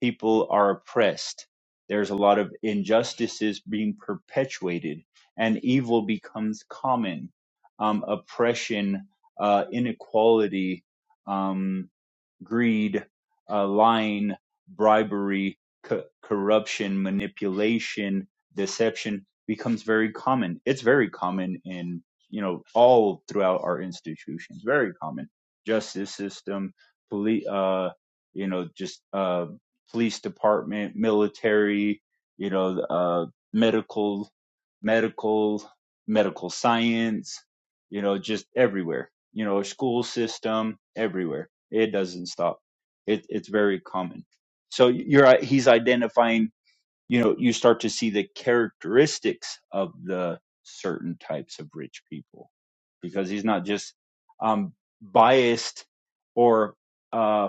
people are oppressed there's a lot of injustices being perpetuated and evil becomes common um, oppression uh, inequality um greed, uh, lying, bribery, co- corruption, manipulation, deception becomes very common. It's very common in, you know, all throughout our institutions, very common. Justice system, police, uh, you know, just, uh, police department, military, you know, uh, medical, medical, medical science, you know, just everywhere, you know, school system, everywhere it doesn't stop. It, it's very common. So you're uh, he's identifying. You know, you start to see the characteristics of the certain types of rich people because he's not just um, biased or uh,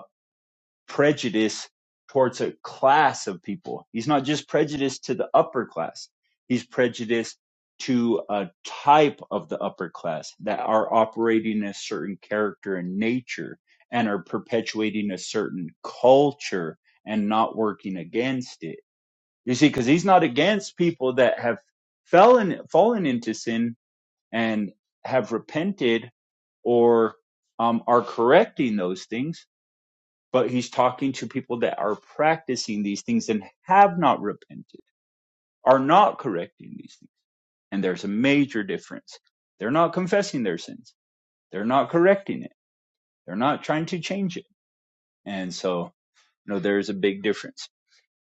prejudice towards a class of people. He's not just prejudiced to the upper class. He's prejudiced to a type of the upper class that are operating a certain character and nature and are perpetuating a certain culture and not working against it. You see, because he's not against people that have fallen fallen into sin and have repented or um, are correcting those things but he's talking to people that are practicing these things and have not repented, are not correcting these things. And there's a major difference. They're not confessing their sins. They're not correcting it. They're not trying to change it. And so, you know, there's a big difference.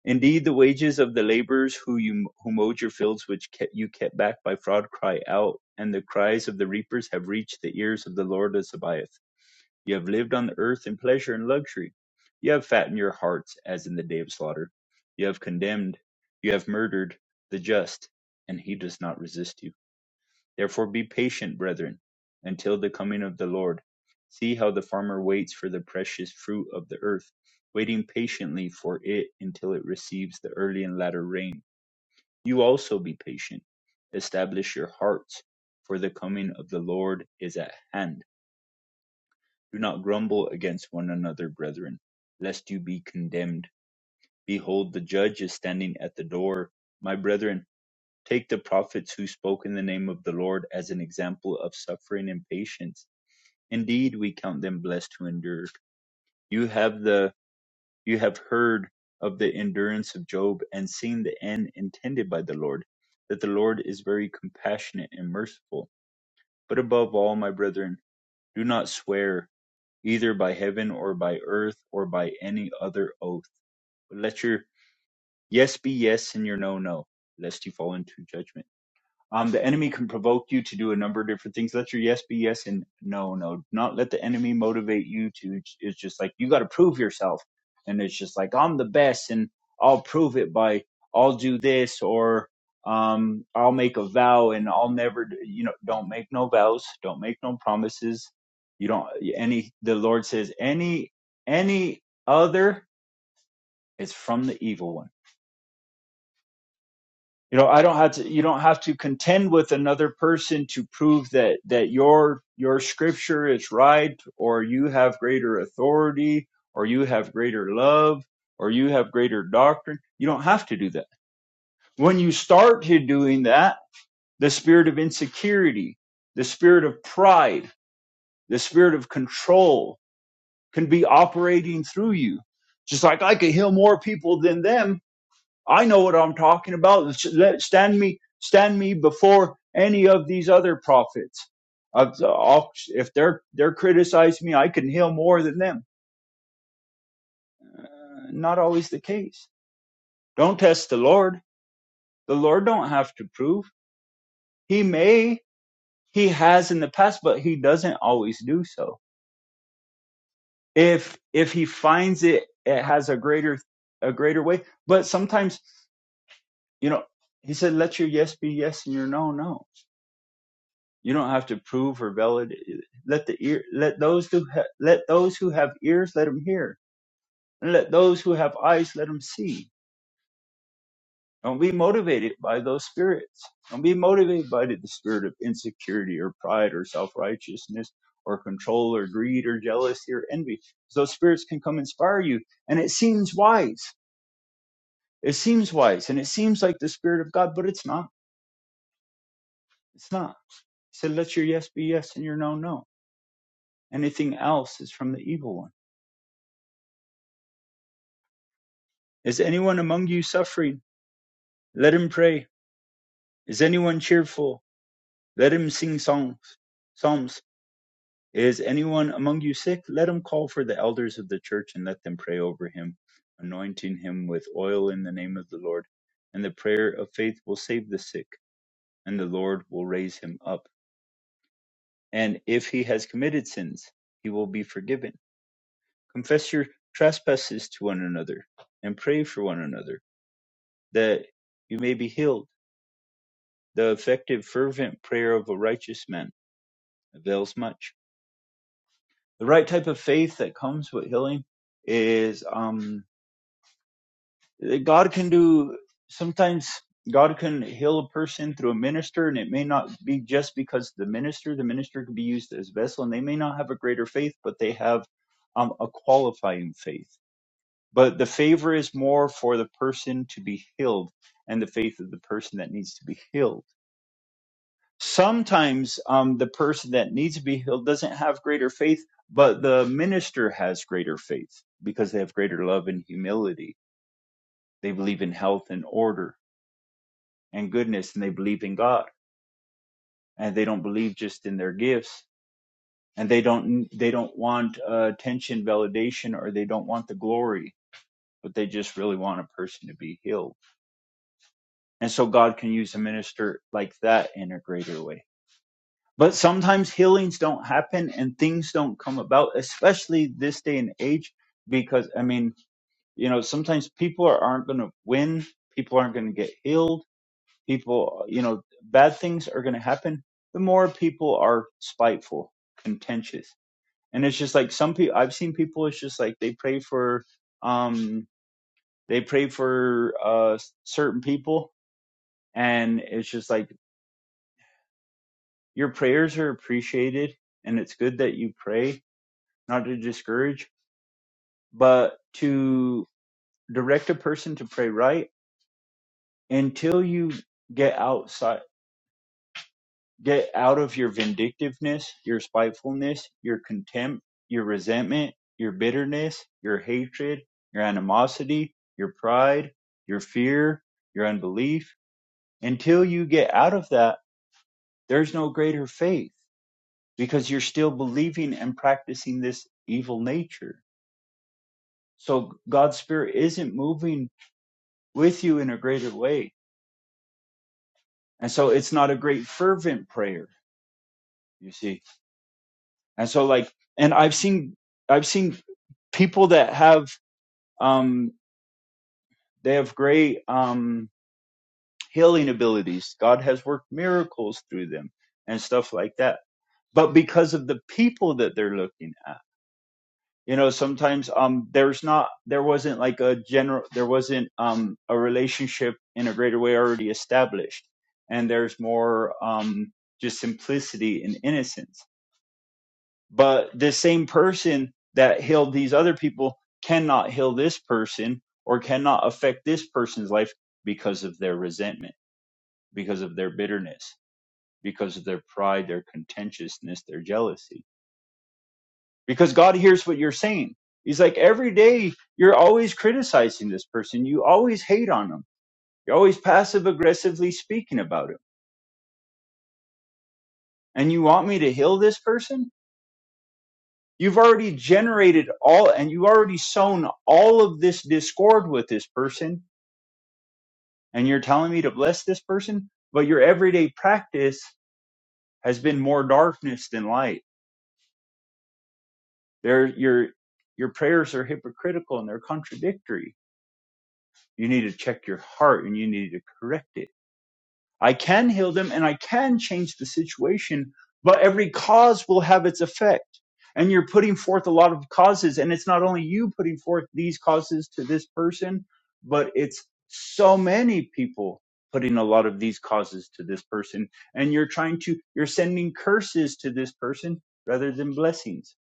Indeed, the wages of the laborers who you who mowed your fields, which kept, you kept back by fraud, cry out, and the cries of the reapers have reached the ears of the Lord of Sabaoth. You have lived on the earth in pleasure and luxury. You have fattened your hearts as in the day of slaughter. You have condemned, you have murdered the just, and he does not resist you. Therefore be patient, brethren, until the coming of the Lord. See how the farmer waits for the precious fruit of the earth, waiting patiently for it until it receives the early and latter rain. You also be patient. Establish your hearts, for the coming of the Lord is at hand. Do not grumble against one another, brethren, lest you be condemned. Behold, the judge is standing at the door. My brethren, take the prophets who spoke in the name of the Lord as an example of suffering and patience. Indeed, we count them blessed who endured. You have the you have heard of the endurance of Job and seen the end intended by the Lord, that the Lord is very compassionate and merciful. But above all, my brethren, do not swear either by heaven or by earth or by any other oath. But let your yes be yes and your no no, lest you fall into judgment. Um, the enemy can provoke you to do a number of different things. Let your yes be yes and no, no. Not let the enemy motivate you to. It's just like you got to prove yourself, and it's just like I'm the best, and I'll prove it by I'll do this or um I'll make a vow and I'll never. d- You know, don't make no vows, don't make no promises. You don't any. The Lord says any any other is from the evil one you know i don't have to you don't have to contend with another person to prove that that your your scripture is right or you have greater authority or you have greater love or you have greater doctrine you don't have to do that when you start to doing that the spirit of insecurity the spirit of pride the spirit of control can be operating through you just like i could heal more people than them I know what I'm talking about. let stand me, stand me before any of these other prophets. I've- I'll- If they're they're criticizing me, I can heal more than them. Not always the case. Don't test the Lord. The Lord don't have to prove. He may, he has in the past, but he doesn't always do so. If if he finds it, it has a greater a greater way. But sometimes, you know, he said, "Let your yes be yes and your no no." You don't have to prove or validate. Let the ear, let those who ha- let those who have ears let them hear, and let those who have eyes let them see. Don't be motivated by those spirits. Don't be motivated by the spirit of insecurity or pride or self righteousness or control or greed or jealousy or envy. Those spirits can come inspire you, and it seems wise. It seems wise, and it seems like the spirit of God, but it's not. It's not. He said, "Let your yes be yes and your no no." Anything else is from the evil one Is anyone among you suffering? Let him pray. Is anyone cheerful? Let him sing songs, psalms. Is anyone among you sick? Let him call for the elders of the church and let them pray over him, anointing him with oil in the name of the Lord. And the prayer of faith will save the sick, and the Lord will raise him up. And if he has committed sins, he will be forgiven. Confess your trespasses to one another and pray for one another that you may be healed. The effective, fervent prayer of a righteous man avails much. The right type of faith that comes with healing is um, God can do, sometimes God can heal a person through a minister, and it may not be just because the minister, the minister can be used as vessel, and they may not have a greater faith, but they have um, a qualifying faith. But the favor is more for the person to be healed and the faith of the person that needs to be healed sometimes um, the person that needs to be healed doesn't have greater faith, but the minister has greater faith because they have greater love and humility. They believe in health and order and goodness, and they believe in God, and they don't believe just in their gifts, and they don't they don't want uh, attention, validation, or they don't want the glory, but they just really want a person to be healed. And so God can use a minister like that in a greater way But sometimes healings don't happen and things don't come about, especially this day and age, because I mean, you know, sometimes people are, aren't going to win, people aren't going to get healed, people, you know, bad things are going to happen. The more people are spiteful, contentious, and it's just like some people I've seen people. It's just like they pray for, um, they pray for uh certain people, and it's just like your prayers are appreciated, and it's good that you pray not to discourage, but to direct a person to pray right until you get outside, get out of your vindictiveness, your spitefulness, your contempt, your resentment, your bitterness, your hatred, your animosity, your pride, your fear, your unbelief. Until you get out of that, there's no greater faith because you're still believing and practicing this evil nature. So God's spirit isn't moving with you in a greater way. And so it's not a great fervent prayer, you see. And so like, and I've seen, I've seen people that have, um, they have great, um, healing abilities. God has worked miracles through them and stuff like that. But because of the people that they're looking at you know sometimes um there's not there wasn't like a general there wasn't um a relationship in a greater way already established and there's more um just simplicity and innocence but the same person that healed these other people cannot heal this person or cannot affect this person's life because of their resentment because of their bitterness because of their pride their contentiousness their jealousy because God hears what you're saying. He's like, every day you're always criticizing this person. You always hate on them. You're always passive aggressively speaking about him. And you want me to heal this person? You've already generated all and you already sown all of this discord with this person. And you're telling me to bless this person, but your everyday practice has been more darkness than light. There, your, your prayers are hypocritical and they're contradictory. You need to check your heart and you need to correct it I can heal them and I can change the situation, but every cause will have its effect. And you're putting forth a lot of causes, and it's not only you putting forth these causes to this person, but it's so many people putting a lot of these causes to this person. And you're trying to, you're sending curses to this person rather than blessings.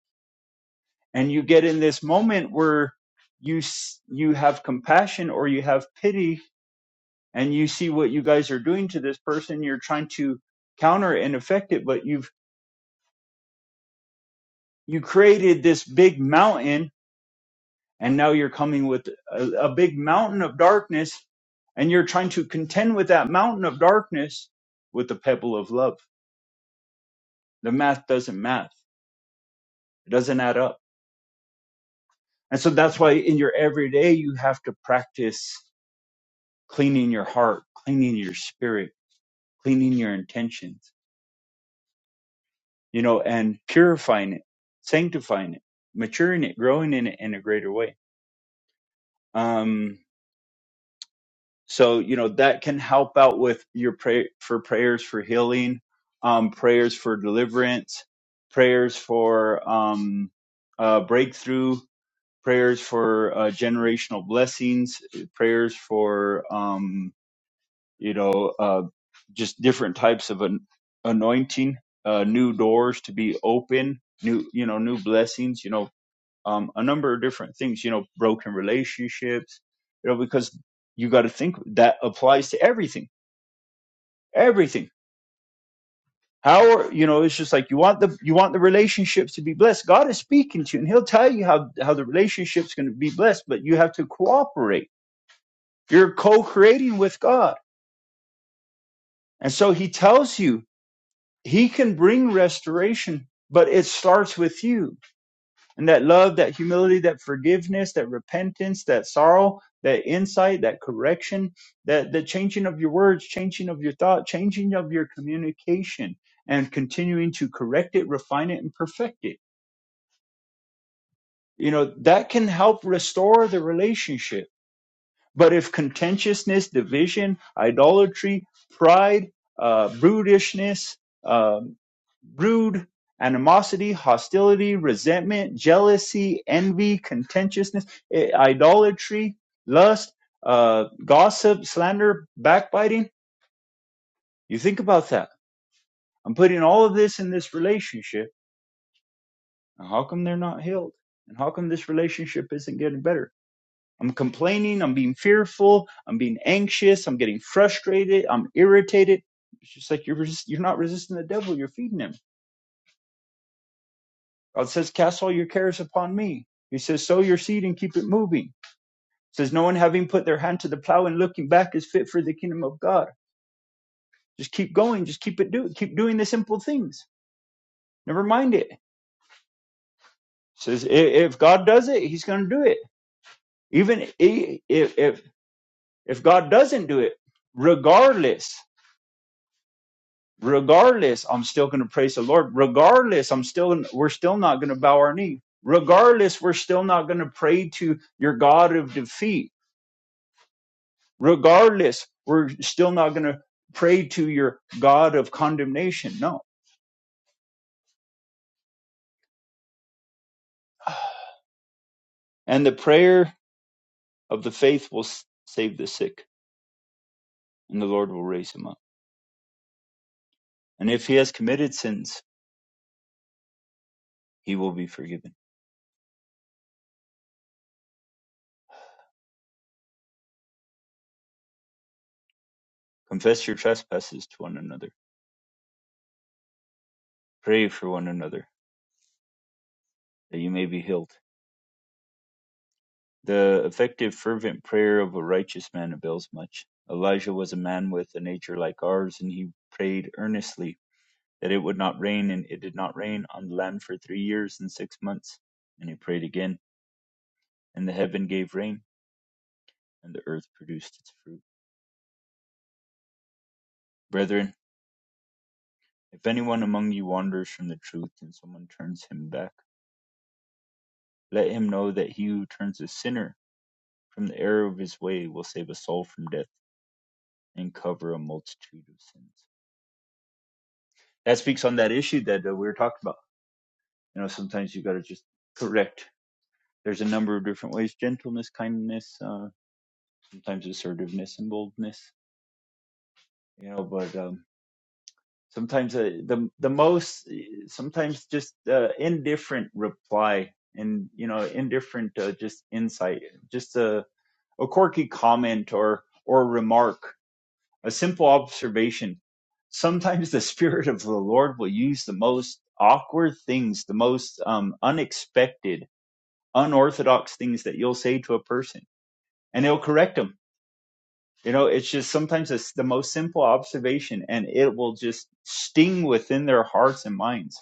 And you get in this moment where you, s- you have compassion or you have pity and you see what you guys are doing to this person you're trying to counter and affect it but you've you created this big mountain and now you're coming with a, a big mountain of darkness and you're trying to contend with that mountain of darkness with the pebble of love the math doesn't math it doesn't add up and so that's why in your everyday you have to practice cleaning your heart cleaning your spirit cleaning your intentions you know, and purifying it, sanctifying it, maturing it, growing in it in a greater way. Um, so you know that can help out with your pray for prayers for healing, um, prayers for deliverance, prayers for um, uh, breakthrough, prayers for uh, generational blessings, prayers for um, you know uh, just different types of an anointing, uh, new doors to be open, new you know new blessings. You know um, a number of different things, you know, broken relationships, you know, because you got to think that applies to everything, everything. How are, you know, it's just like you want the you want the relationships to be blessed. God is speaking to you, and He'll tell you how how the relationship's going to be blessed, but you have to cooperate. You're co-creating with God, and so He tells you He can bring restoration, but it starts with you And that love, that humility, that forgiveness, that repentance, that sorrow, that insight, that correction, that the changing of your words, changing of your thought, changing of your communication, and continuing to correct it, refine it, and perfect it. You know, that can help restore the relationship. But if contentiousness, division, idolatry, pride, uh, brutishness, um, rude, animosity, hostility, resentment, jealousy, envy, contentiousness, idolatry, lust, uh, gossip, slander, backbiting. You think about that. I'm putting all of this in this relationship, and how come they're not healed? And how come this relationship isn't getting better? I'm complaining, I'm being fearful, I'm being anxious, I'm getting frustrated, I'm irritated. It's just like you're resist- you're not resisting the devil, you're feeding him God says, Cast all your cares upon me. He says, Sow your seed and keep it moving. He says, No one having put their hand to the plow and looking back is fit for the kingdom of God. Just keep going, just keep it do keep doing the simple things. Never mind it. He says, if God does it, he's gonna do it. Even if if if God doesn't do it, regardless, regardless, I'm still gonna praise the Lord. Regardless, I'm still we're still not gonna bow our knee. Regardless, we're still not gonna pray to your God of defeat regardless, we're still not going to pray to your God of condemnation. No. And the prayer of the faith will save the sick, and the Lord will raise him up. And if he has committed sins, he will be forgiven. Confess your trespasses to one another. Pray for one another that you may be healed. The effective, fervent prayer of a righteous man avails much. Elijah was a man with a nature like ours, and he prayed earnestly that it would not rain, and it did not rain on the land for three years and six months. And he prayed again, and the heaven gave rain, and the earth produced its fruit. Brethren, if anyone among you wanders from the truth, and someone turns him back, let him know that he who turns a sinner from the error of his way will save a soul from death and cover a multitude of sins. That speaks on that issue that uh, we were talking about. You know, sometimes you got to just correct. There's a number of different ways: gentleness, kindness, uh, sometimes assertiveness and boldness you know but um sometimes uh, the the most sometimes just uh, indifferent reply and you know indifferent uh, just insight just a a quirky comment or or remark a simple observation sometimes the (laughs) spirit of the lord will use the most awkward things the most um unexpected unorthodox things that you'll say to a person and he'll correct correct them. You know, it's just sometimes it's the most simple observation and it will just sting within their hearts and minds.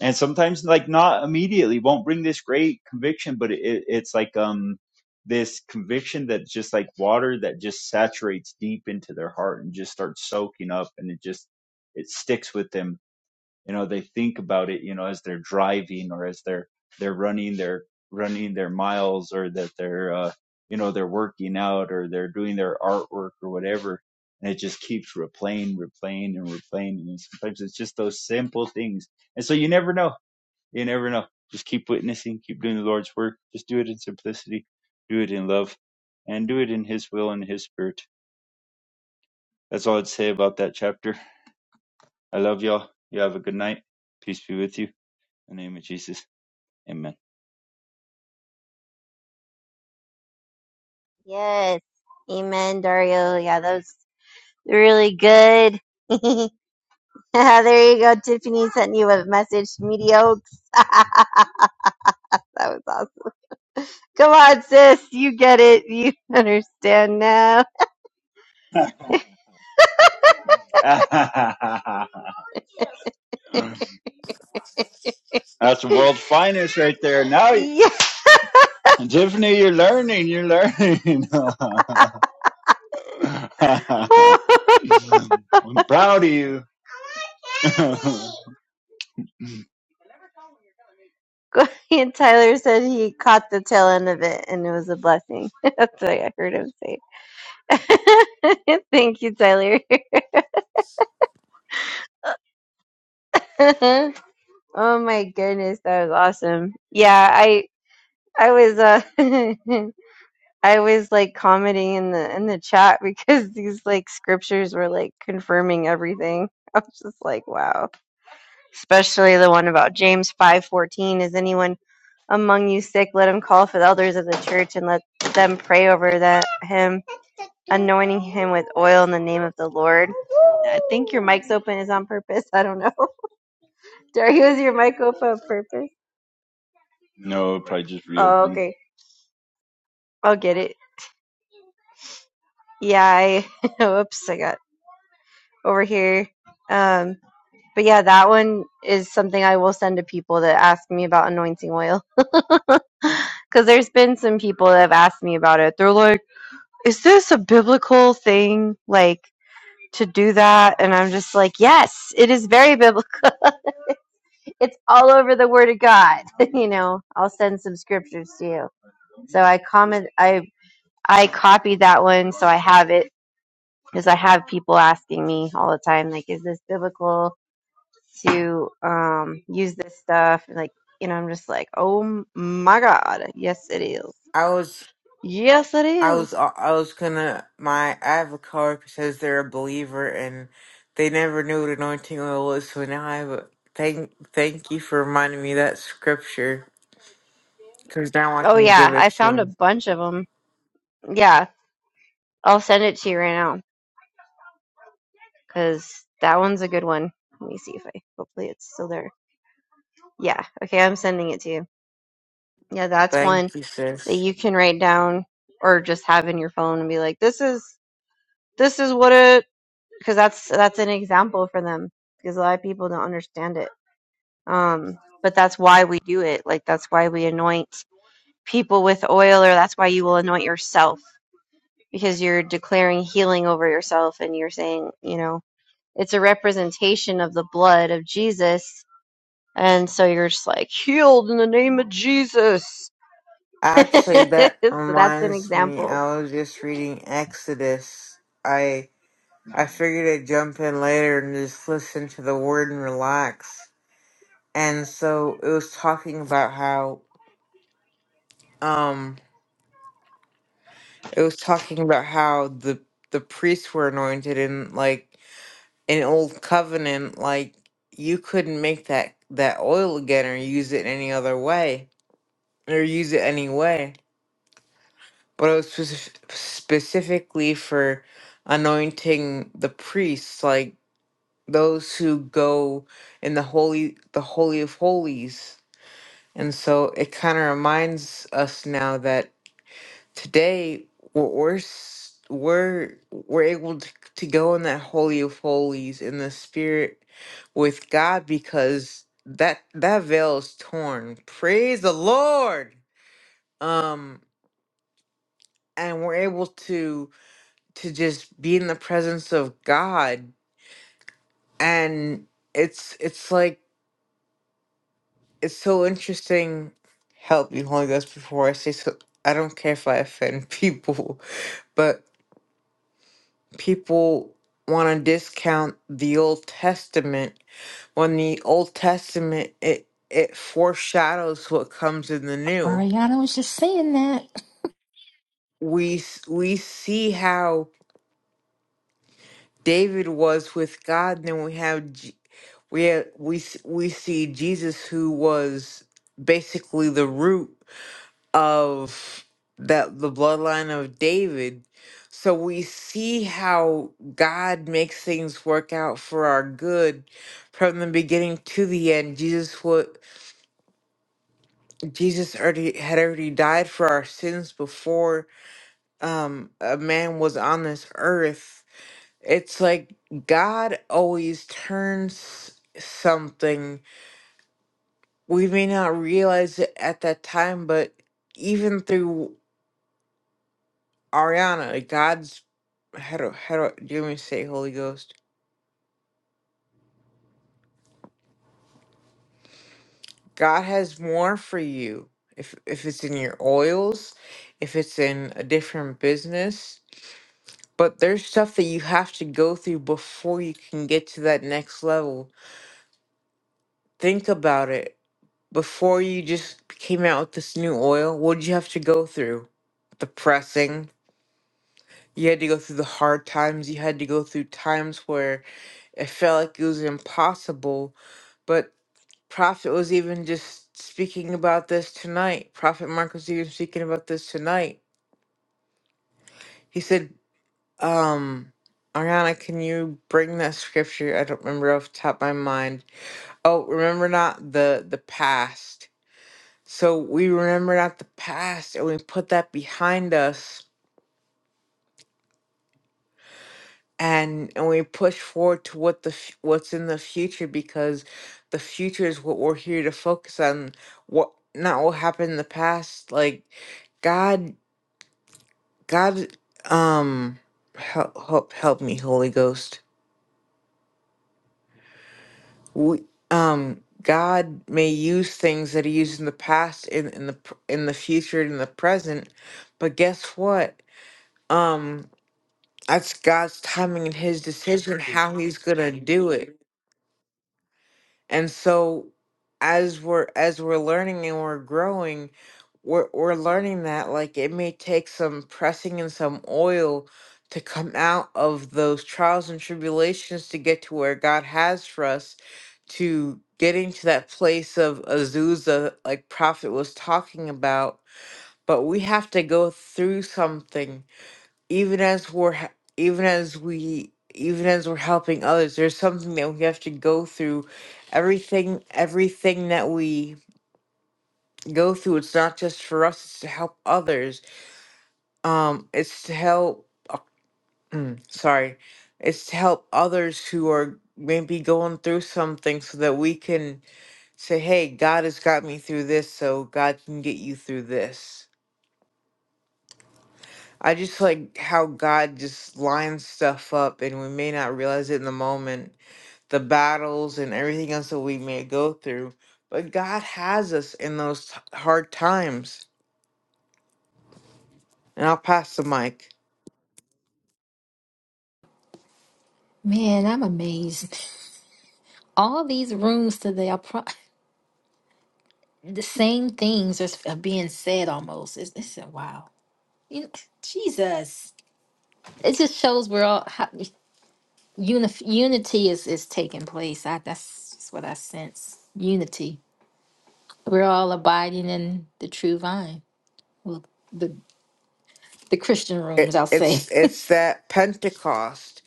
And sometimes like not immediately won't bring this great conviction, but it, it's like, um, this conviction that just like water that just saturates deep into their heart and just starts soaking up and it just, it sticks with them you know they think about it you know as they're driving or as they're they're running their running their miles or that they're uh you know they're working out or they're doing their artwork or whatever and it just keeps replaying replaying and replaying and sometimes it's just those simple things and so you never know you never know just keep witnessing keep doing the lord's work just do it in simplicity do it in love and do it in his will and his spirit that's all i'd say about that chapter i love y'all you have a good night peace be with you in the name of jesus Amen.
(laughs) yes. Amen, Dario. Yeah, that was really good. (laughs) there you go. Tiffany sent you a message, mediocre. (laughs) that was awesome. Come on, sis. You get it. You (laughs) understand now.
(laughs) That's the world's finest right there. Now,
Yeah.
Tiffany, you're learning. You're learning. (laughs) I'm
(laughs)
proud of you. (laughs)
(laughs) and Tyler said he caught the tail end of it and it was a blessing. (laughs) That's what I heard him say. (laughs) Thank you, Tyler. (laughs) oh my goodness, that was awesome. Yeah, I I was uh (laughs) I was like commenting in the in the chat (laughs) because these like scriptures were like confirming everything. (laughs) I was just like, wow. Especially the one about James five fourteen. Is anyone among you sick? Let him call for the elders of the church and let them pray over that him anointing him with oil in the name of the Lord. I think your mic's open is on purpose. (laughs) I don't know. (laughs) Derry, was your mic open on purpose?
no, probably just
Oh,
reopen.
okay. I'll get it. Yeah, I (laughs) whoops, I got over here. Um but yeah, that one is something I will send to people that ask me about anointing oil. (laughs) Cause there's been some people that have asked me about it. They're like, is this a biblical thing? Like to do that? And I'm just like, yes, it is very biblical. (laughs) it's all over the word of god (laughs) you know i'll send some scriptures to you so i comment i i copied that one so i have it because i have people asking me all the time like is this biblical to um use this stuff And, like you know i'm just like oh my god yes it is
I was
yes it
I was
is
I was gonna my I have a coworker says they're a believer and they never knew what anointing oil was, so now I have a thank thank you for reminding me that scripture because now I
oh
can give
yeah
it
i
to
found a
them.
bunch of them yeah i'll send it to you right now because that one's a good one let me see if i hopefully it's still there yeah okay i'm sending it to you Yeah, that's one
Thank you,
that
sis.
you can write down or just have in your phone and be like, this is this is what it because that's that's an example for them because a lot of people don't understand it. Um, but that's why we do it. Like that's why we anoint people with oil, or that's why you will anoint yourself because you're declaring healing over yourself and you're saying, you know, it's a representation of the blood of Jesus. And so you're just like healed in the name. (laughs)
Actually, that
so that's an
reminds me.
example
I was just reading Exodus. I I figured I'd jump in later and just listen to the word and relax. And so it was talking about how um it was talking about how the the priests were anointed and like in old covenant like you couldn't make that that oil again or use it any other way or use it any way but it was speci- specifically for anointing the priests like those who go in the holy the holy of holies and so it kind of reminds us now that today we're we're s- we're, we're able to, to go in that holy of holies in the spirit with God because that that veil is torn. Praise the Lord. Um and we're able to to just be in the presence of God and it's it's like it's so interesting help me Holy Ghost before I say so I don't care if I offend people (laughs) but. people want to discount the Old Testament when the Old Testament it it foreshadows what comes in the New.
Ariana was just saying that.
We s- we see how David was with God, then we have J- we have, we s- we see Jesus who was basically the root. of that the bloodline of David. So we see how God makes things work out for our good from the beginning to the end. Jesus would, Jesus already had already died for our sins before um a man was on this earth. It's like God always turns something we may not realize it at that time, but even through Ariana, God's how do how do do you want me to say Holy Ghost? God has more for you. If if it's in your oils, if it's in a different business, but there's stuff that you have to go through before you can get to that next level. Think about it. Before you just came out with this new oil, what did you have to go through? The pressing. You had to go through the hard times. You had to go through times where it felt like it was impossible But Prophet was even just speaking about this tonight. Prophet Mark was even speaking about this tonight. He said, um, Ariana, can you bring that scripture? I don't remember off the top of my mind. Oh, remember not the the past. So we remember not the past and we put that behind us and and we push forward to what the f- what's in the future because the future is what we're here to focus on what not what happened in the past like god god um help help, help me holy ghost we, um god may use things that he used in the past in in the pr- in the future and in the present but guess what um that's god's timing and his decision how he's gonna do it And so as we're as we're learning and we're growing, we're we're learning that like it may take some pressing and some oil to come out of those trials and tribulations to get to where God has for us to getting to that place of Azusa like prophet was talking about, but we have to go through something even as we're h- even as we even as we're helping others there's something that we have to go through everything everything that we go through it's not just for us it's to help others um it's to help uh, mm, sorry it's to help others who are maybe going through something so that we can say hey god has got me through this so god can get you through this i just like how god just lines stuff up and we may not realize it in the moment the battles and everything else that we may go through. But God has us in those t- hard times. And I'll pass the mic.
Man, I'm amazed. All these rooms today are pro- (laughs) the same things are are being said almost. It's, it's a wow. You- Jesus. It just shows we're all how, unif- unity is, is taking place. I, that's just what I sense. Unity. We're all abiding in the true vine. Well, the the Christian rooms,
It,
I'll say.
it's
(laughs)
it's that Pentecost.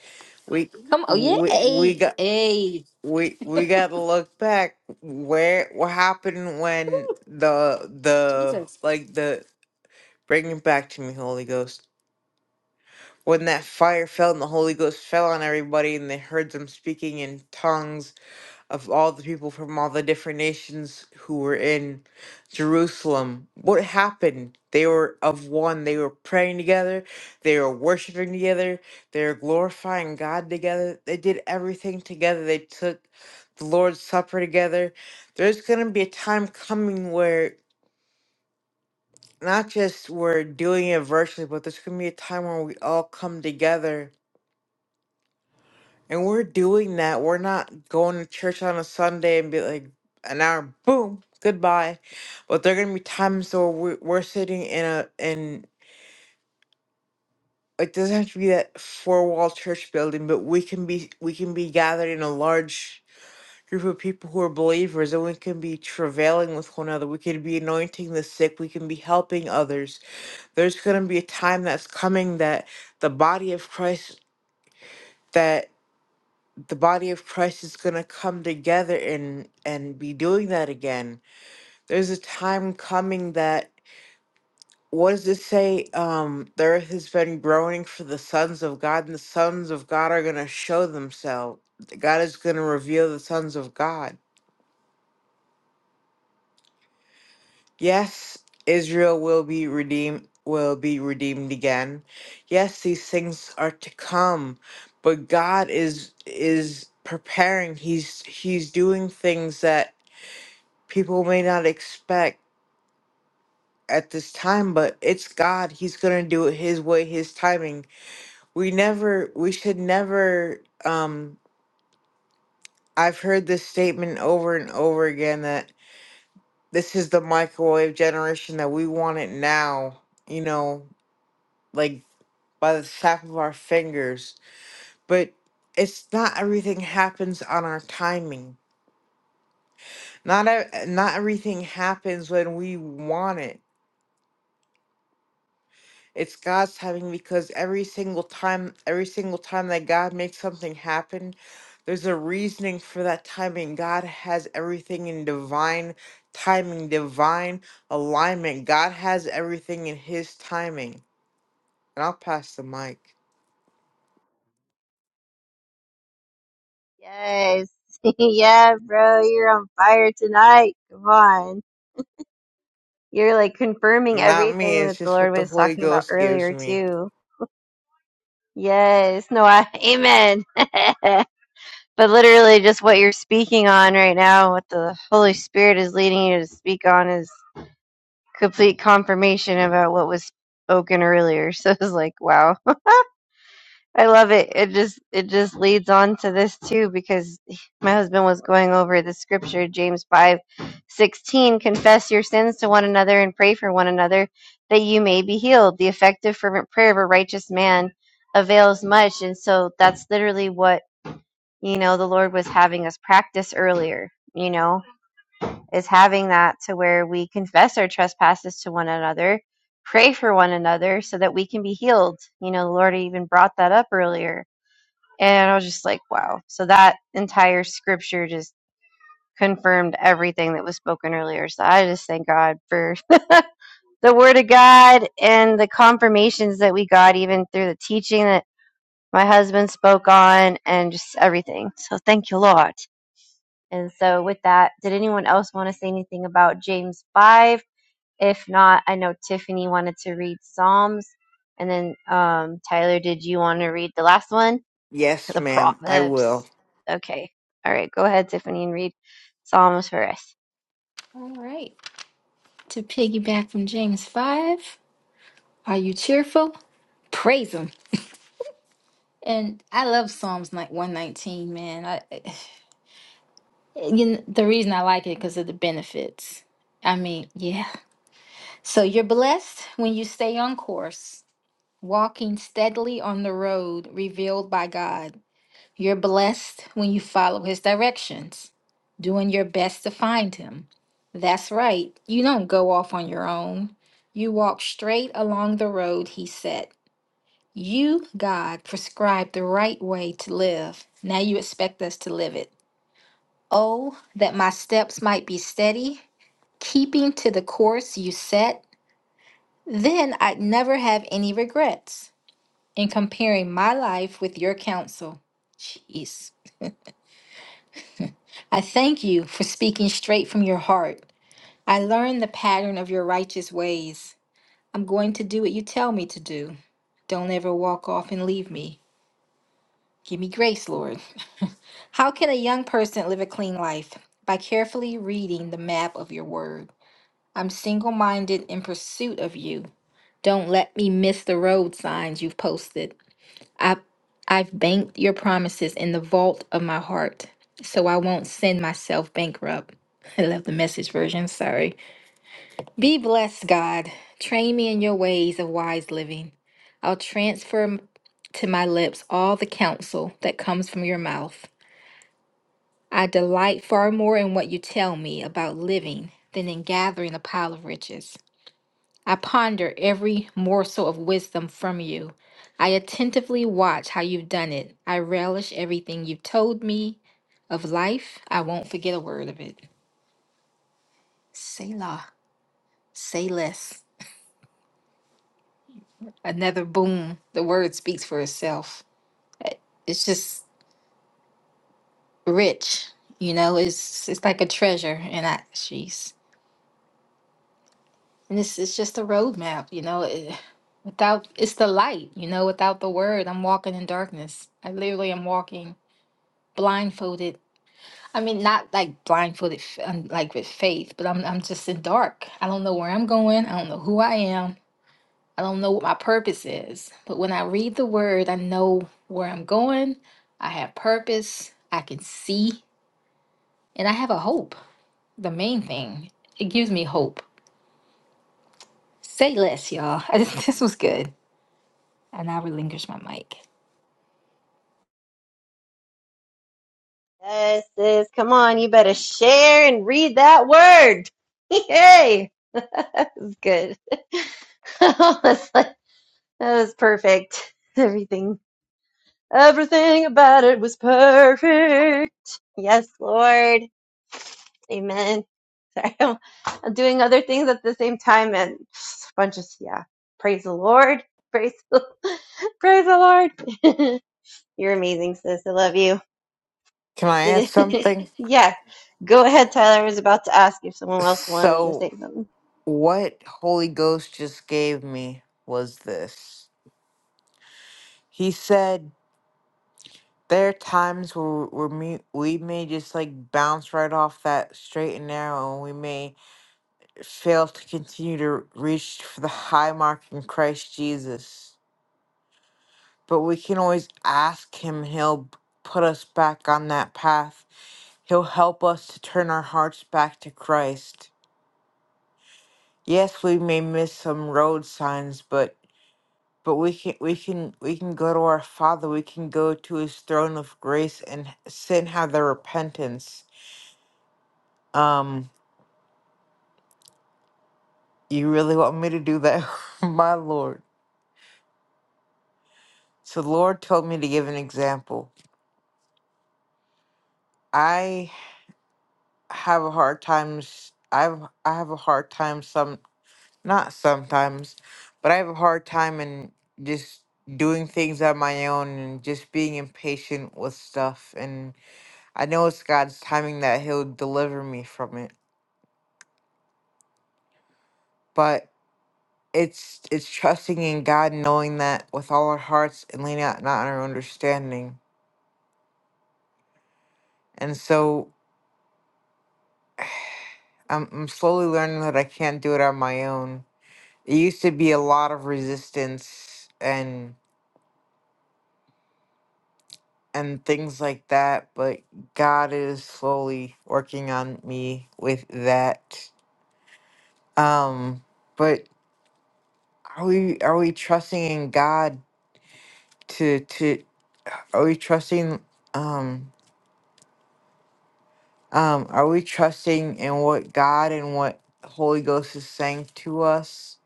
We
Come on, yeah,
we we
hey,
got.
hey,
We we gotta look back where what happened when the the
Jesus.
like the bring it back to me Holy Ghost when that fire fell and the Holy Ghost fell on everybody and they heard them speaking in tongues of all the people from all the different nations who were in Jerusalem. What happened? They were of one. They were praying together. They were worshiping together. They were glorifying God together. They did everything together. They took the Lord's Supper together. There's going to be a time coming where not just we're doing it virtually, but there's going to be a time where we all come together And we're doing that. We're not going to church on a Sunday and be like an hour, boom, goodbye. But there are gonna be times where we're, we're sitting in a in it doesn't have to be that four wall church building, but we can be we can be gathered in a large group of people who are believers, and we can be travailing with one another. We can be anointing the sick. We can be helping others. There's gonna be a time that's coming that the body of Christ that the body of Christ is going to come together and and be doing that again. There's a time coming that what does it say? Um, the earth has been groaning for the sons of God, and the sons of God are going to show themselves. God is going to reveal the sons of God. Yes, Israel will be redeemed. Will be redeemed again. Yes, these things are to come, but God is is preparing. He's he's doing things that people may not expect at this time, but it's God. He's gonna do it His way, His timing. We never, we should never. Um, I've heard this statement over and over again that this is the microwave generation that we want it now. You know, like by the snap of our fingers. But it's not everything happens on our timing. Not e- not everything happens when we want it It's God's timing because every single time, every single time that God makes something happen, there's a reasoning for that timing. God has everything in divine timing, divine alignment. God has everything in His timing. And I'll pass the mic.
Yes. (laughs) yeah, bro, you're on fire tonight. Come on. You're like confirming
Not me,
everything
it's
that the
just
Lord
what the
was
Holy
talking about
Ghost gives
earlier
me.
too. Yes. No, I, (laughs) amen. (laughs) but literally just what you're speaking on right now, what the Holy Spirit is leading you to speak on is complete confirmation about what was spoken earlier. (laughs) So it's like, wow. I love it. It just it just leads on to this too because my husband was going over the scripture James 5, 16. confess your sins to one another and pray for one another that you may be healed. The effective fervent prayer of a righteous man avails much and so that's literally what, you know, the Lord was having us practice earlier, you know, is having that to where we confess our trespasses to one another, pray for one another so that we can be healed. You know, the Lord even brought that up earlier and I was just like, wow. So that entire scripture just confirmed everything that was spoken earlier. So I just thank God for (laughs) the word of God and the confirmations that we got, even through the teaching that my husband spoke on and just everything. So thank you, Lord. And so with that, did anyone else want to say anything about James 5? If not, I know Tiffany wanted to read Psalms. And then um, Tyler, did you want to read the last one?
Yes,
the
ma'am, I will.
Proverbs. Okay. All right. Go ahead, Tiffany, and read Psalms for us.
All right. To piggyback from James 5. Are you cheerful? Praise him. And I love Psalms like 119, man. I, (sighs) you know, the reason I like it because of the benefits. I mean, yeah. So you're blessed when you stay on course, walking steadily on the road revealed by God. You're blessed when you follow his directions, doing your best to find him. That's right. You don't go off on your own. You walk straight along the road he set. You, God, prescribed the right way to live. Now you expect us to live it. Oh, that my steps might be steady, keeping to the course you set. Then I'd never have any regrets in comparing my life with your counsel. Jeez. I thank you for speaking straight from your heart. I learned the pattern of your righteous ways. I'm going to do what you tell me to do. Don't ever walk off and leave me. Give me grace, Lord. How can a young person live a clean life? By carefully reading the map of your word. I'm single minded in pursuit of you. Don't let me miss the road signs you've posted. I, I've banked your promises in the vault of my heart, so I won't send myself bankrupt. (laughs) I love the message version, sorry. Be blessed, God. Train me in your ways of wise living. I'll transfer m- to my lips all the counsel that comes from your mouth. I delight far more in what you tell me about living than in gathering a pile of riches. I ponder every morsel of wisdom from you. I attentively watch how you've done it. I relish everything you've told me of life. I won't forget a word of it. Selah, say less. Another boom. The word speaks for itself. It's just rich, you know. It's it's like a treasure, and I, jeez. And it's it's just a roadmap, you know. It, without it's the light, you know. Without the word, I'm walking in darkness. I literally am walking blindfolded. I mean, not like blindfolded, f- um, like with faith, but I'm I'm just in dark. I don't know where I'm going. I don't know who I am. I don't know what my purpose is. But when I read the word, I know where I'm going. I have purpose. I can see, and I have a hope. The main thing it gives me hope. Say less, y'all. (laughs) this was good. And I relinquish my mic.
Yes, sis. Come on. You better share and read that word. Yay. (laughs) that was good. (laughs) that was perfect. Everything. Everything about it was perfect. Yes, Lord. Amen. (laughs) Sorry, I'm, I'm doing other things at the same time and a bunch of, yeah. Praise the Lord. Praise the, (laughs) praise the Lord. (laughs) You're amazing, sis. I love you.
Can I add
Did it?
something?
(laughs) yeah, go ahead, Tyler. I was about to ask if someone else wanted to
So,
say something.
what Holy Ghost just gave me was this. He said, There are times where, where me, we may just like bounce right off that straight and narrow, and we may fail to continue to reach for the high mark in Christ Jesus. But we can always ask Him, and He'll put us back on that path. He'll help us to turn our hearts back to Christ. Yes, we may miss some road signs, but but we can we can we can go to our Father. We can go to His throne of grace and sin have the repentance Um, you really want me to do that? (laughs) My Lord. So the Lord told me to give an example. I have a hard time s- I've I have a hard time some not sometimes, but I have a hard time in just doing things on my own and just being impatient with stuff and I know it's God's timing that he'll deliver me from it. But it's it's trusting in God knowing that with all our hearts and leaning out not on our understanding. And so I'm, I'm slowly learning that I can't do it on my own. It used to be a lot of resistance and and things like that, but God is slowly working on me with that. Um, but are we are we trusting in God to to are we trusting um um are we trusting in what God and what Holy Ghost is saying to us?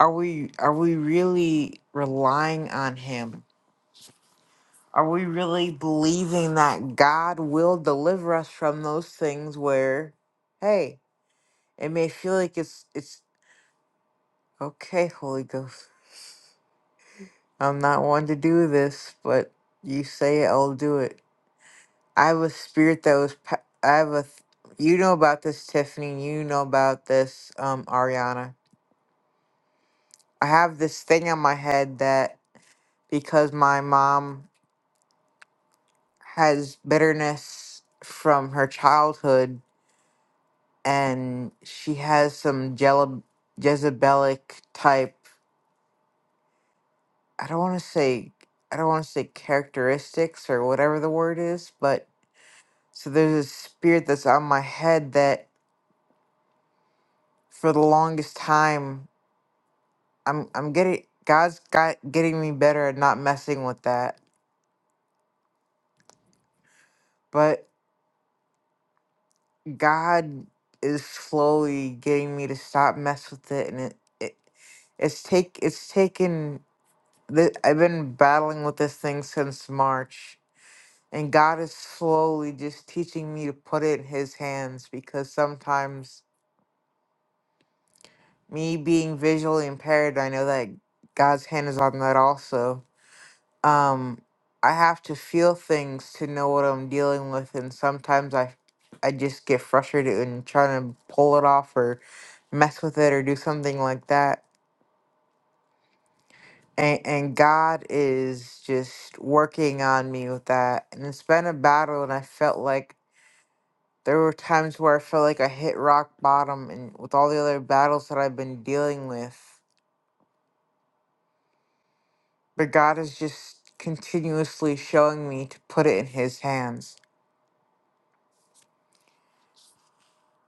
Are we are we really relying on him? Are we really believing that God will deliver us from those things where, hey, it may feel like it's it's okay, Holy Ghost. I'm not one to do this, but you say it, I'll do it. I have a spirit that was. pa- I have a. th- You know about this, Tiffany. You know about this, um, Ariana. I have this thing on my head that because my mom has bitterness from her childhood and she has some Jele- Jezebelic type. I don't want to say I don't want to say characteristics or whatever the word is, but so there's a spirit that's on my head that for the longest time I'm I'm getting God's got getting me better at not messing with that, but God is slowly getting me to stop mess with it, and it, it it's take it's taken. Th- I've been battling with this thing since March And God is slowly just teaching me to put it in His hands because sometimes, me being visually impaired, I know that God's hand is on that also. Um, I have to feel things to know what I'm dealing with, and sometimes I, I just get frustrated and trying to pull it off or mess with it or do something like that. And, and God is just working on me with that. And it's been a battle, and I felt like There were times where I felt like I hit rock bottom, and with all the other battles that I've been dealing with, but God is just continuously showing me to put it in His hands.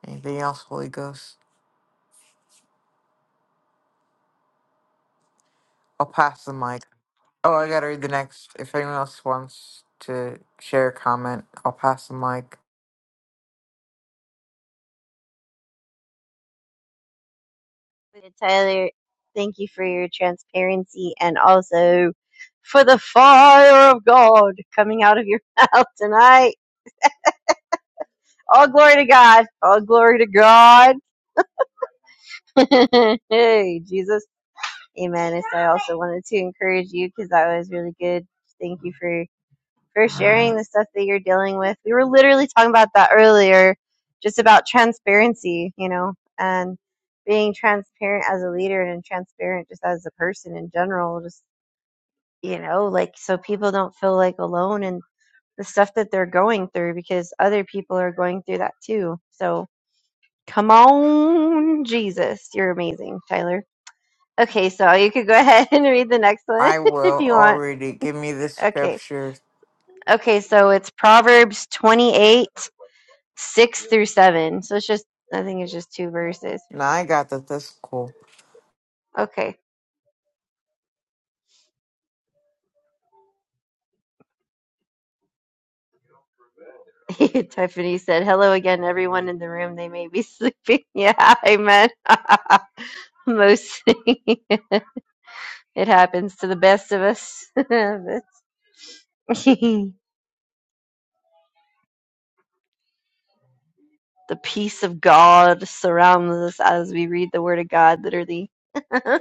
Anything else, Holy Ghost? I'll pass the mic. Oh, I gotta read the next. If anyone else wants to share a comment, I'll pass the mic.
But Tyler, thank you for your transparency and also for the fire of God coming out of your (laughs) mouth tonight. All glory to God. All glory to God. (laughs) hey, Jesus. Amen. So I also wanted to encourage you because that was really good. Thank you for for sharing the stuff that you're dealing with. We were literally talking about that earlier, just about transparency, you know, and being transparent as a leader and transparent just as a person in general, just, you know, like so people don't feel like alone and the stuff that they're going through because other people are going through that too. So come on, Jesus. You're amazing, Tyler. Okay, so you could go ahead (laughs) and read the next one
I
(laughs) if
will.
you
I'll
want.
read it. Give me the
Okay.
scripture.
Okay, so it's Proverbs 28 six through seven. So it's just, I think it's just two verses.
Now I got that. That's cool.
Okay. (laughs) Tiffany said, Hello again, everyone in the room. They may be sleeping. (laughs) Yeah, amen. (laughs) Mostly (laughs) it happens to the best of us. (laughs) the peace of God surrounds us as we read the Word of God, literally. (laughs)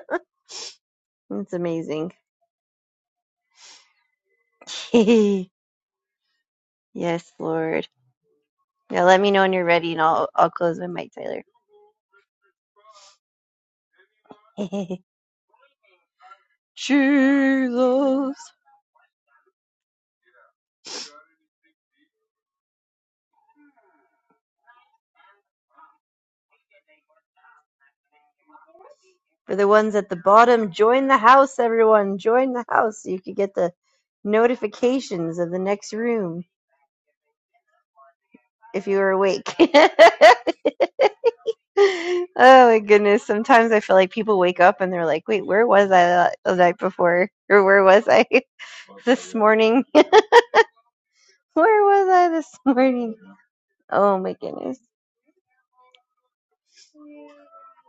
It's amazing. (laughs) yes, Lord. Now let me know when you're ready and I'll, I'll close my mic, Tyler. Jesus. For the ones at the bottom, join the house, everyone. Join the house so you could get the notifications of the next room if you were awake. (laughs) oh my goodness. Sometimes I feel like people wake up and they're like, wait, where was I the night before? Or where was I (laughs) this morning? (laughs) where was I this morning? Oh my goodness.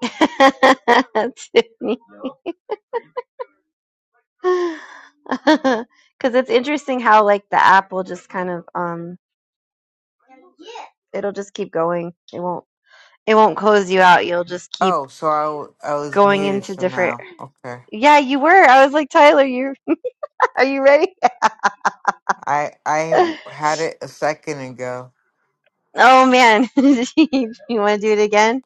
(laughs) Tiffany. (laughs) Because it's interesting how, like, the app will just kind of, um, it'll just keep going. It won't it won't close you out. You'll just keep
Oh, so I, w- I was
going
muted
into different.
somehow. Okay.
Yeah, you were. I was like, Tyler, you (laughs) are you ready?
I
(laughs)
I had it a second ago.
oh man, (laughs) you want to do it again?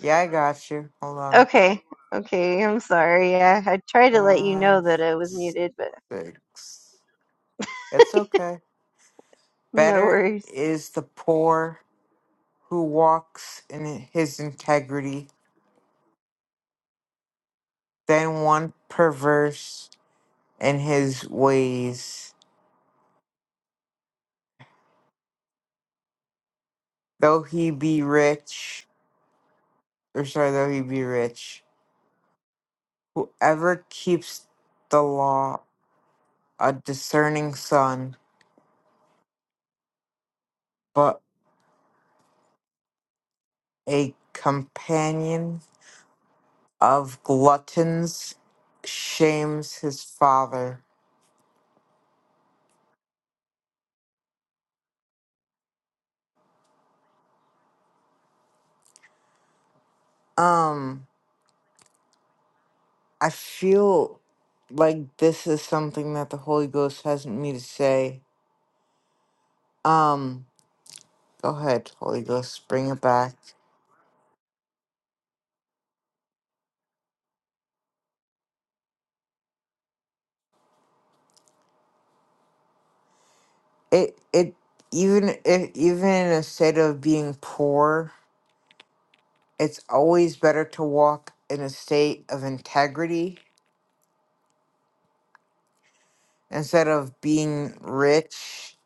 Yeah, I got you. Hold on.
Okay, okay. I'm sorry. I, I tried to let you know
Five,
that it was muted, but
six. It's okay.
no
Better
worries.
is the poor who walks in his integrity than one perverse in his ways. Though he be rich, or sorry, though he be rich, whoever keeps the law, a discerning son, but a companion of gluttons shames his father. Um, I feel like this is something that the Holy Ghost has me to say. Um, go ahead, Holy Ghost, bring it back. It it even if even in a state of being poor, it's always better to walk in a state of integrity instead of being rich,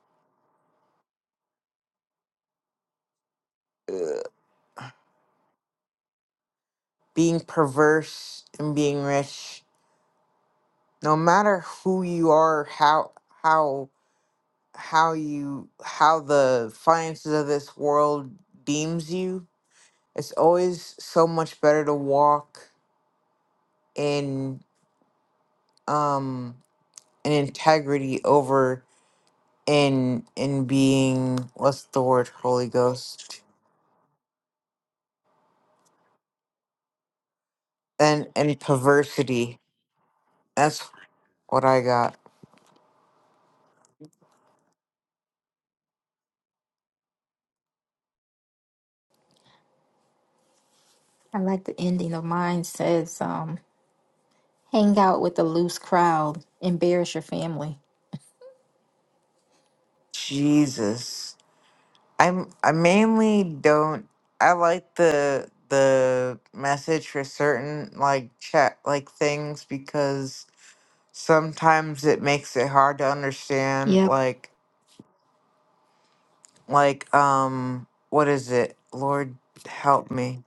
being perverse and being rich no matter who you are, how how how you how the finances of this world deems you, it's always so much better to walk in um in integrity over in in being what's the word Holy Ghost and and perversity. That's what I got.
I like the ending of mine says, um, hang out with a loose crowd, embarrass your family.
Jesus. I'm I mainly don't I like the the message for certain like chat like things because sometimes it makes it hard to understand
Yep.
like like um what is it? Lord help me.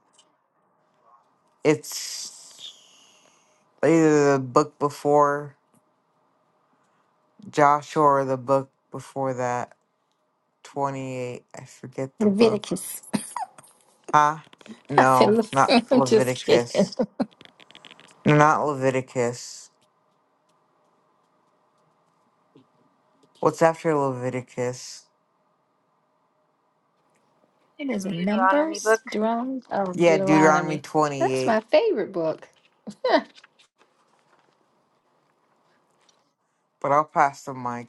It's either the book before Joshua or the book before that. Twenty eight. I forget the book.
Leviticus.
Huh?
(laughs) I said,
No,
Le-
not
(laughs) I'm just kidding.
Leviticus. No, not Leviticus. What's after Leviticus?
It is
Deuteronomy
Numbers,
book.
Deuteron- oh,
Yeah, Deuteronomy
Deuteronomy. That's my
28,
favorite book.
but I'll pass the mic.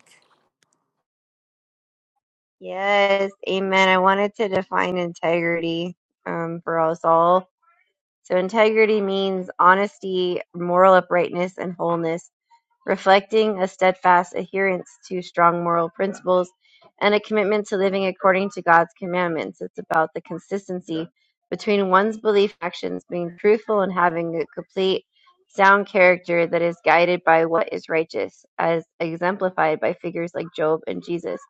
Yes, amen. I wanted to define integrity um, for us all. So integrity means honesty, moral uprightness, and wholeness reflecting a steadfast adherence to strong moral principles and a commitment to living according to God's commandments. It's about the consistency between one's belief and actions, being truthful and having a complete, sound character that is guided by what is righteous, as exemplified by figures like Job and Jesus.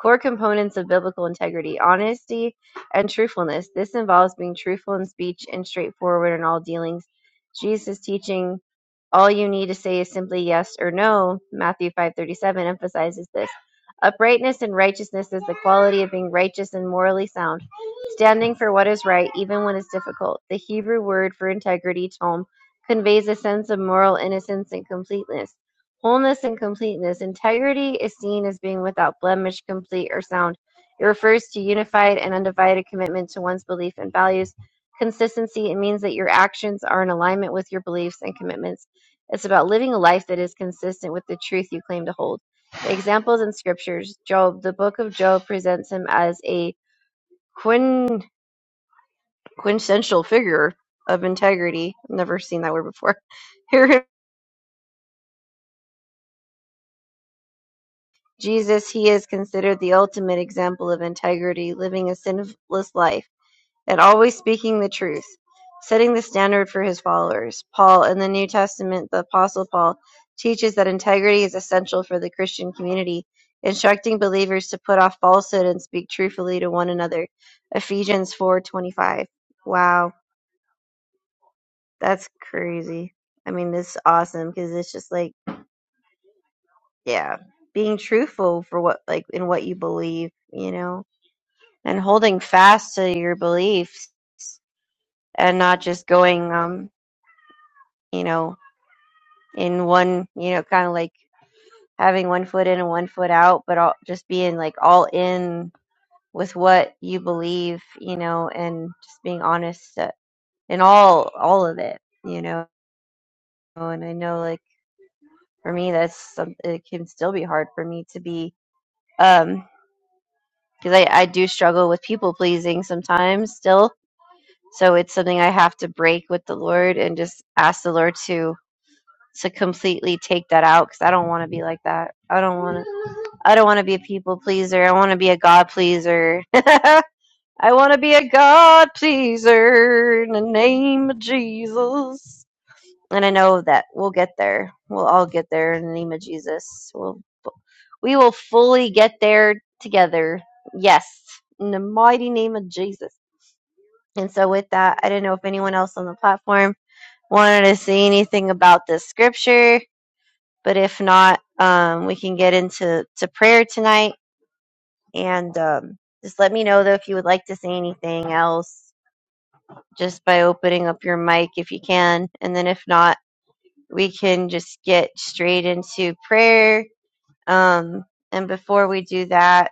Core components of biblical integrity honesty and truthfulness. This involves being truthful in speech and straightforward in all dealings. Jesus' teaching all you need to say is simply yes or no. Matthew 5:37 emphasizes this. Uprightness and righteousness is the quality of being righteous and morally sound standing for what is right even when it's difficult. The Hebrew word for integrity, tom, conveys a sense of moral innocence and completeness, wholeness and completeness. Integrity is seen as being without blemish, complete, or sound. It refers to unified and undivided commitment to one's belief and values. Consistency, it means that your actions are in alignment with your beliefs and commitments. It's about living a life that is consistent with the truth you claim to hold. Examples in scriptures Job, the book of Job presents him as a quintessential figure of integrity. I've never seen that word before. Here (laughs) Jesus, he is considered the ultimate example of integrity, living a sinless life and always speaking the truth, setting the standard for his followers. Paul in the New Testament, the Apostle Paul teaches that integrity is essential for the Christian community, instructing believers to put off falsehood and speak truthfully to one another. Ephesians 4:25. Wow, that's crazy. I mean, this is awesome because it's just like yeah being truthful for what like in what you believe you know and holding fast to your beliefs and not just going um you know in one you know kind of like having one foot in and one foot out but all just being like all in with what you believe you know and just being honest uh, in all all of it you know and i know like for me that's some, it can still be hard for me to be um because I, I do struggle with people pleasing sometimes still. So it's something I have to break with the Lord and just ask the Lord to to completely take that out because I don't want to be like that. I don't want to. I don't want to be a people pleaser. I want to be a God pleaser. (laughs) I want to be a God pleaser in the name of Jesus. And I know that we'll get there. We'll all get there in the name of Jesus. We'll. We will fully get there together. Yes. In the mighty name of Jesus. And so with that, I don't know if anyone else on the platform wanted to say anything about this scripture, but if not, um, we can get into to prayer tonight. And um, just let me know though if you would like to say anything else, just by opening up your mic if you can. And then if not, we can just get straight into prayer. Um, and before we do that,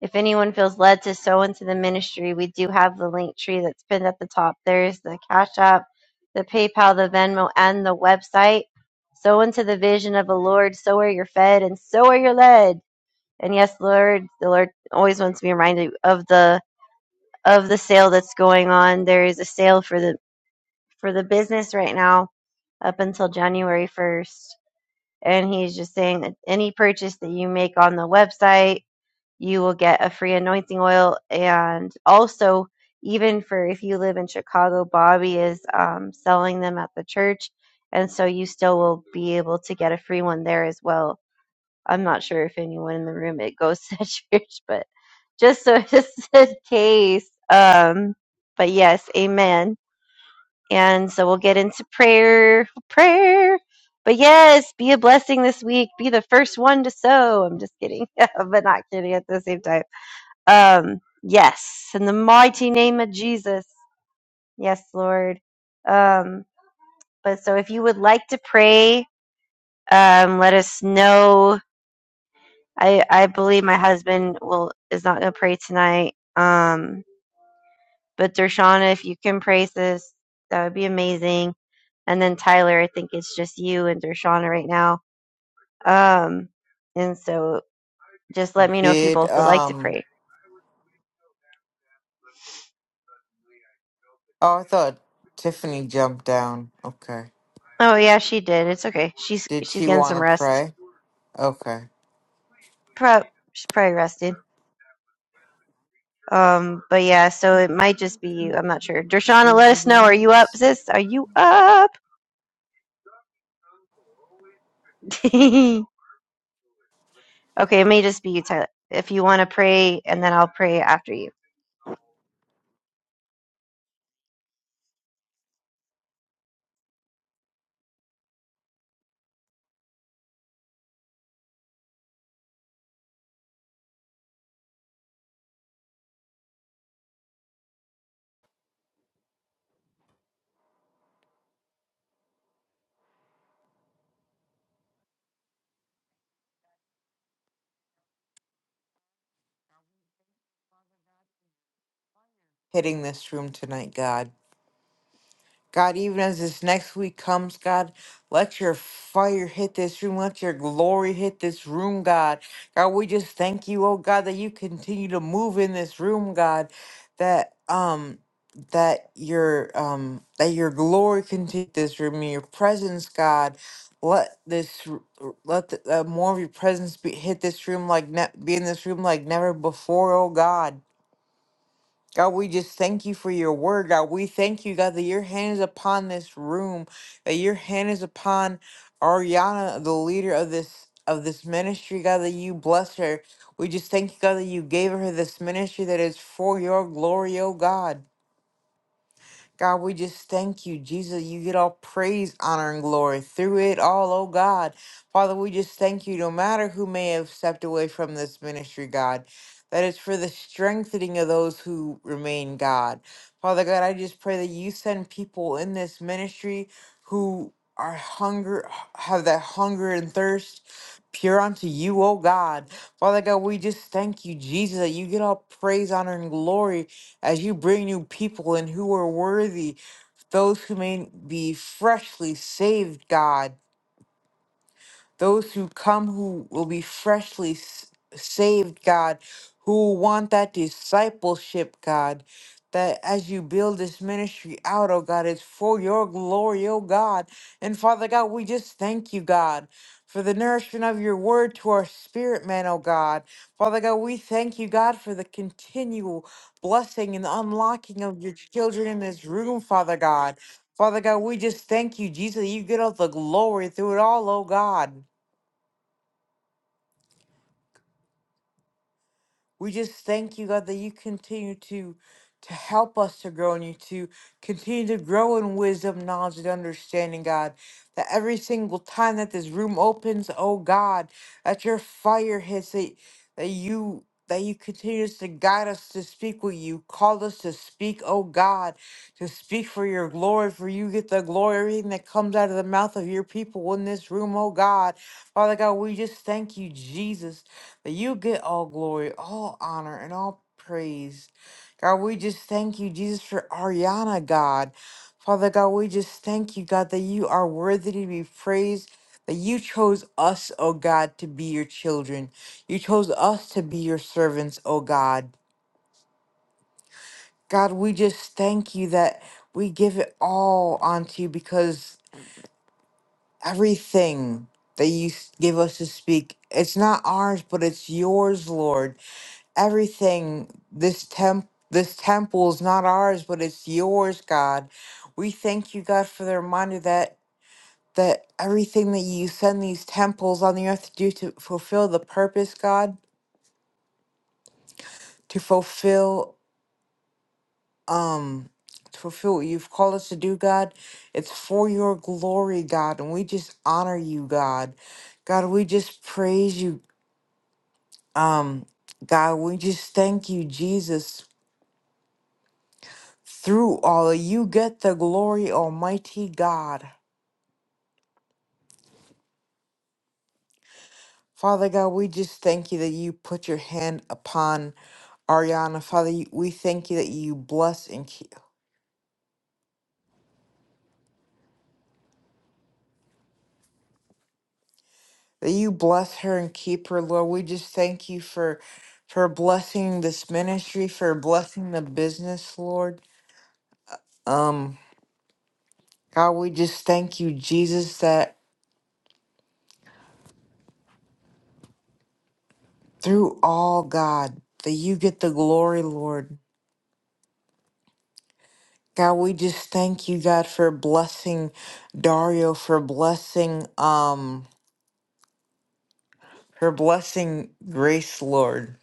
If anyone feels led to sow into the ministry, we do have the link tree that's pinned at the top. There's the Cash App, the PayPal, the Venmo, and the website. Sow into the vision of the Lord. So are you're fed, and so are you're led. And yes, Lord, the Lord always wants to be reminded of the of the sale that's going on. There is a sale for the for the business right now up until January first, and He's just saying that any purchase that you make on the website you will get a free anointing oil. And also, even for if you live in Chicago, Bobby is um, selling them at the church. And so you still will be able to get a free one there as well. I'm not sure if anyone in the room it goes to (laughs) church, but just so (laughs) just in case. Um, but yes, amen. And so we'll get into prayer, prayer. But yes, be a blessing this week. Be the first one to sow. I'm just kidding, (laughs) but not kidding at the same time um, yes, in the mighty name of Jesus. Yes, Lord. Um, but so if you would like to pray, um, let us know. I, I believe my husband will is not going to pray tonight. Um, but Dershana, if you can pray this, that would be amazing. And then Tyler, I think it's just you and Dershana right now. Um, and so just let me know if you
Did,
both would like to
um,
pray.
oh, I thought Tiffany jumped down. Okay.
Oh yeah, she did. It's okay. She's
Did
she's
she
getting some
want to
rest.
pray? Okay.
Pro- she's probably rested. Um, but yeah, so it might just be you. I'm not sure. Dershana, let us know. Are you up,
Jesus.
sis? Are you up? (laughs) okay, it may just be you, Tyler. If you want to pray, and then I'll pray after you.
Hitting this room tonight, God. God, even as this next week comes, God, let your fire hit this room. Let your glory hit this room, God. God, we just thank you, oh God, that you continue to move in this room, God. That um that your um that your glory continue this room, and your presence, God. Let this r- r- let the, uh, more of your presence be, hit this room like ne- be in this room like never before, oh God. God, we just thank you for your word. God, we thank you, God, that your hand is upon this room, that your hand is upon Ariana, the leader of this of this ministry, God, that you bless her. We just thank you, God, that you gave her this ministry that is for your glory, oh God. God, we just thank you, Jesus. You get all praise, honor, and glory through it all, oh God. Father, we just thank you, no matter who may have stepped away from this ministry, God, that it's for the strengthening of those who remain, God. Father God, I just pray that you send people in this ministry who are hunger, have that hunger and thirst pure unto you, oh God. Father God, we just thank you, Jesus, that you get all praise, honor, and glory as you bring new people in who are worthy, those who may be freshly saved, God those who come who will be freshly s- saved, God, who want that discipleship, God. That as you build this ministry out, oh God, it's for your glory, oh God. And Father God, we just thank you, God, for the nourishment of your word to our spirit, man, oh God. Father God, we thank you, God, for the continual blessing and unlocking of your children in this room, Father God. Father God, we just thank you, Jesus, that you get all the glory through it all, oh God. We just thank you, God, that you continue to to help us to grow in you, to continue to grow in wisdom, knowledge, and understanding, God. That every single time that this room opens, oh God, that your fire hits it, that you that you continue to guide us to speak what you called us to speak, oh God, to speak for your glory, for you get the glory, everything that comes out of the mouth of your people in this room, oh God. Father God, we just thank you, Jesus. But you get all glory, all honor, and all praise. God, we just thank you, Jesus, for Ariana, God. Father God, we just thank you, God, that you are worthy to be praised, that you chose us, oh God, to be your children. You chose us to be your servants, oh God. God, we just thank you that we give it all onto you because everything that you s- give us to speak, it's not ours, but it's yours, Lord. everything this temp this temple is not ours but it's yours god we thank you god for the reminder that that everything that you send these temples on the earth to do to fulfill the purpose god to fulfill um to fulfill what you've called us to do god it's for your glory god and we just honor you god god we just praise you um god we just thank you jesus Through all, you get the glory, Almighty God. Father God, we just thank you that you put your hand upon Ariana. Father, you- we thank you that you bless and keep that you bless her and keep her, Lord. We just thank you for for blessing this ministry, for blessing the business, Lord. Um, God, we just thank you, Jesus, that through all, God, that you get the glory, Lord. God, we just thank you, God, for blessing Dario, for blessing, um, for blessing Grace, Lord.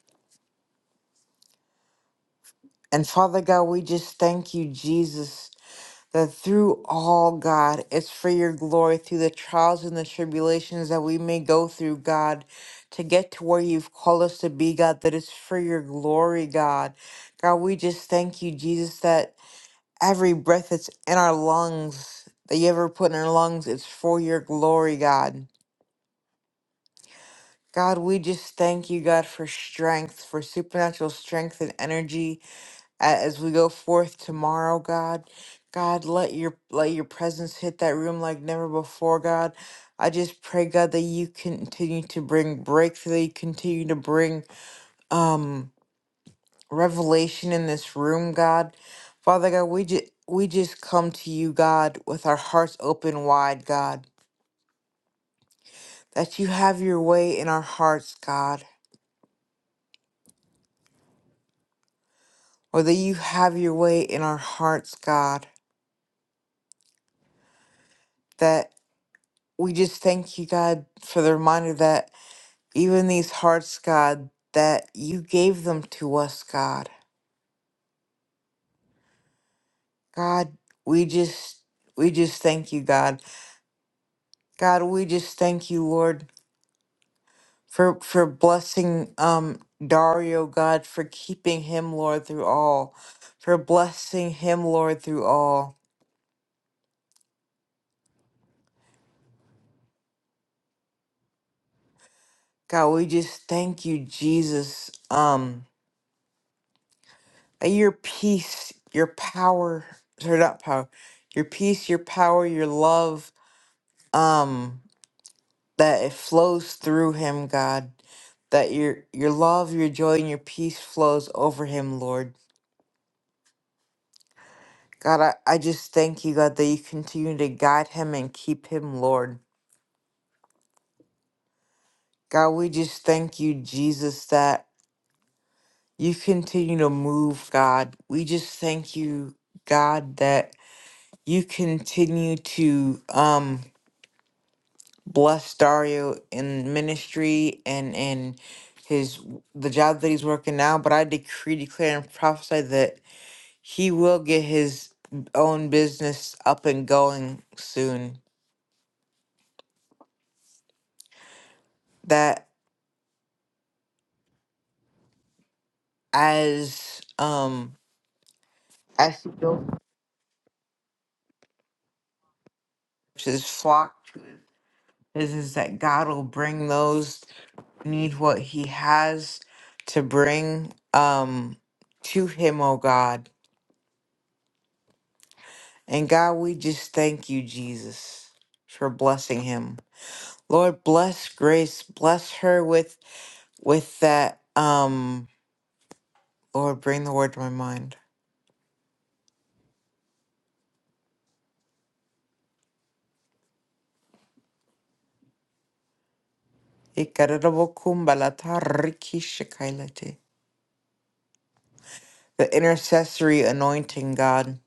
And Father God, we just thank you, Jesus, that through all, God, it's for your glory, through the trials and the tribulations that we may go through, God, to get to where you've called us to be, God, that it's for your glory, God. God, we just thank you, Jesus, that Every breath that's in our lungs, that you ever put in our lungs, it's for your glory, God. God, we just thank you, God, for strength, for supernatural strength and energy a- as we go forth tomorrow, God. God, let your let your presence hit that room like never before, God. I just pray, God, that you continue to bring breakthrough, that you continue to bring um revelation in this room, God. Father God, we just we just come to you, God, with our hearts open wide, God. That you have your way in our hearts, God. Or that you have your way in our hearts, God. That we just thank you, God, for the reminder that even these hearts, God, that you gave them to us, God. God, we just we just thank you, God. God, we just thank you, Lord. for for blessing um Dario God for keeping him Lord through all for blessing him Lord through all God we just thank you Jesus um that your peace your power or not power your peace your power your love um that it flows through him God that your your love your joy and your peace flows over him Lord God I, I just thank you God that you continue to guide him and keep him Lord God, we just thank you, Jesus, that you continue to move, God. We just thank you, God, that you continue to um bless Dario in ministry and in his the job that he's working now. But I decree, declare, and prophesy that he will get his own business up and going soon. That as um as he goes to his flock is is that God will bring those who need what he has to bring um to him, oh God. And God, we just thank you, Jesus, for blessing him. Lord, bless Grace, bless her with with that um Lord, bring the word to my mind. The intercessory anointing, God.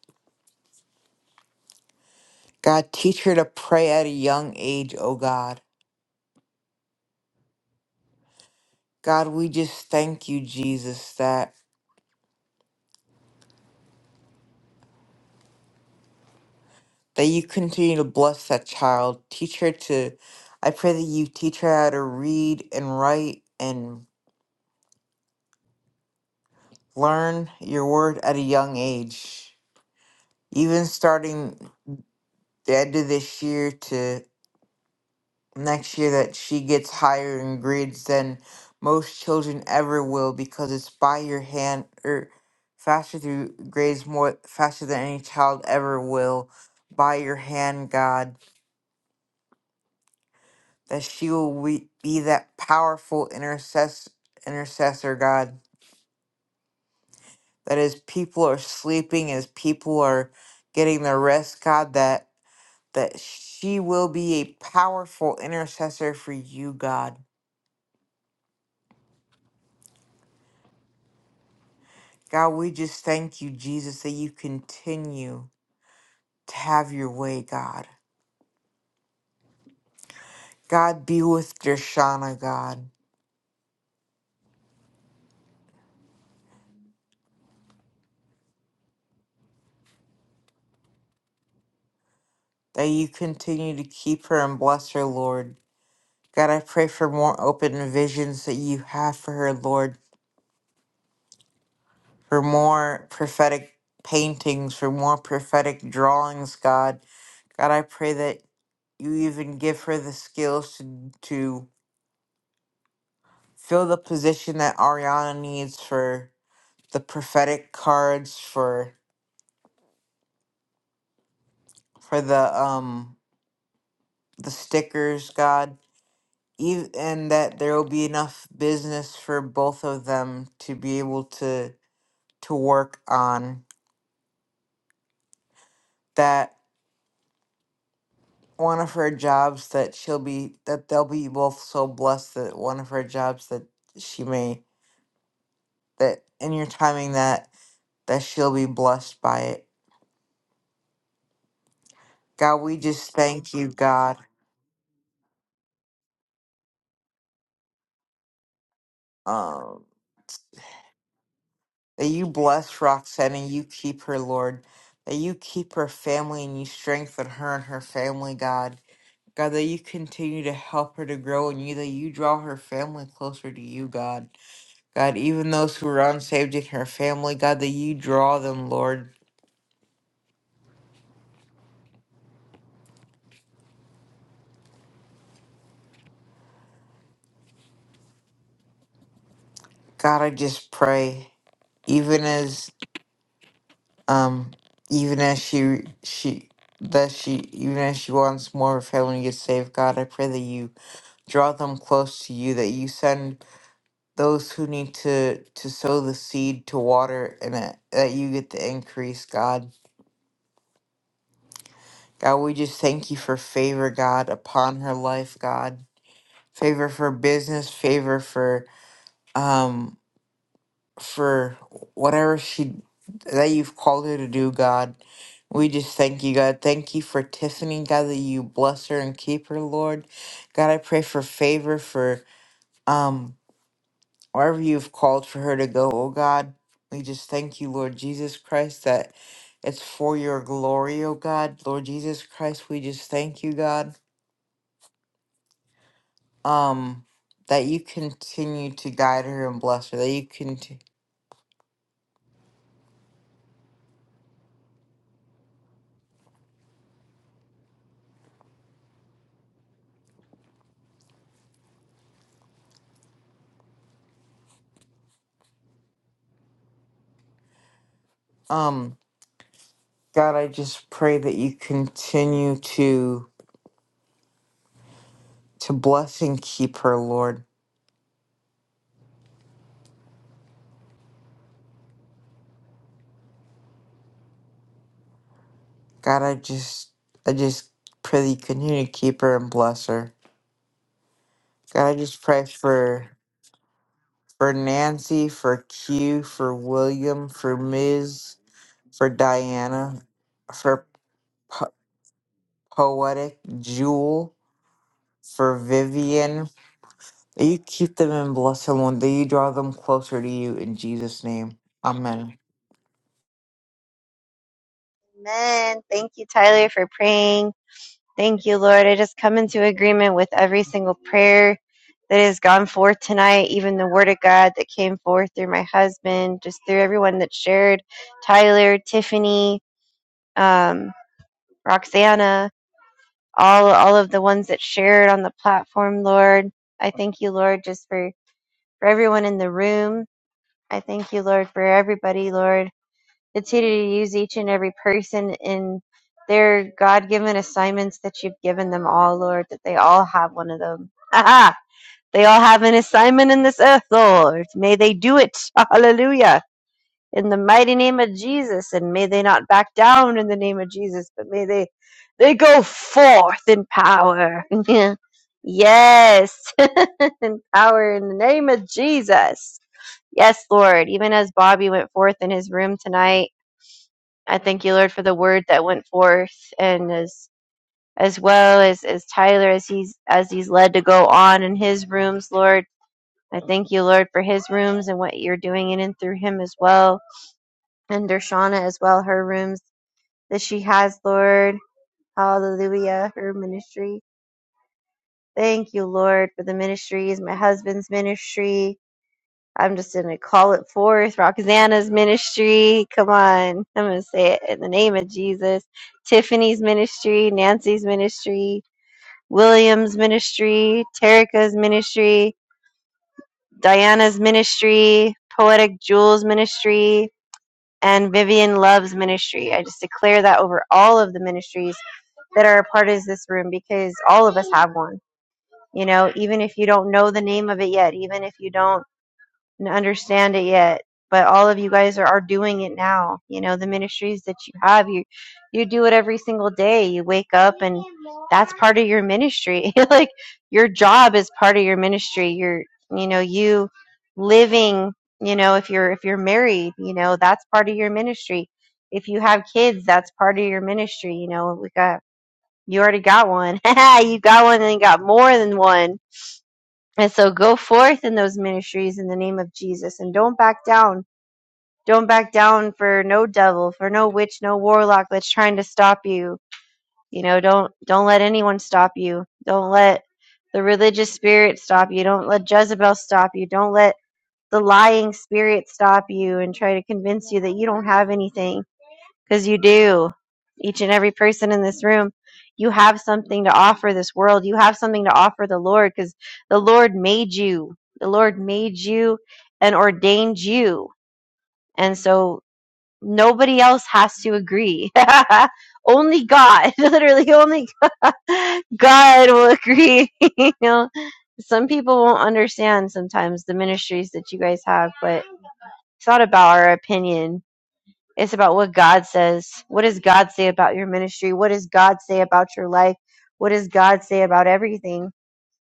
God, teach her to pray at a young age, oh God. God, we just thank you, Jesus, that that you continue to bless that child. Teach her to I pray that you teach her how to read and write and learn your word at a young age. Even starting the end of this year to next year that she gets higher in grades than most children ever will because it's by your hand or faster through grades more faster than any child ever will by your hand, God that she will we- be that powerful intercess- intercessor, God, that as people are sleeping, as people are getting their rest, God, that that she will be a powerful intercessor for you, God. God, we just thank you, Jesus, that you continue to have your way, God. God, be with Dershana, God, that you continue to keep her and bless her, Lord. God, I pray for more open visions that you have for her, Lord for more prophetic paintings, for more prophetic drawings, God. God, I pray that you even give her the skills to, to fill the position that Ariana needs for the prophetic cards, for for the um the stickers, God. even And that there will be enough business for both of them to be able to to work on that one of her jobs that she'll be that they'll be both so blessed that one of her jobs that she may that and you're timing that that she'll be blessed by it. God, we just thank you, God, um, that you bless Roxanne and you keep her, Lord, that you keep her family and you strengthen her and her family, God. God, that you continue to help her to grow in you, that you draw her family closer to you, God. God, even those who are unsaved in her family, God, that you draw them, Lord. God, I just pray, even as um, even as she she that she even as she wants more of heaven to get saved, God, I pray that you draw them close to you, that you send those who need to to sow the seed to water, and that, that you get the increase, God. God, we just thank you for favor, God, upon her life, God. Favor for business, favor for um for whatever she that you've called her to do, God. We just thank you, God. Thank you for Tiffany, God, that you bless her and keep her, Lord. God, I pray for favor for um wherever you've called for her to go, oh God. We just thank you, Lord Jesus Christ, that it's for your glory, oh God. Lord Jesus Christ, we just thank you, God. Um that you continue to guide her and bless her. That you can. God, I just pray that you continue to to bless and keep her, Lord. God, I just I just pray that you continue to keep her and bless her. God, I just pray for for Nancy, for Q, for William, for Ms, for Diana, for po- poetic Jewel, for Vivian. That you keep them and bless them, Lord. That you draw them closer to you in Jesus' name. Amen.
Amen. Thank you, Tyler, for praying. Thank you, Lord. I just come into agreement with every single prayer that has gone forth tonight, even the word of God that came forth through my husband, just through everyone that shared, Tyler, Tiffany, um, Roxana, all all of the ones that shared on the platform, Lord. I thank you, Lord, just for for everyone in the room. I thank you, Lord, for everybody, Lord. Continue to use each and every person in their God-given assignments that you've given them all, Lord. That they all have one of them. (laughs) Aha! They all have an assignment in this earth, Lord. May they do it. (laughs) Hallelujah in the mighty name of Jesus. And may they not back down in the name of Jesus, but may they they go forth in power. (laughs) yes, (laughs) in power in the name of Jesus. Yes, Lord. Even as Bobby went forth in his room tonight, I thank you, Lord, for the word that went forth, and as as well as as Tyler as he's as he's led to go on in his rooms, Lord. I thank you, Lord, for his rooms and what you're doing in and through him as well and Dershana as well, her rooms that she has, Lord. Hallelujah, her ministry. Thank you, Lord, for the ministries, my husband's ministry. I'm just going to call it forth. Roxana's ministry. Come on. I'm going to say it in the name of Jesus. Tiffany's ministry, Nancy's ministry, William's ministry, Terica's ministry, Diana's ministry, Poetic Jewel's ministry, and Vivian Love's ministry. I just declare that over all of the ministries that are a part of this room because all of us have one. You know, even if you don't know the name of it yet, even if you don't understand it yet, but all of you guys are, are doing it now. You know, the ministries that you have, you you do it every single day. You wake up and that's part of your ministry. (laughs) like your job is part of your ministry. You're you know, you living, you know, if you're if you're married, you know, that's part of your ministry. If you have kids, that's part of your ministry. You know, we got you already got one. (laughs) you got one and you got more than one. And so go forth in those ministries in the name of Jesus and don't back down. Don't back down for no devil, for no witch, no warlock that's trying to stop you. You know, don't don't let anyone stop you. Don't let the religious spirit stop you. Don't let Jezebel stop you. Don't let the lying spirit stop you and try to convince you that you don't have anything because you do. Each and every person in this room, you have something to offer this world. You have something to offer the Lord because the Lord made you. The Lord made you and ordained you. And so nobody else has to agree. (laughs) only God, (laughs) literally, only God will agree. (laughs) you know, some people won't understand sometimes the ministries that you guys have, but it's not about our opinion it's about what God says. What does God say about your ministry? What does God say about your life? What does God say about everything?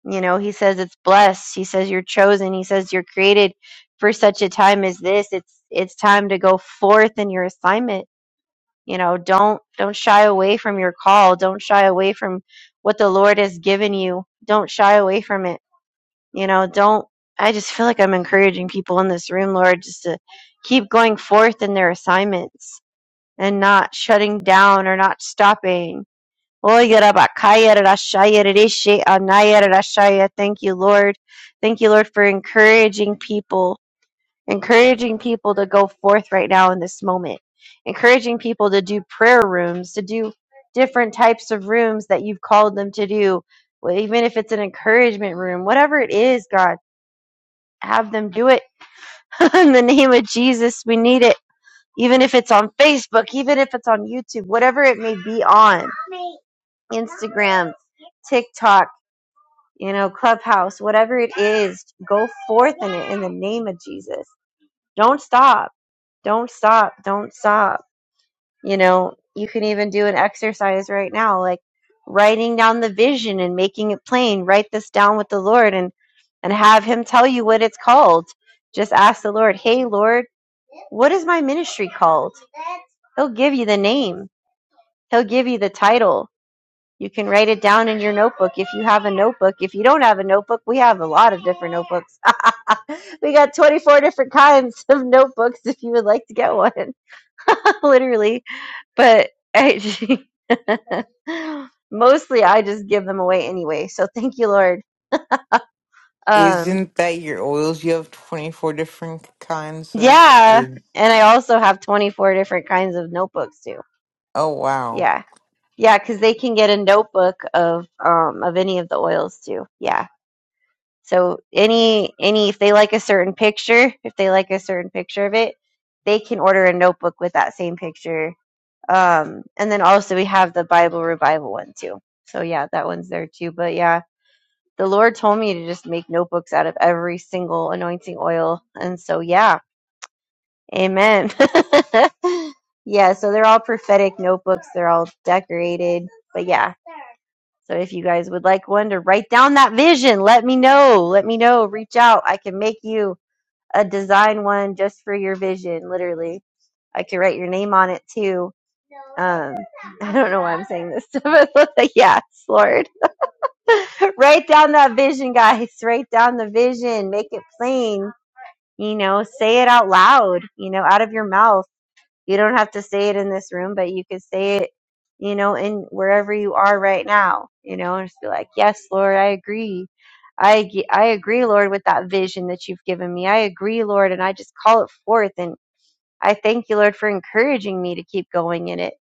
You know, He says it's blessed. He says you're chosen. He says you're created for such a time as this. It's it's time to go forth in your assignment. You know, don't don't shy away from your call. Don't shy away from what the Lord has given you. Don't shy away from it. You know, don't. I just feel like I'm encouraging people in this room, Lord, just to keep going forth in their assignments and not shutting down or not stopping. Oy, yada, ba, kaya, anaya, da, Thank you, Lord. Thank you, Lord, for encouraging people, encouraging people to go forth right now in this moment, encouraging people to do prayer rooms, to do different types of rooms that you've called them to do, Well, even if it's an encouragement room, whatever it is, God, have them do it (laughs) in the name of Jesus. We need it even if it's on Facebook, even if it's on YouTube, whatever it may be on Instagram, TikTok, you know, Clubhouse, whatever it is, go forth in it in the name of Jesus. Don't stop. Don't stop. Don't stop. You know, you can even do an exercise right now, like writing down the vision and making it plain. Write this down with the Lord and, and have Him tell you what it's called. Just ask the Lord, hey, Lord, what is my ministry called? He'll give you the name He'll give you the title. You can write it down in your notebook if you have a notebook. If you don't have a notebook, we have a lot of different notebooks. (laughs) we got 24 different kinds of notebooks if you would like to get one, (laughs) literally. But I, (laughs) mostly I just give them away anyway. So thank you, Lord. Um,
Isn't that your oils? You have 24 different kinds of.
yeah.
Or,
And I also have 24 different kinds of notebooks too.
oh, wow.
Yeah. Yeah, because they can get a notebook of um of any of the oils too. Yeah So any any if they like a certain picture, if they like a certain picture of it, they can order a notebook with that same picture. Um, and then also we have the Bible revival one too. So yeah, that one's there too. But yeah, the Lord told me to just make notebooks out of every single anointing oil, and so yeah, Amen. (laughs) yeah, so they're all prophetic notebooks. They're all decorated. But yeah, so if you guys would like one to write down that vision, let me know. Let me know. Reach out. I can make you a design one just for your vision, literally. I could write your name on it too. Um, I don't know why I'm saying this, (laughs) but like, yes, Lord. (laughs) write down that vision, guys. Write down the vision. Make it plain. You know, say it out loud, you know, out of your mouth. You don't have to say it in this room, but you could say it, you know, in wherever you are right now, you know, and just be like, yes, Lord, I agree. I, ag- I agree, Lord, with that vision that you've given me. I agree, Lord, and I just call it forth. And I thank you, Lord, for encouraging me to keep going in it.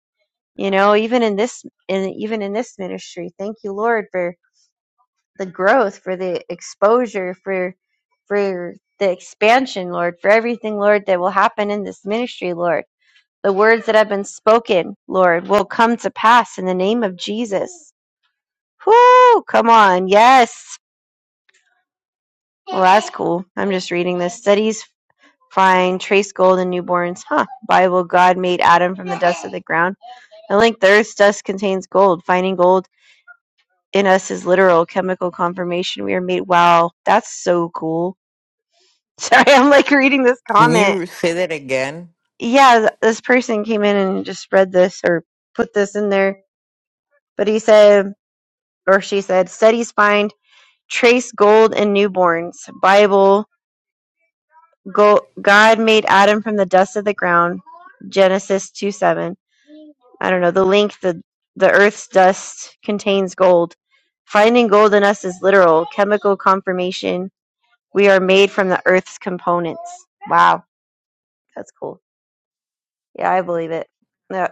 You know, even in this, in even in this ministry, thank you, Lord, for the growth, for the exposure, for for the expansion, Lord, for everything, Lord, that will happen in this ministry, Lord. The words that have been spoken, Lord, will come to pass in the name of Jesus. Whoo! Come on, yes. Well, that's cool. I'm just reading this. Studies find trace gold in newborns, huh? Bible, God made Adam from the dust of the ground At length, the earth's dust contains gold. Finding gold in us is literal chemical confirmation. We are made. Wow, that's so cool. (laughs) Sorry, I'm like reading this
Can
comment.
you say that again?
Yeah, th- this person came in and just read this or put this in there. But he said, or she said, studies find trace gold in newborns. Bible, go, God made Adam from the dust of the ground. Genesis two seven. I don't know, the link, the the earth's dust contains gold. Finding gold in us is literal, chemical confirmation. We are made from the earth's components. Wow, that's cool. Yeah, I believe it. Yeah,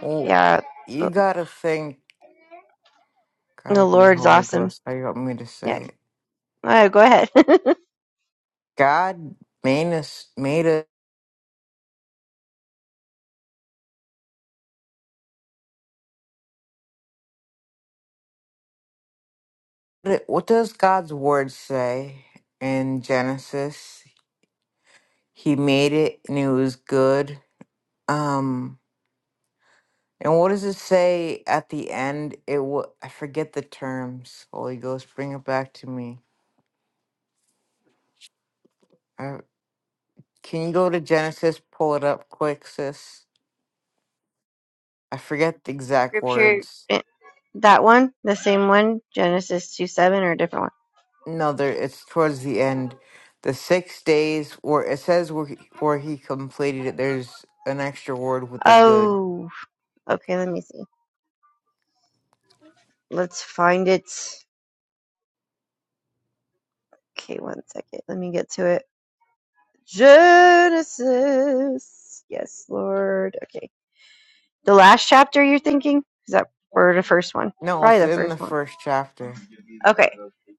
Oh,
yeah
you
the
gotta think.
the
Guide me,
Lord's
Holy
awesome.
Ghost. How you want me to
Yeah,
say it?
all right, go ahead. (laughs)
God made us, made us. What does God's word say in Genesis? He made it and it was good. Um, and what does it say at the end? It wa I forget the terms. Holy Ghost, bring it back to me. I. Can you go to Genesis? Pull it up quick, sis. I forget the exact
Scripture,
words.
eh, that one, the same one, Genesis 2 7 or a different one?
No, there. It's towards the end. The six days, where it says where he, where he completed it. There's an extra word with the good.
Oh, okay, let me see. Let's find it. Okay, one second. Let me get to it. Genesis. Yes, Lord. Okay. The last chapter you're thinking? Is that or the first one?
No,
Probably
it's
the
in the
first one.
first chapter.
Okay.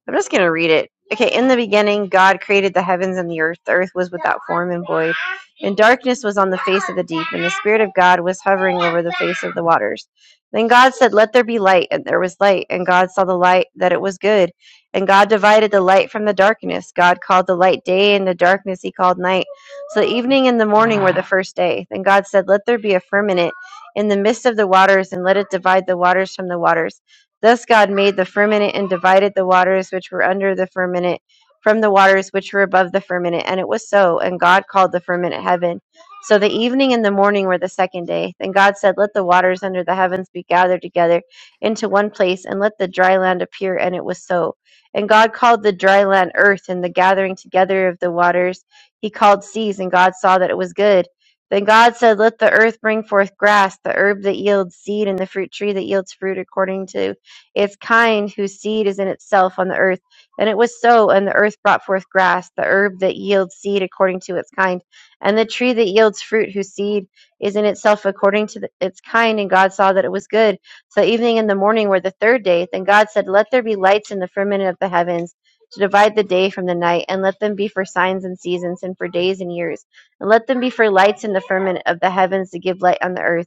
I'm just going to read it. Okay. In the beginning, God created the heavens and the earth. The earth was without form and void, and darkness was on the face of the deep, and the Spirit of God was hovering over the face of the waters. Then God said, Let there be light, and there was light. And God saw the light, that it was good. And God divided the light from the darkness. God called the light day, and the darkness he called night. So the evening and the morning were the first day. Then God said, Let there be a firmament in the midst of the waters, and let it divide the waters from the waters. Thus God made the firmament and divided the waters which were under the firmament from the waters which were above the firmament. And it was so. And God called the firmament heaven. So the evening and the morning were the second day. Then God said, Let the waters under the heavens be gathered together into one place, and let the dry land appear. And it was so. And God called the dry land earth, and the gathering together of the waters he called seas. And God saw that it was good. Then God said, Let the earth bring forth grass, the herb that yields seed, and the fruit tree that yields fruit according to it's kind whose seed is in itself on the earth. And it was so, and the earth brought forth grass, the herb that yields seed according to its kind, and the tree that yields fruit whose seed is in itself according to the, its kind. And God saw that it was good. So evening and the morning were the third day. Then God said, Let there be lights in the firmament of the heavens to divide the day from the night, and let them be for signs and seasons, and for days and years, and let them be for lights in the firmament of the heavens to give light on the earth.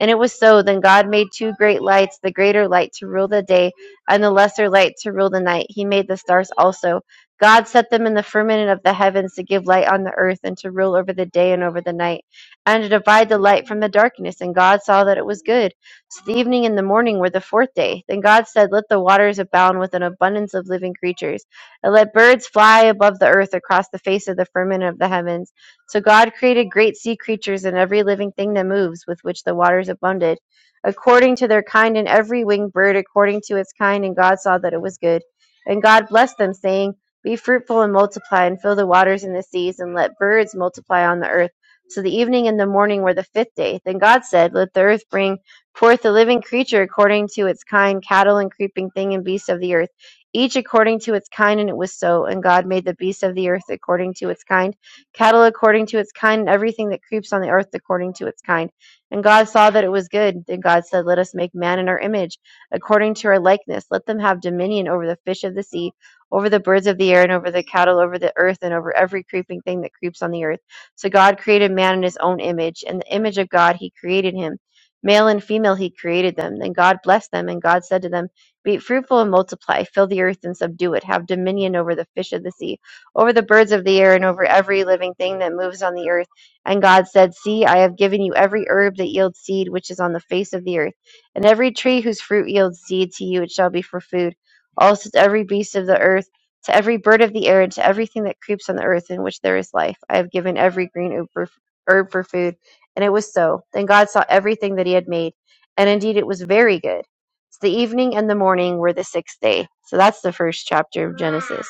And it was so. Then God made two great lights, the greater light to rule the day, and the lesser light to rule the night. He made the stars also. God set them in the firmament of the heavens to give light on the earth and to rule over the day and over the night, and to divide the light from the darkness. And God saw that it was good. So the evening and the morning were the fourth day. Then God said, Let the waters abound with an abundance of living creatures, and let birds fly above the earth across the face of the firmament of the heavens. So God created great sea creatures and every living thing that moves, with which the waters abounded, according to their kind, and every winged bird according to its kind. And God saw that it was good. And God blessed them, saying, Be fruitful and multiply, and fill the waters and the seas, and let birds multiply on the earth. So the evening and the morning were the fifth day. Then God said, Let the earth bring forth a living creature according to its kind, cattle and creeping thing and beasts of the earth, each according to its kind. And it was so. And God made the beasts of the earth according to its kind cattle according to its kind, and everything that creeps on the earth according to its kind. And God saw that it was good. Then God said, Let us make man in our image, according to our likeness. Let them have dominion over the fish of the sea, over the birds of the air, and over the cattle, over the earth, and over every creeping thing that creeps on the earth. So God created man in his own image. In the image of God, he created him. Male and female, he created them. Then God blessed them, and God said to them, Be fruitful and multiply, fill the earth and subdue it, have dominion over the fish of the sea over the birds of the air and over every living thing that moves on the earth. And God said, See, I have given you every herb that yields seed which is on the face of the earth, and every tree whose fruit yields seed to you it shall be for food. Also to every beast of the earth, to every bird of the air, and to everything that creeps on the earth in which there is life. I have given every green herb for, herb for food. And it was so. Then God saw everything that he had made, and indeed it was very good. So the evening and the morning were the sixth day. So that's the first chapter of Genesis.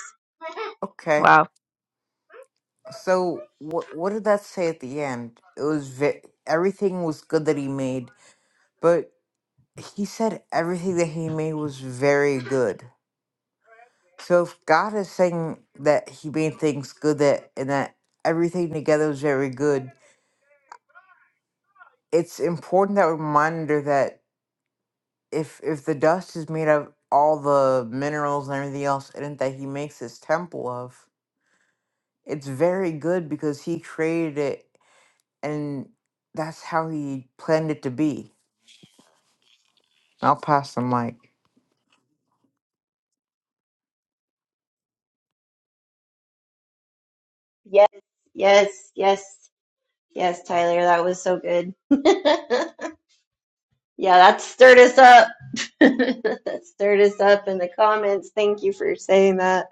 Okay.
Wow.
So what what did that say at the end? It was ve- everything was good that he made, but he said everything that he made was very good. So if God is saying that He made things good, that and that everything together is very good, it's important that reminder that if if the dust is made of all the minerals and everything else in it that He makes His temple of, it's very good because He created it, and that's how He planned it to be. I'll pass the mic.
Yes, yes, yes, yes, Tyler, that was so good. (laughs) Yeah, that stirred us up. (laughs) That stirred us up in the comments. Thank you for saying that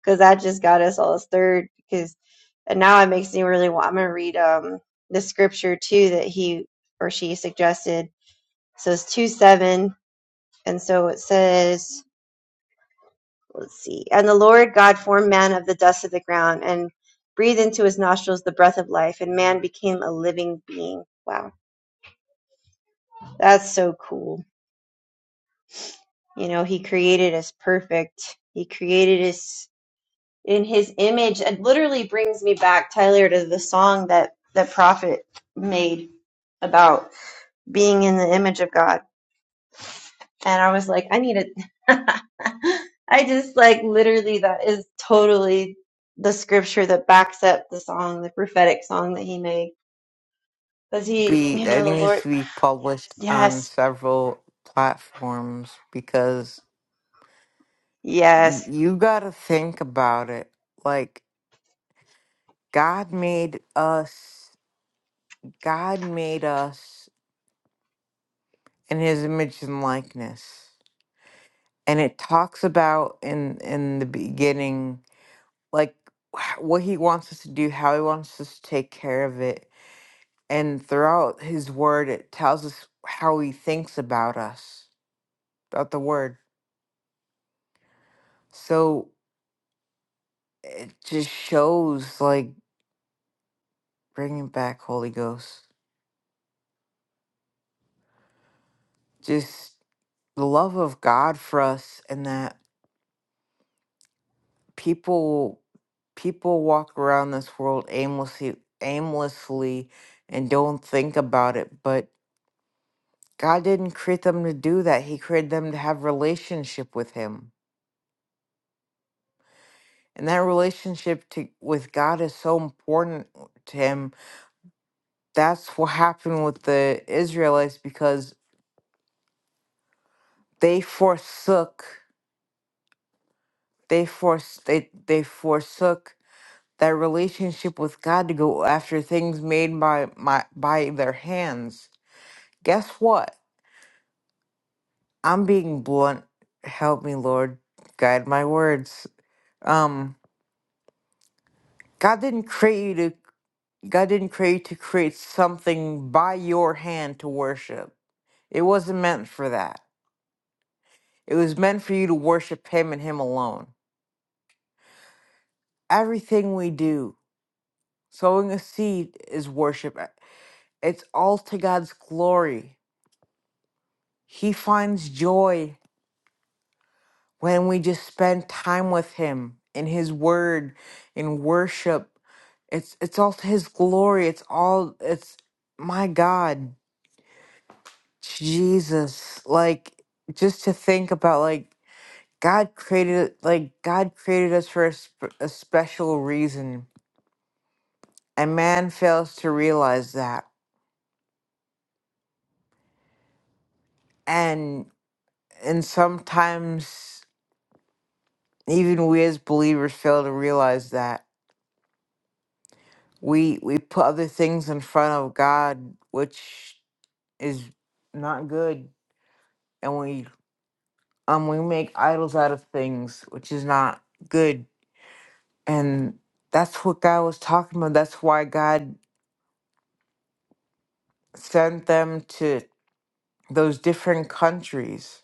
because that just got us all stirred. Because and now it makes me really want. I'm gonna read um the scripture too that he or she suggested. So it's two seven, and so it says, let's see, and the Lord God formed man of the dust of the ground and breathed into his nostrils the breath of life, and man became a living being. Wow That's so cool. You know, he created us perfect. He created us in his image. It literally brings me back, Tyler, to the song that the prophet made about being in the image of God. And I was like, I need to. (laughs) I just like literally, that is totally the scripture that backs up the song, the prophetic song that he made. Because he,
Be
you
it
know, the
needs
Lord,
to be published on
yes,
several platforms because
yes.
y- you got to think about it. Like, God made us, God made us in his image and likeness. And it talks about in in the beginning like wh- what he wants us to do, how he wants us to take care of it. And throughout his word it tells us how he thinks about us. About the word. So it just shows like bringing back Holy Ghost. Just the love of God for us and that people people walk around this world aimlessly aimlessly and don't think about it, but God didn't create them to do that. He created them to have relationship with him. And that relationship to, with God is so important to him. That's what (laughs) happened with the Israelites because they forsook they force they they forsook that relationship with God to go after things made by my by their hands. Guess what? I'm being blunt. Help me, Lord. Guide my words. Um, God didn't create you to God didn't create you to create something by your hand to worship. It wasn't meant for that. It was meant for you to worship Him and Him alone. Everything we do, sowing a seed is worship. It's all to God's glory. He finds joy when we just spend time with him in his word in worship it's it's all to his glory it's all it's my god jesus like just to think about like god created like god created us for a, sp- a special reason and man fails to realize that and and sometimes even we as believers fail to realize that we we put other things in front of god which is not good and we um we make idols out of things which is not good and that's what god was talking about that's why god sent them to those different countries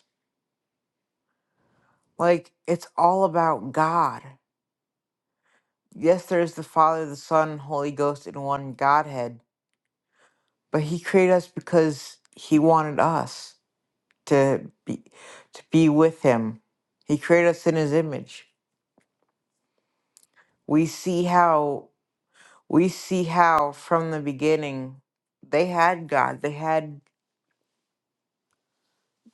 like it's all about god yes there's the father the son holy ghost in one godhead but he created us because he wanted us to be to be with him he created us in his image we see how we see how from the beginning they had God. They had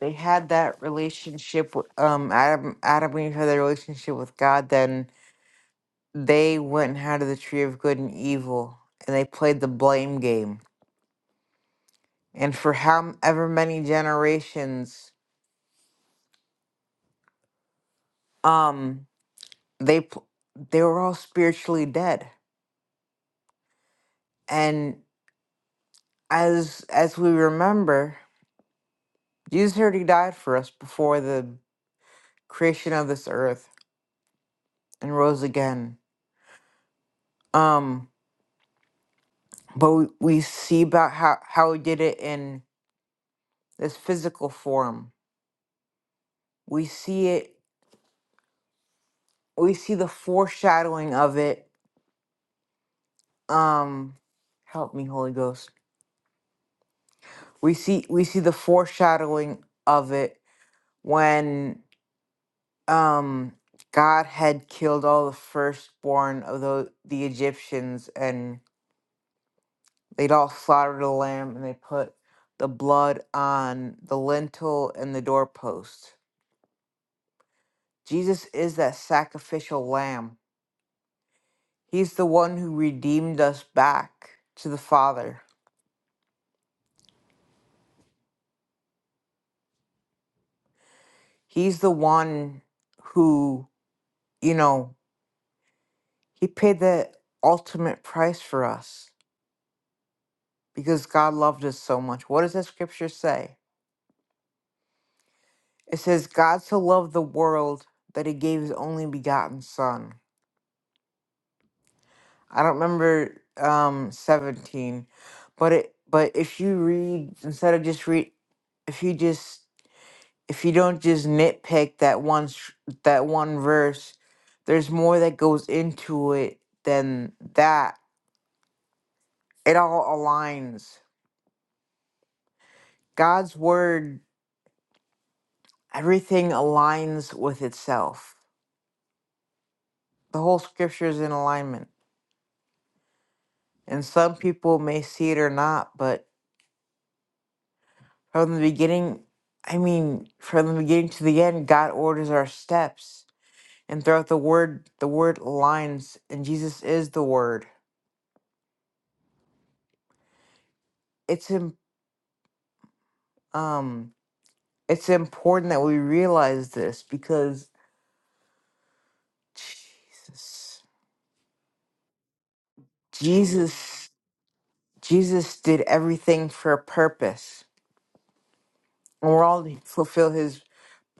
they had that relationship. w- Um, Adam Adam and Eve had their relationship with God. Then they went and had of the tree of good and evil, and they played the blame game. And for however many generations, um, they pl- they were all spiritually dead. And as as we remember, Jesus already died for us before the creation of this earth and rose again Um, but we, we see about how how he did it in this physical form. We see it. We see the foreshadowing of it. Um, help me, Holy Ghost. We see we see the foreshadowing of it when um God had killed all the firstborn of the the Egyptians, and they'd all slaughtered a lamb, and they put the blood on the lintel and the doorpost Jesus is that sacrificial lamb. He's the one who redeemed us back to the Father. He's the one who, you know, he paid the ultimate price for us because God loved us so much. What does the scripture say? It says, God so loved the world that he gave his only begotten son. I don't remember um 17, but it but if you read instead of just read if you just if you don't just nitpick that one sh- that one verse there's more that goes into it than that it all aligns god's word everything aligns with itself the whole scripture is in alignment and some people may see it or not but from the beginning i mean from the beginning to the end god orders our steps and throughout the word the word aligns and jesus is the word it's him. um It's important that we realize this because Jesus, Jesus, Jesus did everything for a purpose, and we're all to fulfill His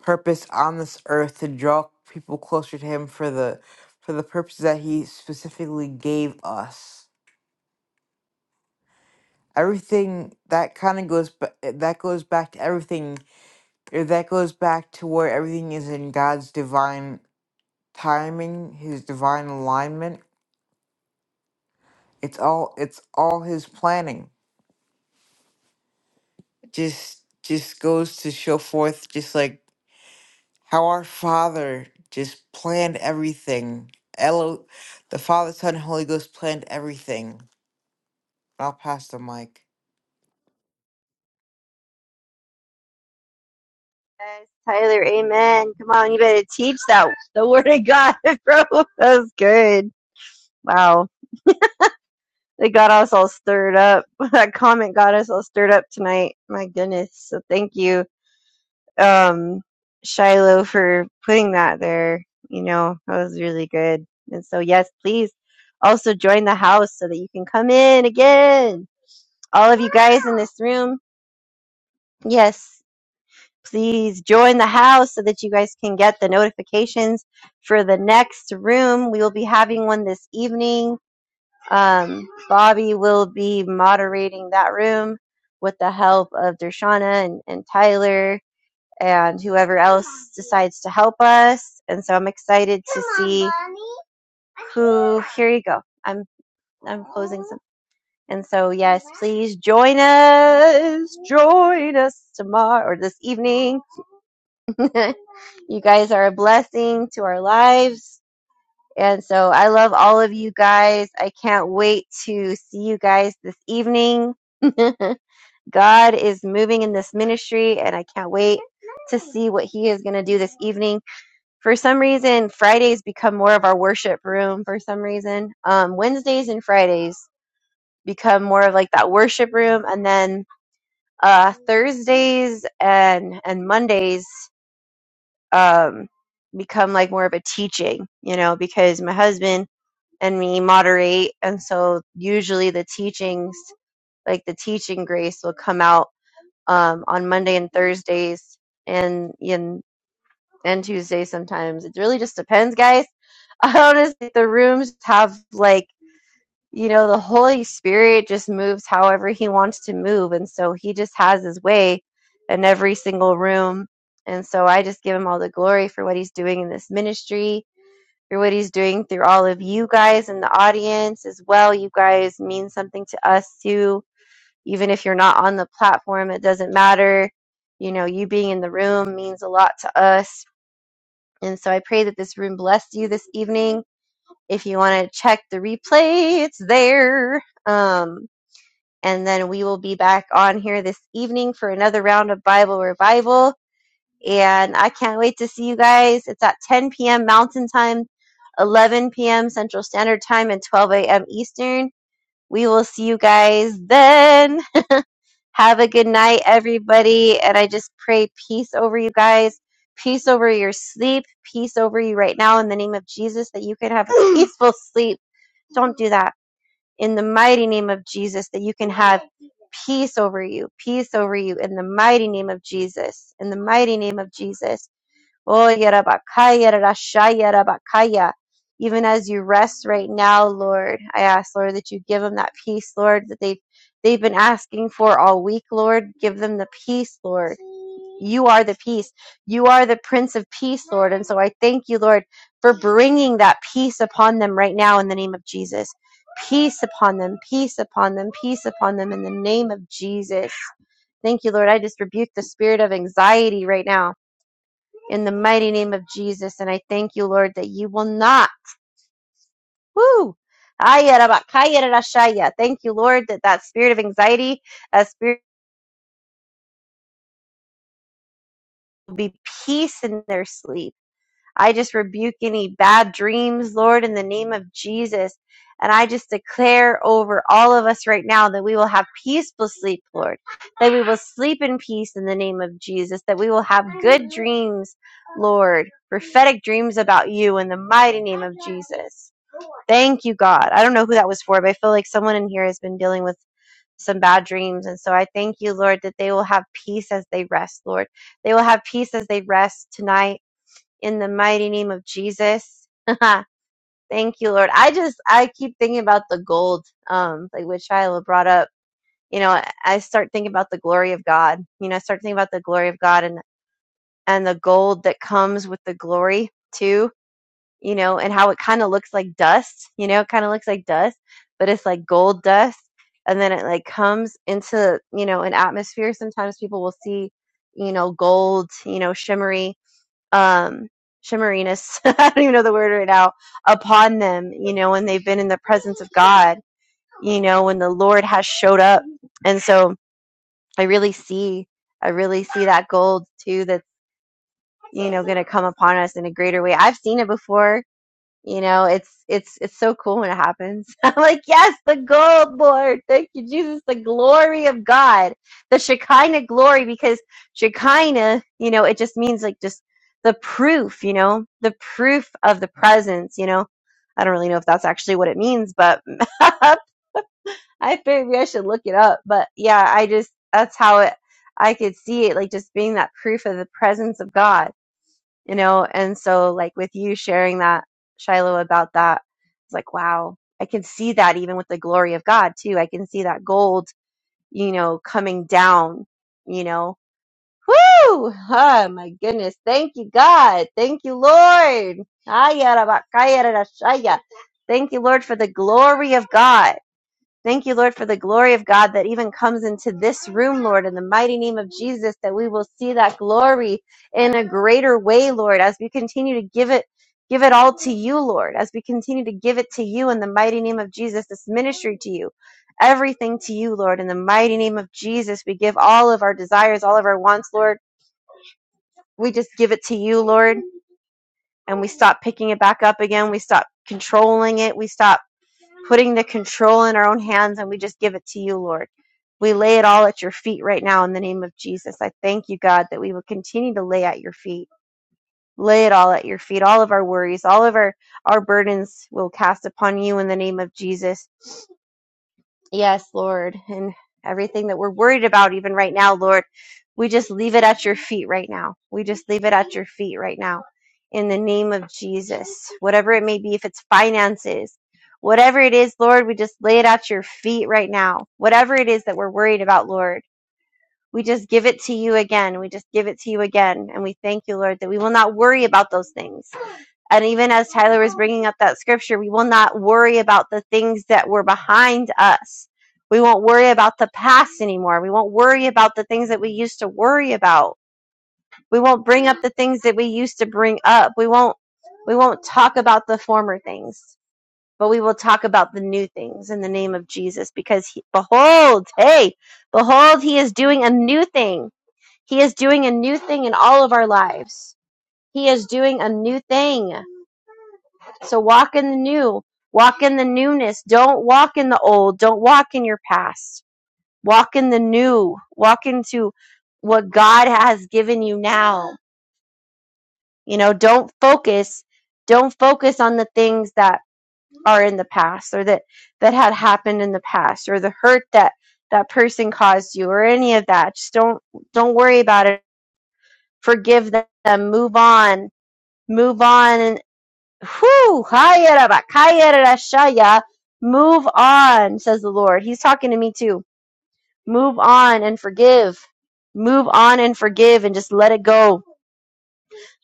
purpose on this earth to draw people closer to Him for the for the purpose that He specifically gave us. Everything that kind of goes ba- that goes back to everything or that goes back to where everything is in God's divine timing, His divine alignment it's all it's all his planning just just goes to show forth just like how our father just planned everything Elo the father son and holy ghost planned everything i'll pass the mic
Yes, Tyler, amen. Come on, you better teach that the word of God, (laughs) bro. That was good. Wow. It got us all stirred up. (laughs) That comment got us all stirred up tonight. My goodness. So thank you, um, Shiloh, for putting that there. You know, that was really good. And so, yes, please also join the house so that you can come in again. All of you guys in this room. Yes. please join the house so that you guys can get the notifications for the next room. We will be having one this evening. Um, Bobby will be moderating that room with the help of Dershana and, and Tyler and whoever else decides to help us. And so I'm excited to see who. Here you go. I'm I'm closing some. And so yes, please join us. Join us tomorrow or this evening. (laughs) You guys are a blessing to our lives. And so I love all of you guys. I can't wait to see you guys this evening. (laughs) God is moving in this ministry, and I can't wait to see what He is going to do this evening. For some reason, Fridays become more of our worship room. For some reason, um, Wednesdays and Fridays become more of like that worship room, and then uh, Thursdays and and Mondays. um, become like more of a teaching, you know, because my husband and me moderate. And so usually the teachings, like the teaching grace will come out um, on Monday and Thursdays and, and, and Tuesday sometimes. It really just depends, guys. (laughs) I Honestly, the rooms have like you know, the Holy Spirit just moves however He wants to move. And so He just has His way in every single room. And so I just give Him all the glory for what He's doing in this ministry, for what He's doing through all of you guys in the audience as well. You guys mean something to us too. Even if you're not on the platform, it doesn't matter. You know, you being in the room means a lot to us. And so I pray that this room blessed you this evening. If you want to check the replay, it's there. Um, and then we will be back on here this evening for another round of Bible revival. And I can't wait to see you guys. It's at 10 p.m. Mountain Time, 11 p.m. Central Standard Time, and 12 a.m. Eastern. We will see you guys then. Have a good night, everybody. And I just pray peace over you guys, peace over your sleep, peace over you right now in the name of Jesus that you can have a (clears throat) peaceful sleep. Don't do that in the mighty name of Jesus that you can have peace over you, peace over you in the mighty name of Jesus, in the mighty name of Jesus. Oh, yarabakaya, rarashaya, rabakaya. Even as you rest right now, Lord, I ask, Lord, that you give them that peace, Lord, that they've, they've been asking for all week, Lord. Give them the peace, Lord you are the peace. You are the Prince of Peace, Lord. And so I thank you, Lord, for bringing that peace upon them right now in the name of Jesus. Peace upon them, peace upon them, peace upon them in the name of Jesus. Thank you, Lord. I just rebuke the spirit of anxiety right now in the mighty name of Jesus. And I thank you, Lord, that you will not. Woo! Ayarabakayarashaya. Thank you, Lord, that that spirit of anxiety, that spirit will be peace in their sleep I just rebuke any bad dreams, Lord, in the name of Jesus. And I just declare over all of us right now that we will have peaceful sleep, Lord, that we will sleep in peace in the name of Jesus, that we will have good dreams, Lord, prophetic dreams about you in the mighty name of Jesus. Thank you, God. I don't know who that was for, but I feel like someone in here has been dealing with some bad dreams. And so I thank you, Lord, that they will have peace as they rest, Lord. They will have peace as they rest tonight in the mighty name of Jesus. (laughs) Thank you, Lord. I just I keep thinking about the gold, um, like which Shiloh brought up. You know, I start thinking about the glory of God. You know, I start thinking about the glory of God and and the gold that comes with the glory too. You know, and how it kind of looks like dust. You know, kind of looks like dust, but it's like gold dust. And then it like comes into you know an atmosphere. Sometimes people will see you know gold, you know shimmery, um shimmeriness (laughs) i don't even know the word right now upon them you know when they've been in the presence of god you know when the lord has showed up and so i really see i really see that gold too that's you know going to come upon us in a greater way i've seen it before you know, it's it's it's so cool when it happens. (laughs) I'm like, yes, the gold, Lord. Thank you, Jesus. The glory of God, the Shekinah glory, because Shekinah, you know, it just means like just the proof, you know, the proof of the presence, you know. I don't really know if that's actually what it means, but (laughs) I think maybe I should look it up. But yeah, I just that's how it I could see it like just being that proof of the presence of God you know? And so, like, with you sharing that, Shiloh, about that, it's like, wow, I can see that even with the glory of God, too. I can see that gold, you know, coming down, you know? Woo! Oh, my goodness. Thank you, God. Thank you, Lord. Thank you, Lord, for the glory of God. Thank you, Lord, for the glory of God that even comes into this room, Lord, in the mighty name of Jesus, that we will see that glory in a greater way, Lord, as we continue to give it, give it all to you, Lord, as we continue to give it to you in the mighty name of Jesus, this ministry to you, everything to you, Lord, in the mighty name of Jesus. We give all of our desires, all of our wants, Lord. We just give it to you, Lord, and we stop picking it back up again. We stop controlling it. We stop putting the control in our own hands, and we just give it to you, Lord. We lay it all at your feet right now in the name of Jesus. I thank you, God, that we will continue to lay at your feet. Lay it all at your feet. All of our worries, all of our, our burdens will cast upon you in the name of Jesus. Yes, Lord, and everything that we're worried about, even right now, Lord, we just leave it at your feet right now. We just leave it at your feet right now in the name of Jesus. Whatever it may be, if it's finances, whatever it is, Lord, we just lay it at your feet right now. Whatever it is that we're worried about, Lord, we just give it to you again. We just give it to you again. And we thank you, Lord, that we will not worry about those things and even as Tyler was bringing up that scripture, we will not worry about the things that were behind us. We won't worry about the past anymore. We won't worry about the things that we used to worry about. We won't bring up the things that we used to bring up. We won't we won't talk about the former things, but we will talk about the new things in the name of Jesus because he, behold, hey, behold he is doing a new thing. He is doing a new thing in all of our lives. He is doing a new thing. So walk in the new. Walk in the newness. Don't walk in the old. Don't walk in your past. Walk in the new. Walk into what God has given you now. You know, don't focus don't focus on the things that are in the past or that that had happened in the past or the hurt that that person caused you or any of that. Just don't don't worry about it. Forgive them. Move on. Move on Whew, Move on, says the Lord. He's talking to me too. Move on and forgive. Move on and forgive and just let it go.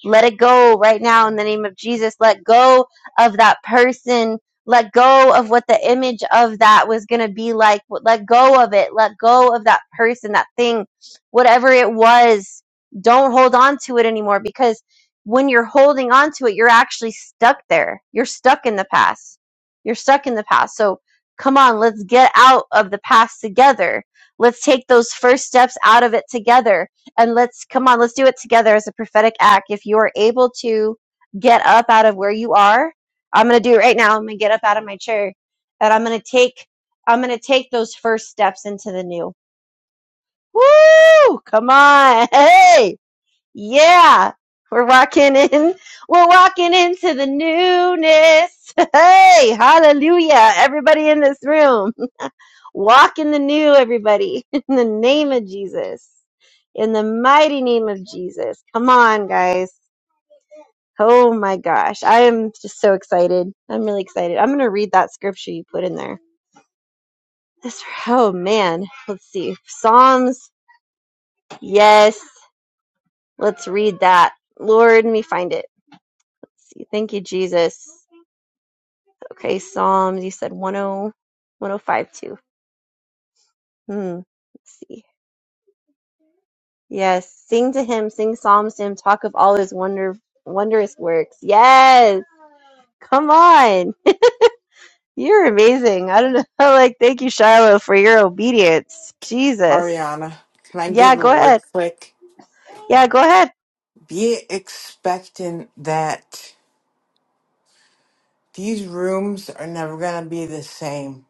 Let it go right now in the name of Jesus. Let go of that person. Let go of what the image of that was going to be like. Let go of it. Let go of that person, that thing, whatever it was. Don't hold on to it anymore because when you're holding on to it, you're actually stuck there. You're stuck in the past. You're stuck in the past. So come on, let's get out of the past together. Let's take those first steps out of it together and let's come on, let's do it together as a prophetic act. If you are able to get up out of where you are, I'm going to do it right now. I'm going to get up out of my chair and I'm going to take, I'm going to take those first steps into the new. Woo! Come on. (laughs) Hey! Yeah! We're walking in. (laughs) We're walking into the newness. (laughs) Hey! Hallelujah. Everybody in this room. Walk in the new, everybody, (laughs) in the name of Jesus, in the mighty name of Jesus. Come on, guys. Oh my gosh. I am just so excited. I'm really excited. I'm going to read that scripture you put in there. This, oh man. Let's see. Psalms. Yes. Let's read that. Lord, let me find it. Let's see. Thank you, Jesus. Okay. Psalms. You said one oh, one oh five two. Hmm. Let's see. Yes. Sing to him, sing psalms to him, talk of all his wonder wondrous works. Yes. Come on. (laughs) You're amazing. I don't know. (laughs) Like, thank you, Shiloh, for your obedience. Jesus.
Ariana, can I
Yeah,
give a
go
word
ahead.
quick?
Yeah, go ahead.
be expectant that These rooms are never going to be the same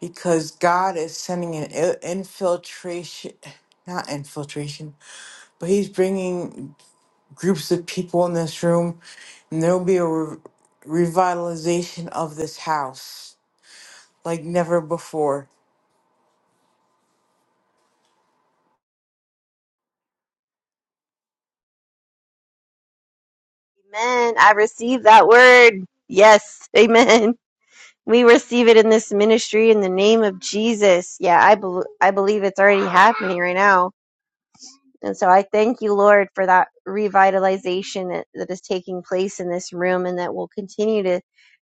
because God is sending an i- infiltration, not infiltration, but He's bringing. groups of people in this room, and there will be a re- revitalization of this house like never before.
Amen. I receive that word. Yes. (laughs) Amen. We receive it in this ministry in the name of Jesus. Yeah, I bel I believe it's already happening right now. And so I thank you, Lord, for that revitalization that, that is taking place in this room and that will continue to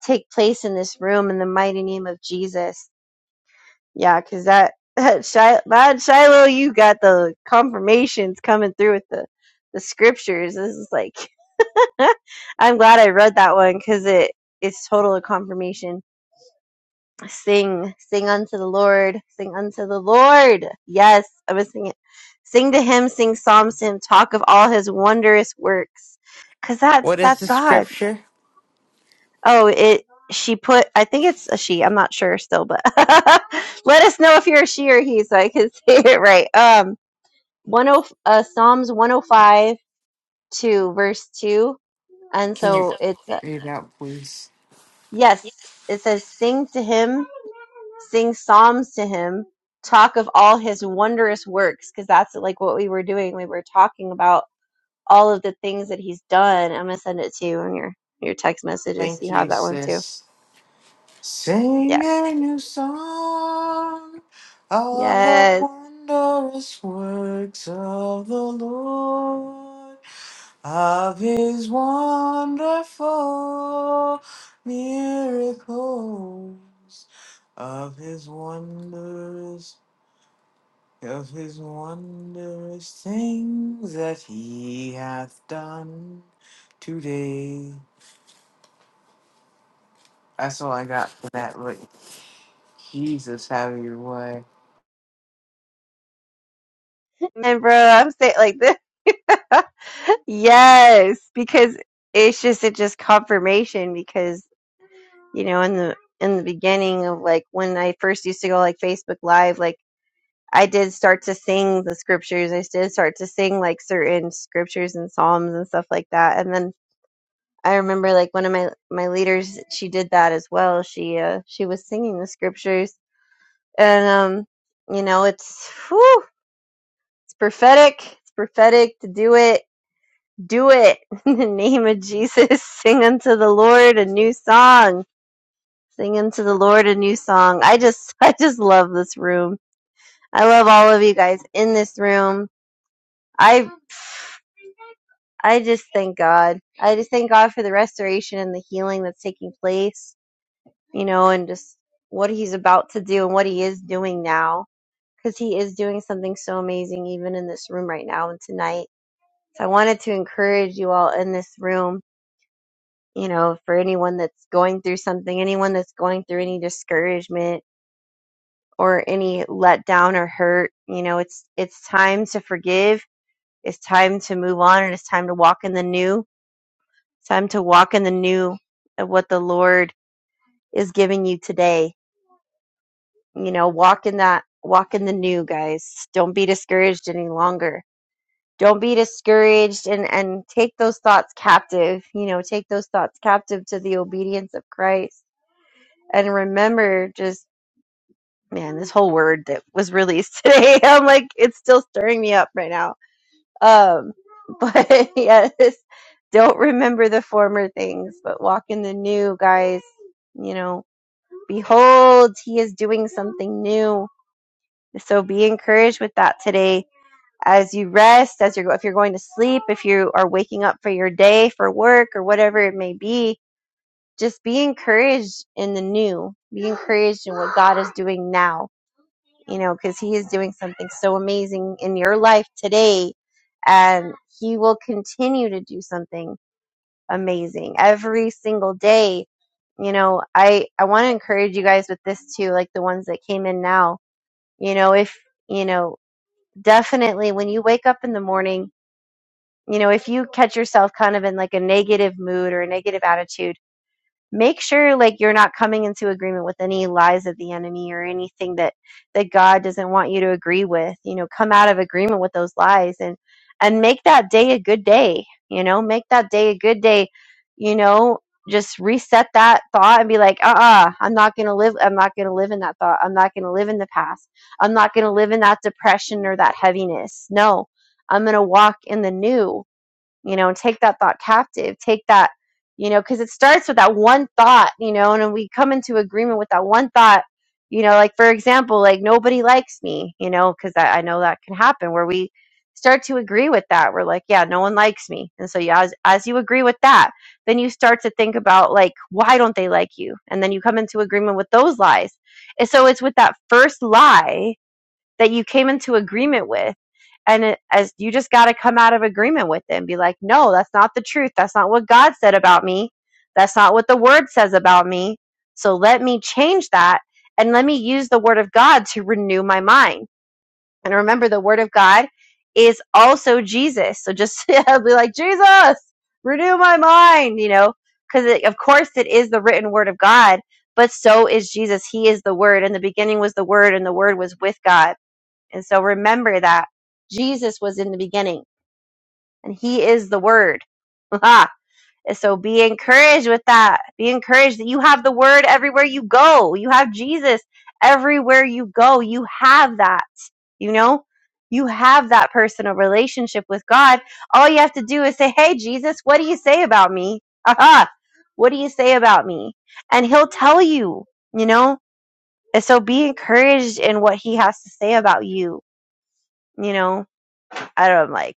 take place in this room in the mighty name of Jesus. Yeah, because that, (laughs) that, Shil- that Shiloh, you got the confirmations coming through with the, the scriptures. This is like, (laughs) I'm glad I read that one because it, it's total confirmation sing, sing unto the Lord, sing unto the Lord. Yes, I was singing. Sing to him, sing psalms to him, talk of all his wondrous works. Cause that's
What is
that's
the
God.
scripture?
Oh, it she put I think it's a she, I'm not sure still, but (laughs) let us know if you're a she or he so I can (laughs) say it right. Um one oh uh Psalms one oh five two verse two. And
Can you
so it's uh,
read out, please?
yes, it says sing to him sing psalms to him, talk of all his wondrous works, because that's like what we were doing. We were talking about all of the things that he's done. I'm gonna send it to you on your your text messages.
Thank
You have
you,
that one too.
sis. Sing
Yeah.
a new song of the
Yes.
wondrous works of the Lord. of his wonderful miracles, of his wonders, of his wondrous things that he hath done today. That's all I got for that. But Jesus, have your way.
And bro, I'm saying like this. (laughs) yes, because it's just it just confirmation because you know in the in the beginning of like when I first used to go like Facebook Live like I did start to sing the scriptures. I did start to sing like certain scriptures and psalms and stuff like that. And then I remember like one of my my leaders, she did that as well. She uh she was singing the scriptures, and um you know it's whew, it's prophetic. It's prophetic to do it. Do it (laughs) in the name of Jesus. (laughs) Sing unto the Lord a new song. Sing unto the Lord a new song. I just (laughs) I just love this room. I love all of you guys in this room. I I just thank God. I just thank God for the restoration and the healing that's taking place, you know, and just what he's about to do and what he is doing now cuz he is doing something so amazing even in this room right now and tonight. So I wanted to encourage you all in this room, you know, for anyone that's going through something, anyone that's going through any discouragement or any letdown or hurt, you know, it's it's time to forgive, it's time to move on and it's time to walk in the new It's time to walk in the new of what the Lord is giving you today. You know, walk in that, walk in the new, guys. Don't be discouraged any longer. Don't be discouraged and, and take those thoughts captive. You know, take those thoughts captive to the obedience of Christ. And remember, just man, this whole word that was released (laughs) today, I'm like, it's still stirring me up right now. Um, but (laughs) yes, don't remember the former things, but walk in the new, guys. You know, Behold, he is doing something new. So be encouraged with that today as you rest, as you're if you're going to sleep, if you are waking up for your day, for work or whatever it may be, just be encouraged in the new. Be encouraged in what God is doing now, you know, cuz he is doing something so amazing in your life today and he will continue to do something amazing every single day you know i i want to encourage you guys with this too like the ones that came in now you know if you know definitely when you wake up in the morning you know if you catch yourself kind of in like a negative mood or a negative attitude make sure like you're not coming into agreement with any lies of the enemy or anything that that God doesn't want you to agree with. You know, come out of agreement with those lies and and make that day a good day. You know, make that day a good day. You know, just reset that thought and be like, uh-uh, I'm not gonna live. I'm not gonna live in that thought. I'm not gonna live in the past. I'm not gonna live in that depression or that heaviness. No, I'm gonna walk in the new you know, and take that thought captive, take that, you know, because it starts with that one thought, you know, and then we come into agreement with that one thought, you know, like for example, like nobody likes me, you know, because I, I know that can happen where we start to agree with that. We're like, yeah, no one likes me. And so, yeah, as, as you agree with that, then you start to think about like, why don't they like you? And then you come into agreement with those lies. And so it's with that first lie that you came into agreement with and it, as you just got to come out of agreement with it and be like no that's not the truth that's not what god said about me that's not what the word says about me so let me change that and let me use the word of god to renew my mind and remember the word of god is also jesus so just (laughs) be like jesus renew my mind you know because of course it is the written word of god but so is jesus he is the word and the beginning was the word and the word was with god and so remember that Jesus was in the beginning and he is the word. (laughs) And so be encouraged with that. Be encouraged that you have the word everywhere you go. You have Jesus everywhere you go. You have that, you know? You have that personal relationship with God. All you have to do is say, Hey, Jesus, what do you say about me? (laughs) Aha. What do you say about me? And he'll tell you, you know? And so be encouraged in what he has to say about you, you know? I don't like.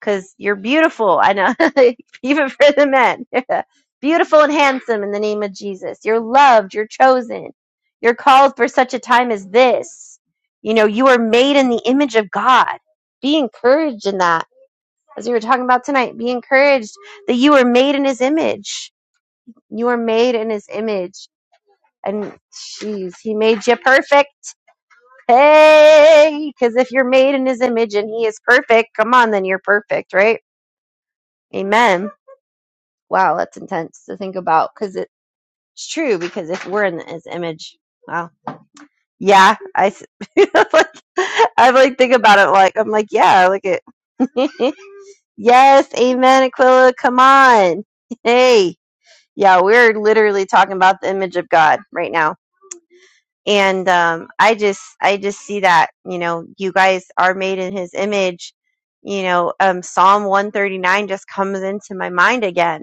because you're beautiful. I know, (laughs) even for the men. (laughs) beautiful and handsome in the name of Jesus. You're loved. You're chosen. You're called for such a time as this. You know, you are made in the image of God. Be encouraged in that. As we were talking about tonight, be encouraged that you are made in his image. You are made in his image. And jeez, he made you perfect. Hey, because if you're made in his image and he is perfect, come on, then you're perfect, right? Amen Wow, that's intense to think about because it's true. Because if we're in His image, wow, yeah, I, s- (laughs) like, I like think about it like I'm like, yeah, look at, (laughs) yes, Amen, Aquila, come on, hey, yeah, we're literally talking about the image of God right now, and um, I just, I just see that you know, you guys are made in His image, you know, um, Psalm 139 just comes into my mind again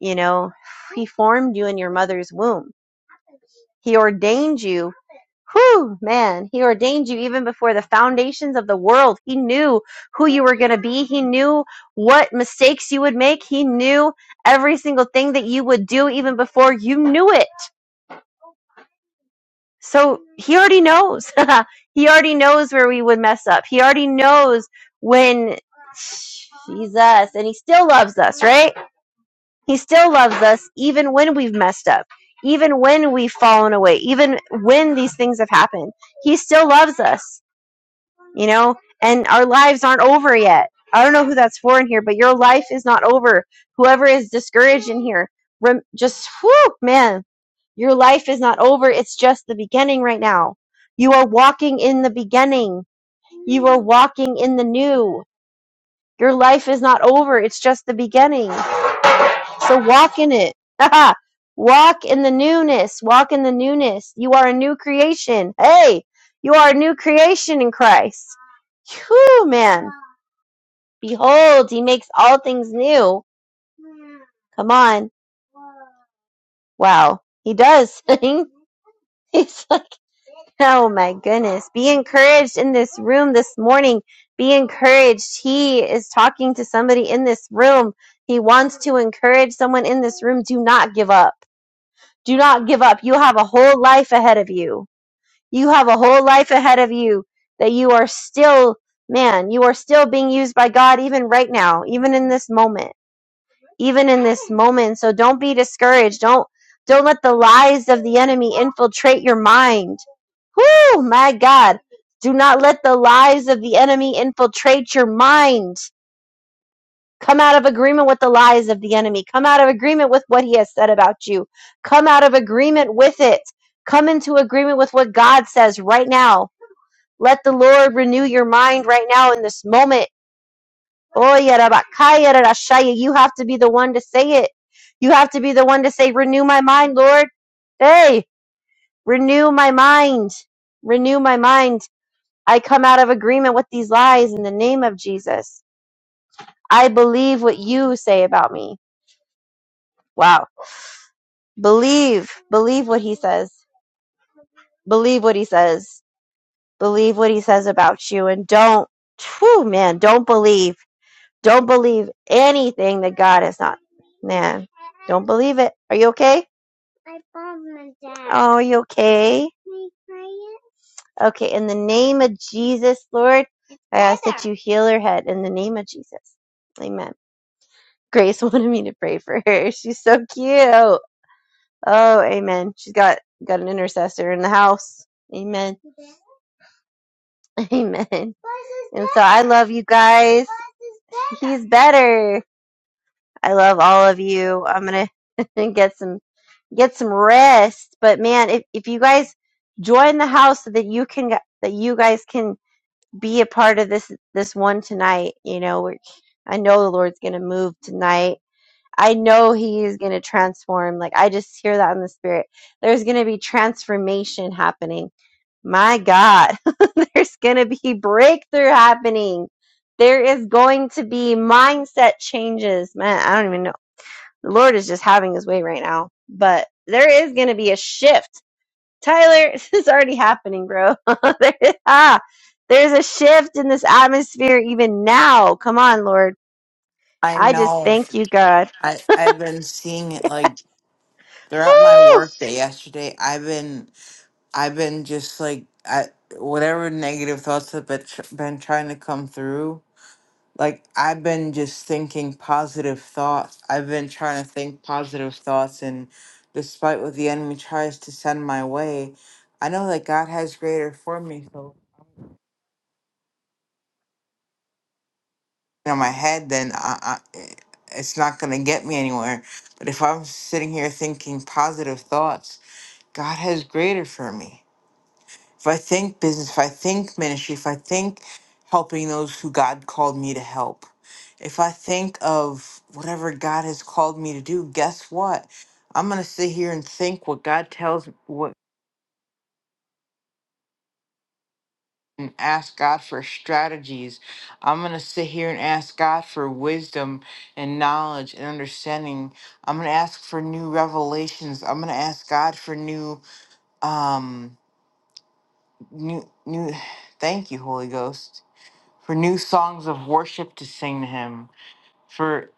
You know, he formed you in your mother's womb. He ordained you. Whew, man, he ordained you even before the foundations of the world. He knew who you were going to be. He knew what mistakes you would make. He knew every single thing that you would do even before you knew it. So he already knows. (laughs) he already knows where we would mess up. He already knows when Jesus, and he still loves us, right? He still loves us even when we've messed up, even when we've fallen away, even when these things have happened. He still loves us, you know, and our lives aren't over yet. I don't know who that's for in here, but your life is not over. Whoever is discouraged in here, rem- just, whew, man, your life is not over. It's just the beginning right now. You are walking in the beginning. You are walking in the new. Your life is not over. It's just the beginning. So walk in it. (laughs) walk in the newness. Walk in the newness. You are a new creation. Hey, you are a new creation in Christ. Whew, man. Behold, he makes all things new. Come on. Wow. He does. (laughs) He's like, oh my goodness. Be encouraged in this room this morning. Be encouraged. He is talking to somebody in this room. He wants to encourage someone in this room. Do not give up. Do not give up. You have a whole life ahead of you. You have a whole life ahead of you that you are still, man, you are still being used by God even right now, even in this moment, even in this moment. So don't be discouraged. Don't, don't let the lies of the enemy infiltrate your mind. Whoo, my God. Do not let the lies of the enemy infiltrate your mind. Come out of agreement with the lies of the enemy. Come out of agreement with what he has said about you. Come out of agreement with it. Come into agreement with what God says right now. Let the Lord renew your mind right now in this moment. Oya rabakaya rarashaya. You have to be the one to say it. You have to be the one to say, Renew my mind, Lord. Hey, renew my mind. Renew my mind. I come out of agreement with these lies in the name of Jesus. I believe what you say about me. Wow. Believe, believe what he says. Believe what he says. Believe what he says about you and don't, whew, man, don't believe. Don't believe anything that God is not. Man, don't believe it. Are you okay? I bombed my dad. Oh, are you okay? Okay, in the name of Jesus, Lord, I ask that you heal her head in the name of Jesus. Amen. Grace (laughs) wanted me to pray for her. She's so cute. Oh, amen. She's got got an intercessor in the house. Amen. (laughs) Amen. And so I love you guys. He's better. I love all of you. I'm gonna (laughs) get some get some rest. But man, if if you guys join the house so that you can that you guys can be a part of this this one tonight, you know, we're, I know the Lord's gonna move tonight I know he is going to transform. Like I just hear that in the spirit. There's going to be transformation happening. My God, (laughs) there's going to be breakthrough happening. There is going to be mindset changes. Man, I don't even know. The Lord is just having his way right now, but there is going to be a shift. Tyler, (laughs) this is already happening, bro. (laughs) there, is, ah, there's a shift in this atmosphere even now. Come on, Lord.
I
I just
know.
thank you, God.
I I've been seeing it like throughout my
Woo!
workday yesterday. I've been I've been just like I whatever negative thoughts have been, tr- been trying to come through. Like I've been just thinking positive thoughts. I've been trying to think positive thoughts, and despite what the enemy tries to send my way, I know that God has greater for me. So in my head, then I, I, it's not gonna get me anywhere. But if I'm sitting here thinking positive thoughts, God has greater for me. If I think business, if I think ministry, if I think helping those who God called me to help, if I think of whatever God has called me to do, guess what? I'm going to sit here and think what God tells what and ask God for strategies. I'm going to sit here and ask God for wisdom and knowledge and understanding. I'm going to ask for new revelations. I'm going to ask God for new um new new (sighs) thank you Holy Ghost. for new songs of worship to sing to him for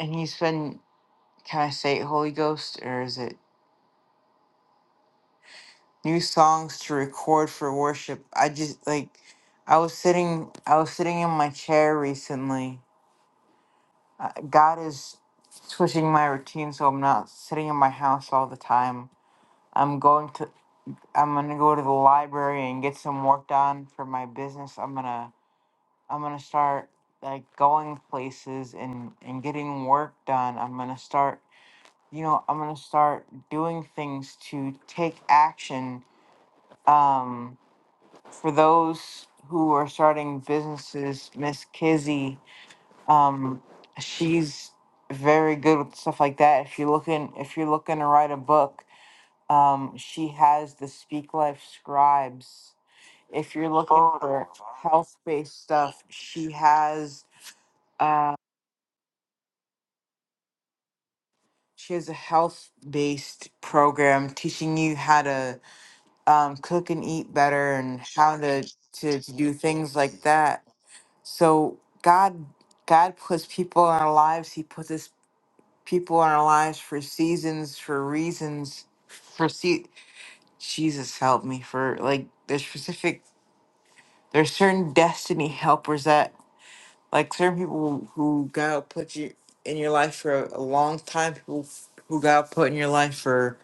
and he's been can i say it, holy ghost or is it new songs to record for worship i just like i was sitting i was sitting in my chair recently Uh, god is switching my routine so i'm not sitting in my house all the time i'm going to i'm gonna go to the library and get some work done for my business i'm gonna I'm gonna start like going places and and getting work done. I'm gonna start, you know, I'm gonna start doing things to take action. Um, for those who are starting businesses, Miss Kizzy, um, she's very good with stuff like that. If you're looking, if you're looking to write a book, um, she has the Speak Life Scribes. If you're looking for health-based stuff, she has. uh, She has a health based program teaching you how to um, cook and eat better and how to, to, to do things like that. So God God puts people in our lives. He puts us people in our lives for seasons, for reasons, for see Jesus help me for like there's specific there's certain destiny helpers that like certain people who God will put you in your life for a, a long time, people who God will put in your life for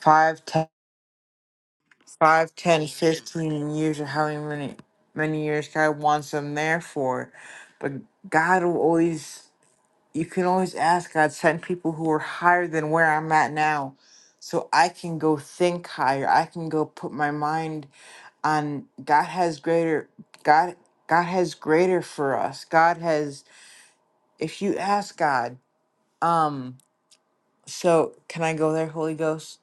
five, ten five, ten, fifteen years, or however many many years God wants them there for. But God will always you can always ask God, send people who are higher than where I'm at now. So I can go think higher. I can go put my mind on God has greater God God has greater for us. God has if you ask God, um so can I go there, Holy Ghost?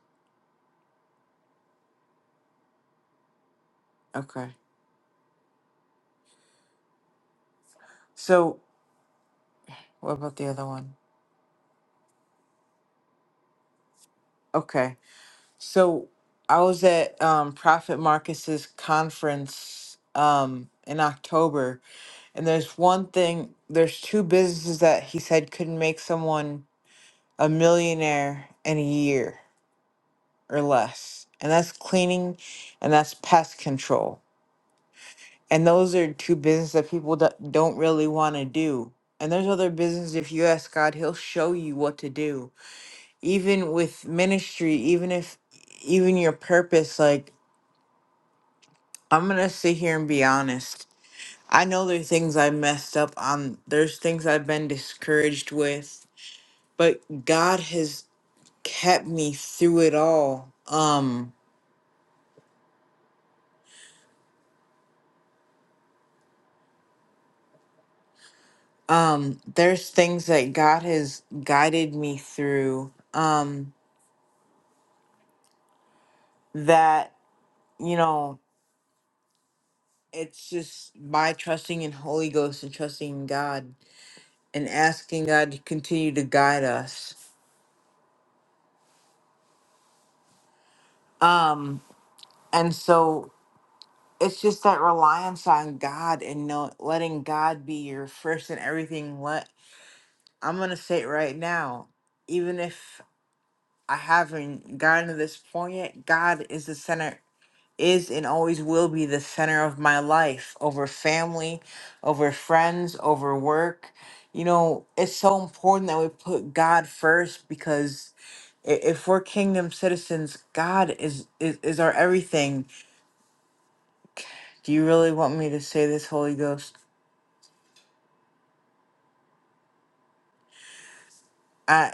Okay. So what about the other one? Okay So I was at um, Prophet Marcus's conference um, in October, and there's one thing, there's two businesses that he said could make someone a millionaire in a year or less, and that's cleaning and that's pest control. And those are two businesses that people do- don't really want to do. And there's other businesses, if you ask God, He'll show you what to do. Even with ministry, even if, even your purpose, like I'm gonna sit here and be honest. I know there are things I messed up on. There's things I've been discouraged with, but God has kept me through it all. Um, um, there's things that God has guided me through. Um, that you know, it's just by trusting in Holy Ghost and trusting in God and asking God to continue to guide us. Um, and so it's just that reliance on God and know, letting God be your first and everything. Let I'm gonna say it right now, even if I haven't gotten to this point yet, God is the center, is and always will be the center of my life over family, over friends, over work. You know, it's so important that we put God first because i- if we're kingdom citizens, God is is, is our everything. Do you really want me to say this, Holy Ghost? I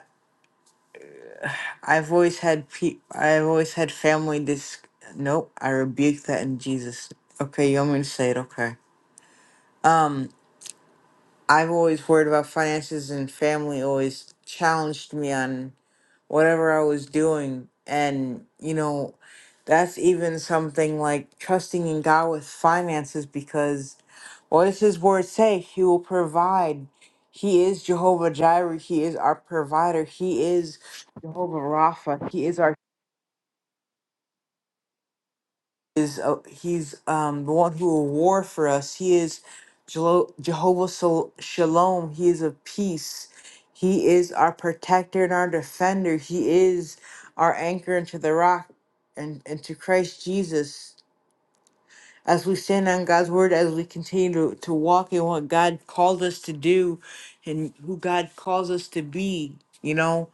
I've always had pe- I've always had family dis nope, I rebuke that in Jesus. Okay, you want me to say it, okay. Um I've always worried about finances and family always challenged me on whatever I was doing and you know that's even something like trusting in God with finances because what does his word say? He will provide. He is Jehovah Jireh. He is our provider. He is Jehovah Rapha. He is our is uh, he's um the one who will war for us. He is Jelo- Jehovah Sol- Shalom. He is of peace. He is our protector and our defender. He is our anchor into the rock and into Christ Jesus. As we stand on God's word, as we continue to, to walk in what God called us to do and who God calls us to be, you know,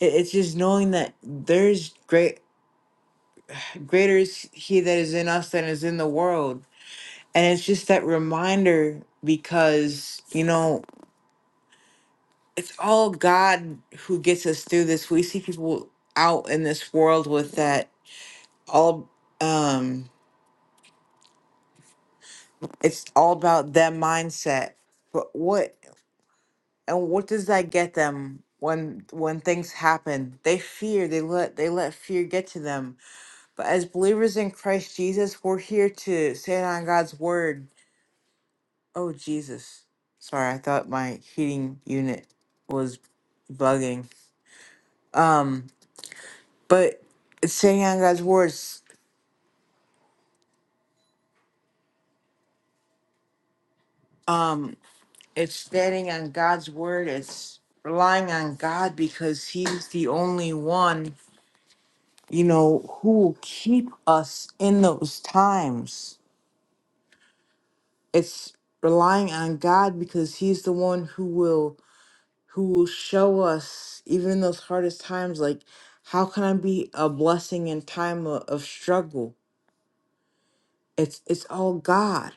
it, it's just knowing that there's great greater is he that is in us than is in the world and it's just that reminder because, you know, it's all God who gets us through this. We see people out in this world with that all um it's all about them mindset. But what and what does that get them when when things happen? They fear, they let they let fear get to them. But as believers in Christ Jesus, we're here to stand on God's word Oh, Jesus. Sorry, I thought my heating unit was bugging. Um, but it's standing on God's words. Um, it's standing on God's word. It's relying on God because He's the only one, you know, who will keep us in those times. It's relying on God because He's the one who will who will show us even in those hardest times like how can i be a blessing in time of, of struggle it's it's all god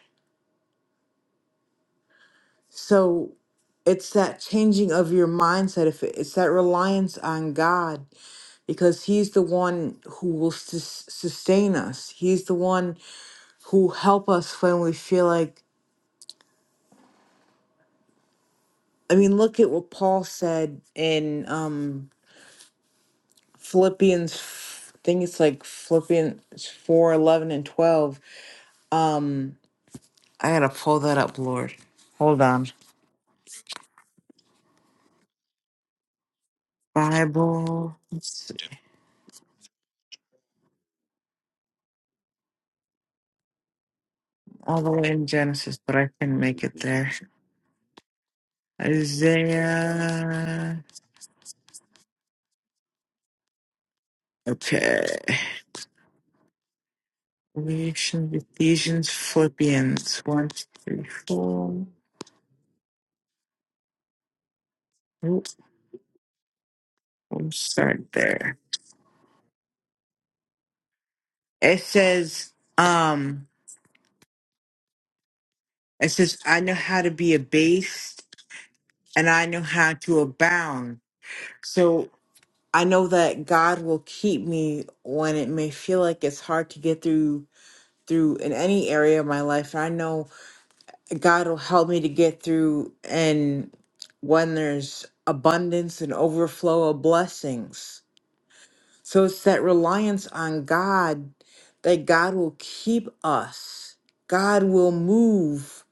so it's that changing of your mindset if it- it's that reliance on god because he's the one who will sus- sustain us he's the one who will help us when we feel like i mean look at what paul said in um philippians f- i think it's like philippians 4, 11, and 12 Um, I gotta pull that up, Lord. Hold on. Bible, it's all the way in Genesis, but I can make it there. Isaiah. Okay. Revelation, Ephesians, Philippians, One, two, three, four. Oop, We'll start there. It says, um, it says, I know how to be abased and I know how to abound. So I know that God will keep me when it may feel like it's hard to get through through in any area of my life. I know God will help me to get through and when there's abundance and overflow of blessings. So it's that reliance on God that God will keep us. God will move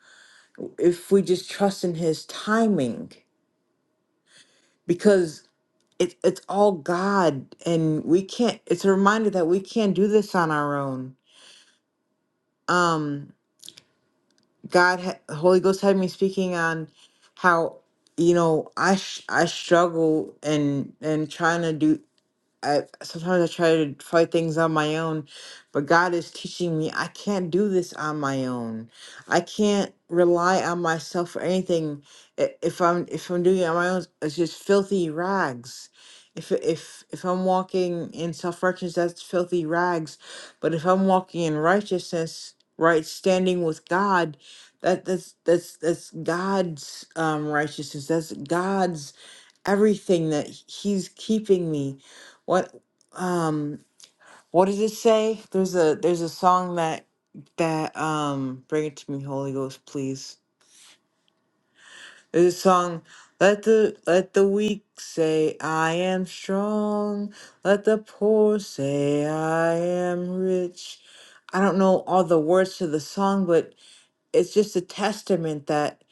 if we just trust in his timing because it, it's all God, and we can't. It's a reminder that we can't do this on our own. Um, God, ha- Holy Ghost had me speaking on how you know I sh- I struggle and and trying to do I sometimes I try to fight things on my own, but God is teaching me I can't do this on my own. I can't rely on myself for anything. I- If I'm if I'm doing it on my own, it's just filthy rags. If if if I'm walking in self righteousness, that's filthy rags. But if I'm walking in righteousness, right standing with God, that that's that's that's God's um, righteousness. That's God's everything that he's keeping me what um what does it say there's a there's a song that that um bring it to me holy ghost please there's a song let the let the weak say i am strong let the poor say i am rich i don't know all the words to the song but it's just a testament that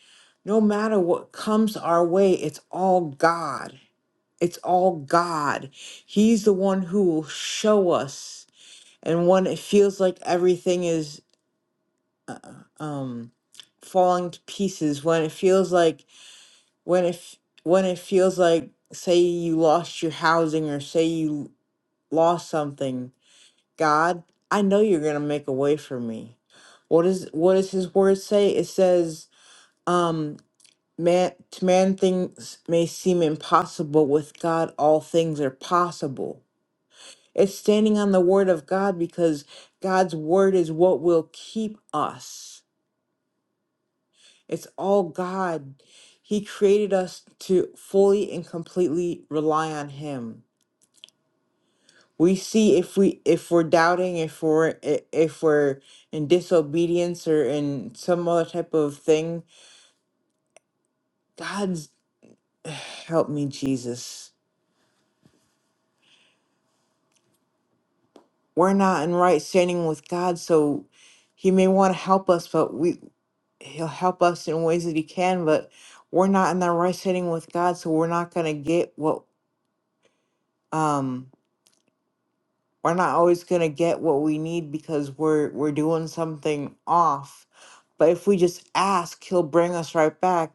no matter what comes our way it's all god it's all God. He's the one who will show us. And when it feels like everything is uh, uh, um, falling to pieces, when it feels like when it f- when it feels like say you lost your housing or say you lost something, God, I know you're gonna make a way for me. What is what does His word say? It says, um, "Man to man, things may seem impossible. With God, all things are possible." It's standing on the word of God because God's word is what will keep us. It's all God. He created us to fully and completely rely on him. We see if we if we're doubting, if we're i- if we're in disobedience or in some other type of thing, God's (sighs) help me Jesus. We're not in right standing with God, so he may want to help us, but we he'll help us in ways that he can but we're not in the right setting with god so we're not going to get what um we're not always going to get what we need because we're we're doing something off but if we just ask he'll bring us right back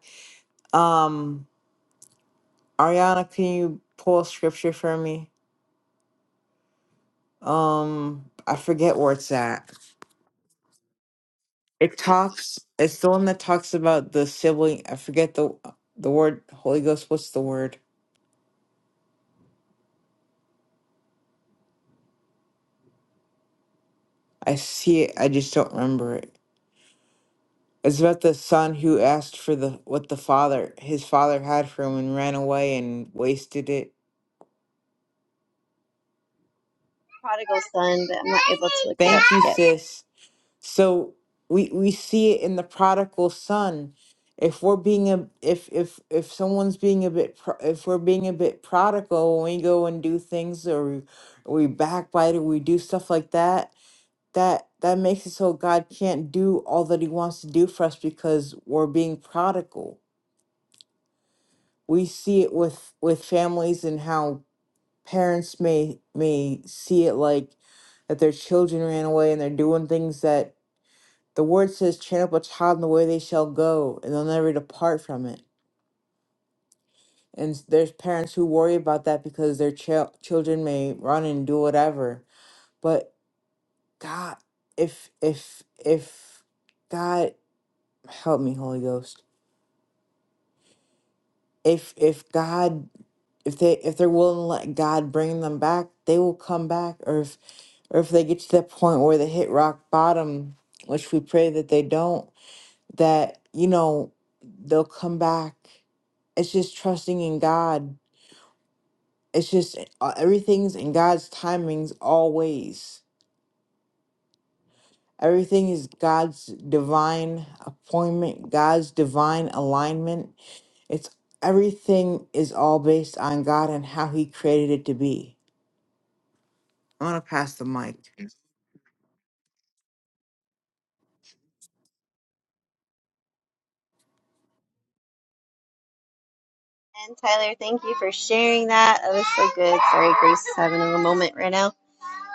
um ariana can you pull a scripture for me um i forget where it's at it talks it's the one that talks about the sibling i forget the the word holy ghost what's the word i see it i just don't remember it It's about the son who asked for the what the father his father had for him and ran away and wasted it.
prodigal son, but I'm not able to look it up
Thank you,
yet.
sis. So we we see it in the prodigal son. If we're being a if if if someone's being a bit pro, if we're being a bit prodigal when we go and do things or we, we backbite or we do stuff like that, that that makes it so God can't do all that He wants to do for us because we're being prodigal we see it with with families and how parents may may see it like that their children ran away and they're doing things that the word says train up a child in the way they shall go and they'll never depart from it and there's parents who worry about that because their chil- children may run and do whatever but god if if if god help me holy ghost if if god if they if they're willing to let god bring them back they will come back or if or if they get to that point where they hit rock bottom, which we pray that they don't, that, you know, they'll come back. It's just trusting in God. It's just uh, everything's in God's timings always. Everything is God's divine appointment, God's divine alignment. It's everything is all based on God and how He created it to be. I'm going to pass the mic.
And Tyler, thank you for sharing that. That was so good. Sorry, Grace is having a moment right now.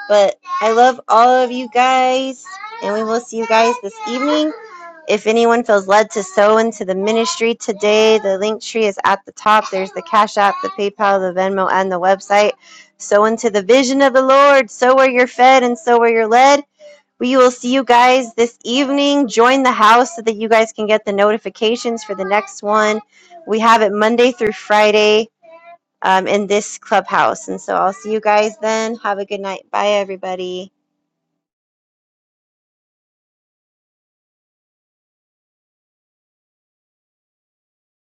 But I love all of you guys, and we will see you guys this evening. If anyone feels led to sow into the ministry today, the link tree is at the top. There's the Cash App, the PayPal, the Venmo, and the website. Sow into the vision of the Lord. Sow where you're fed and sow where you're led. We will see you guys this evening. Join the house so that you guys can get the notifications for the next one. We have it Monday through Friday um, in this clubhouse. And so I'll see you guys then. Have a good night. Bye, everybody.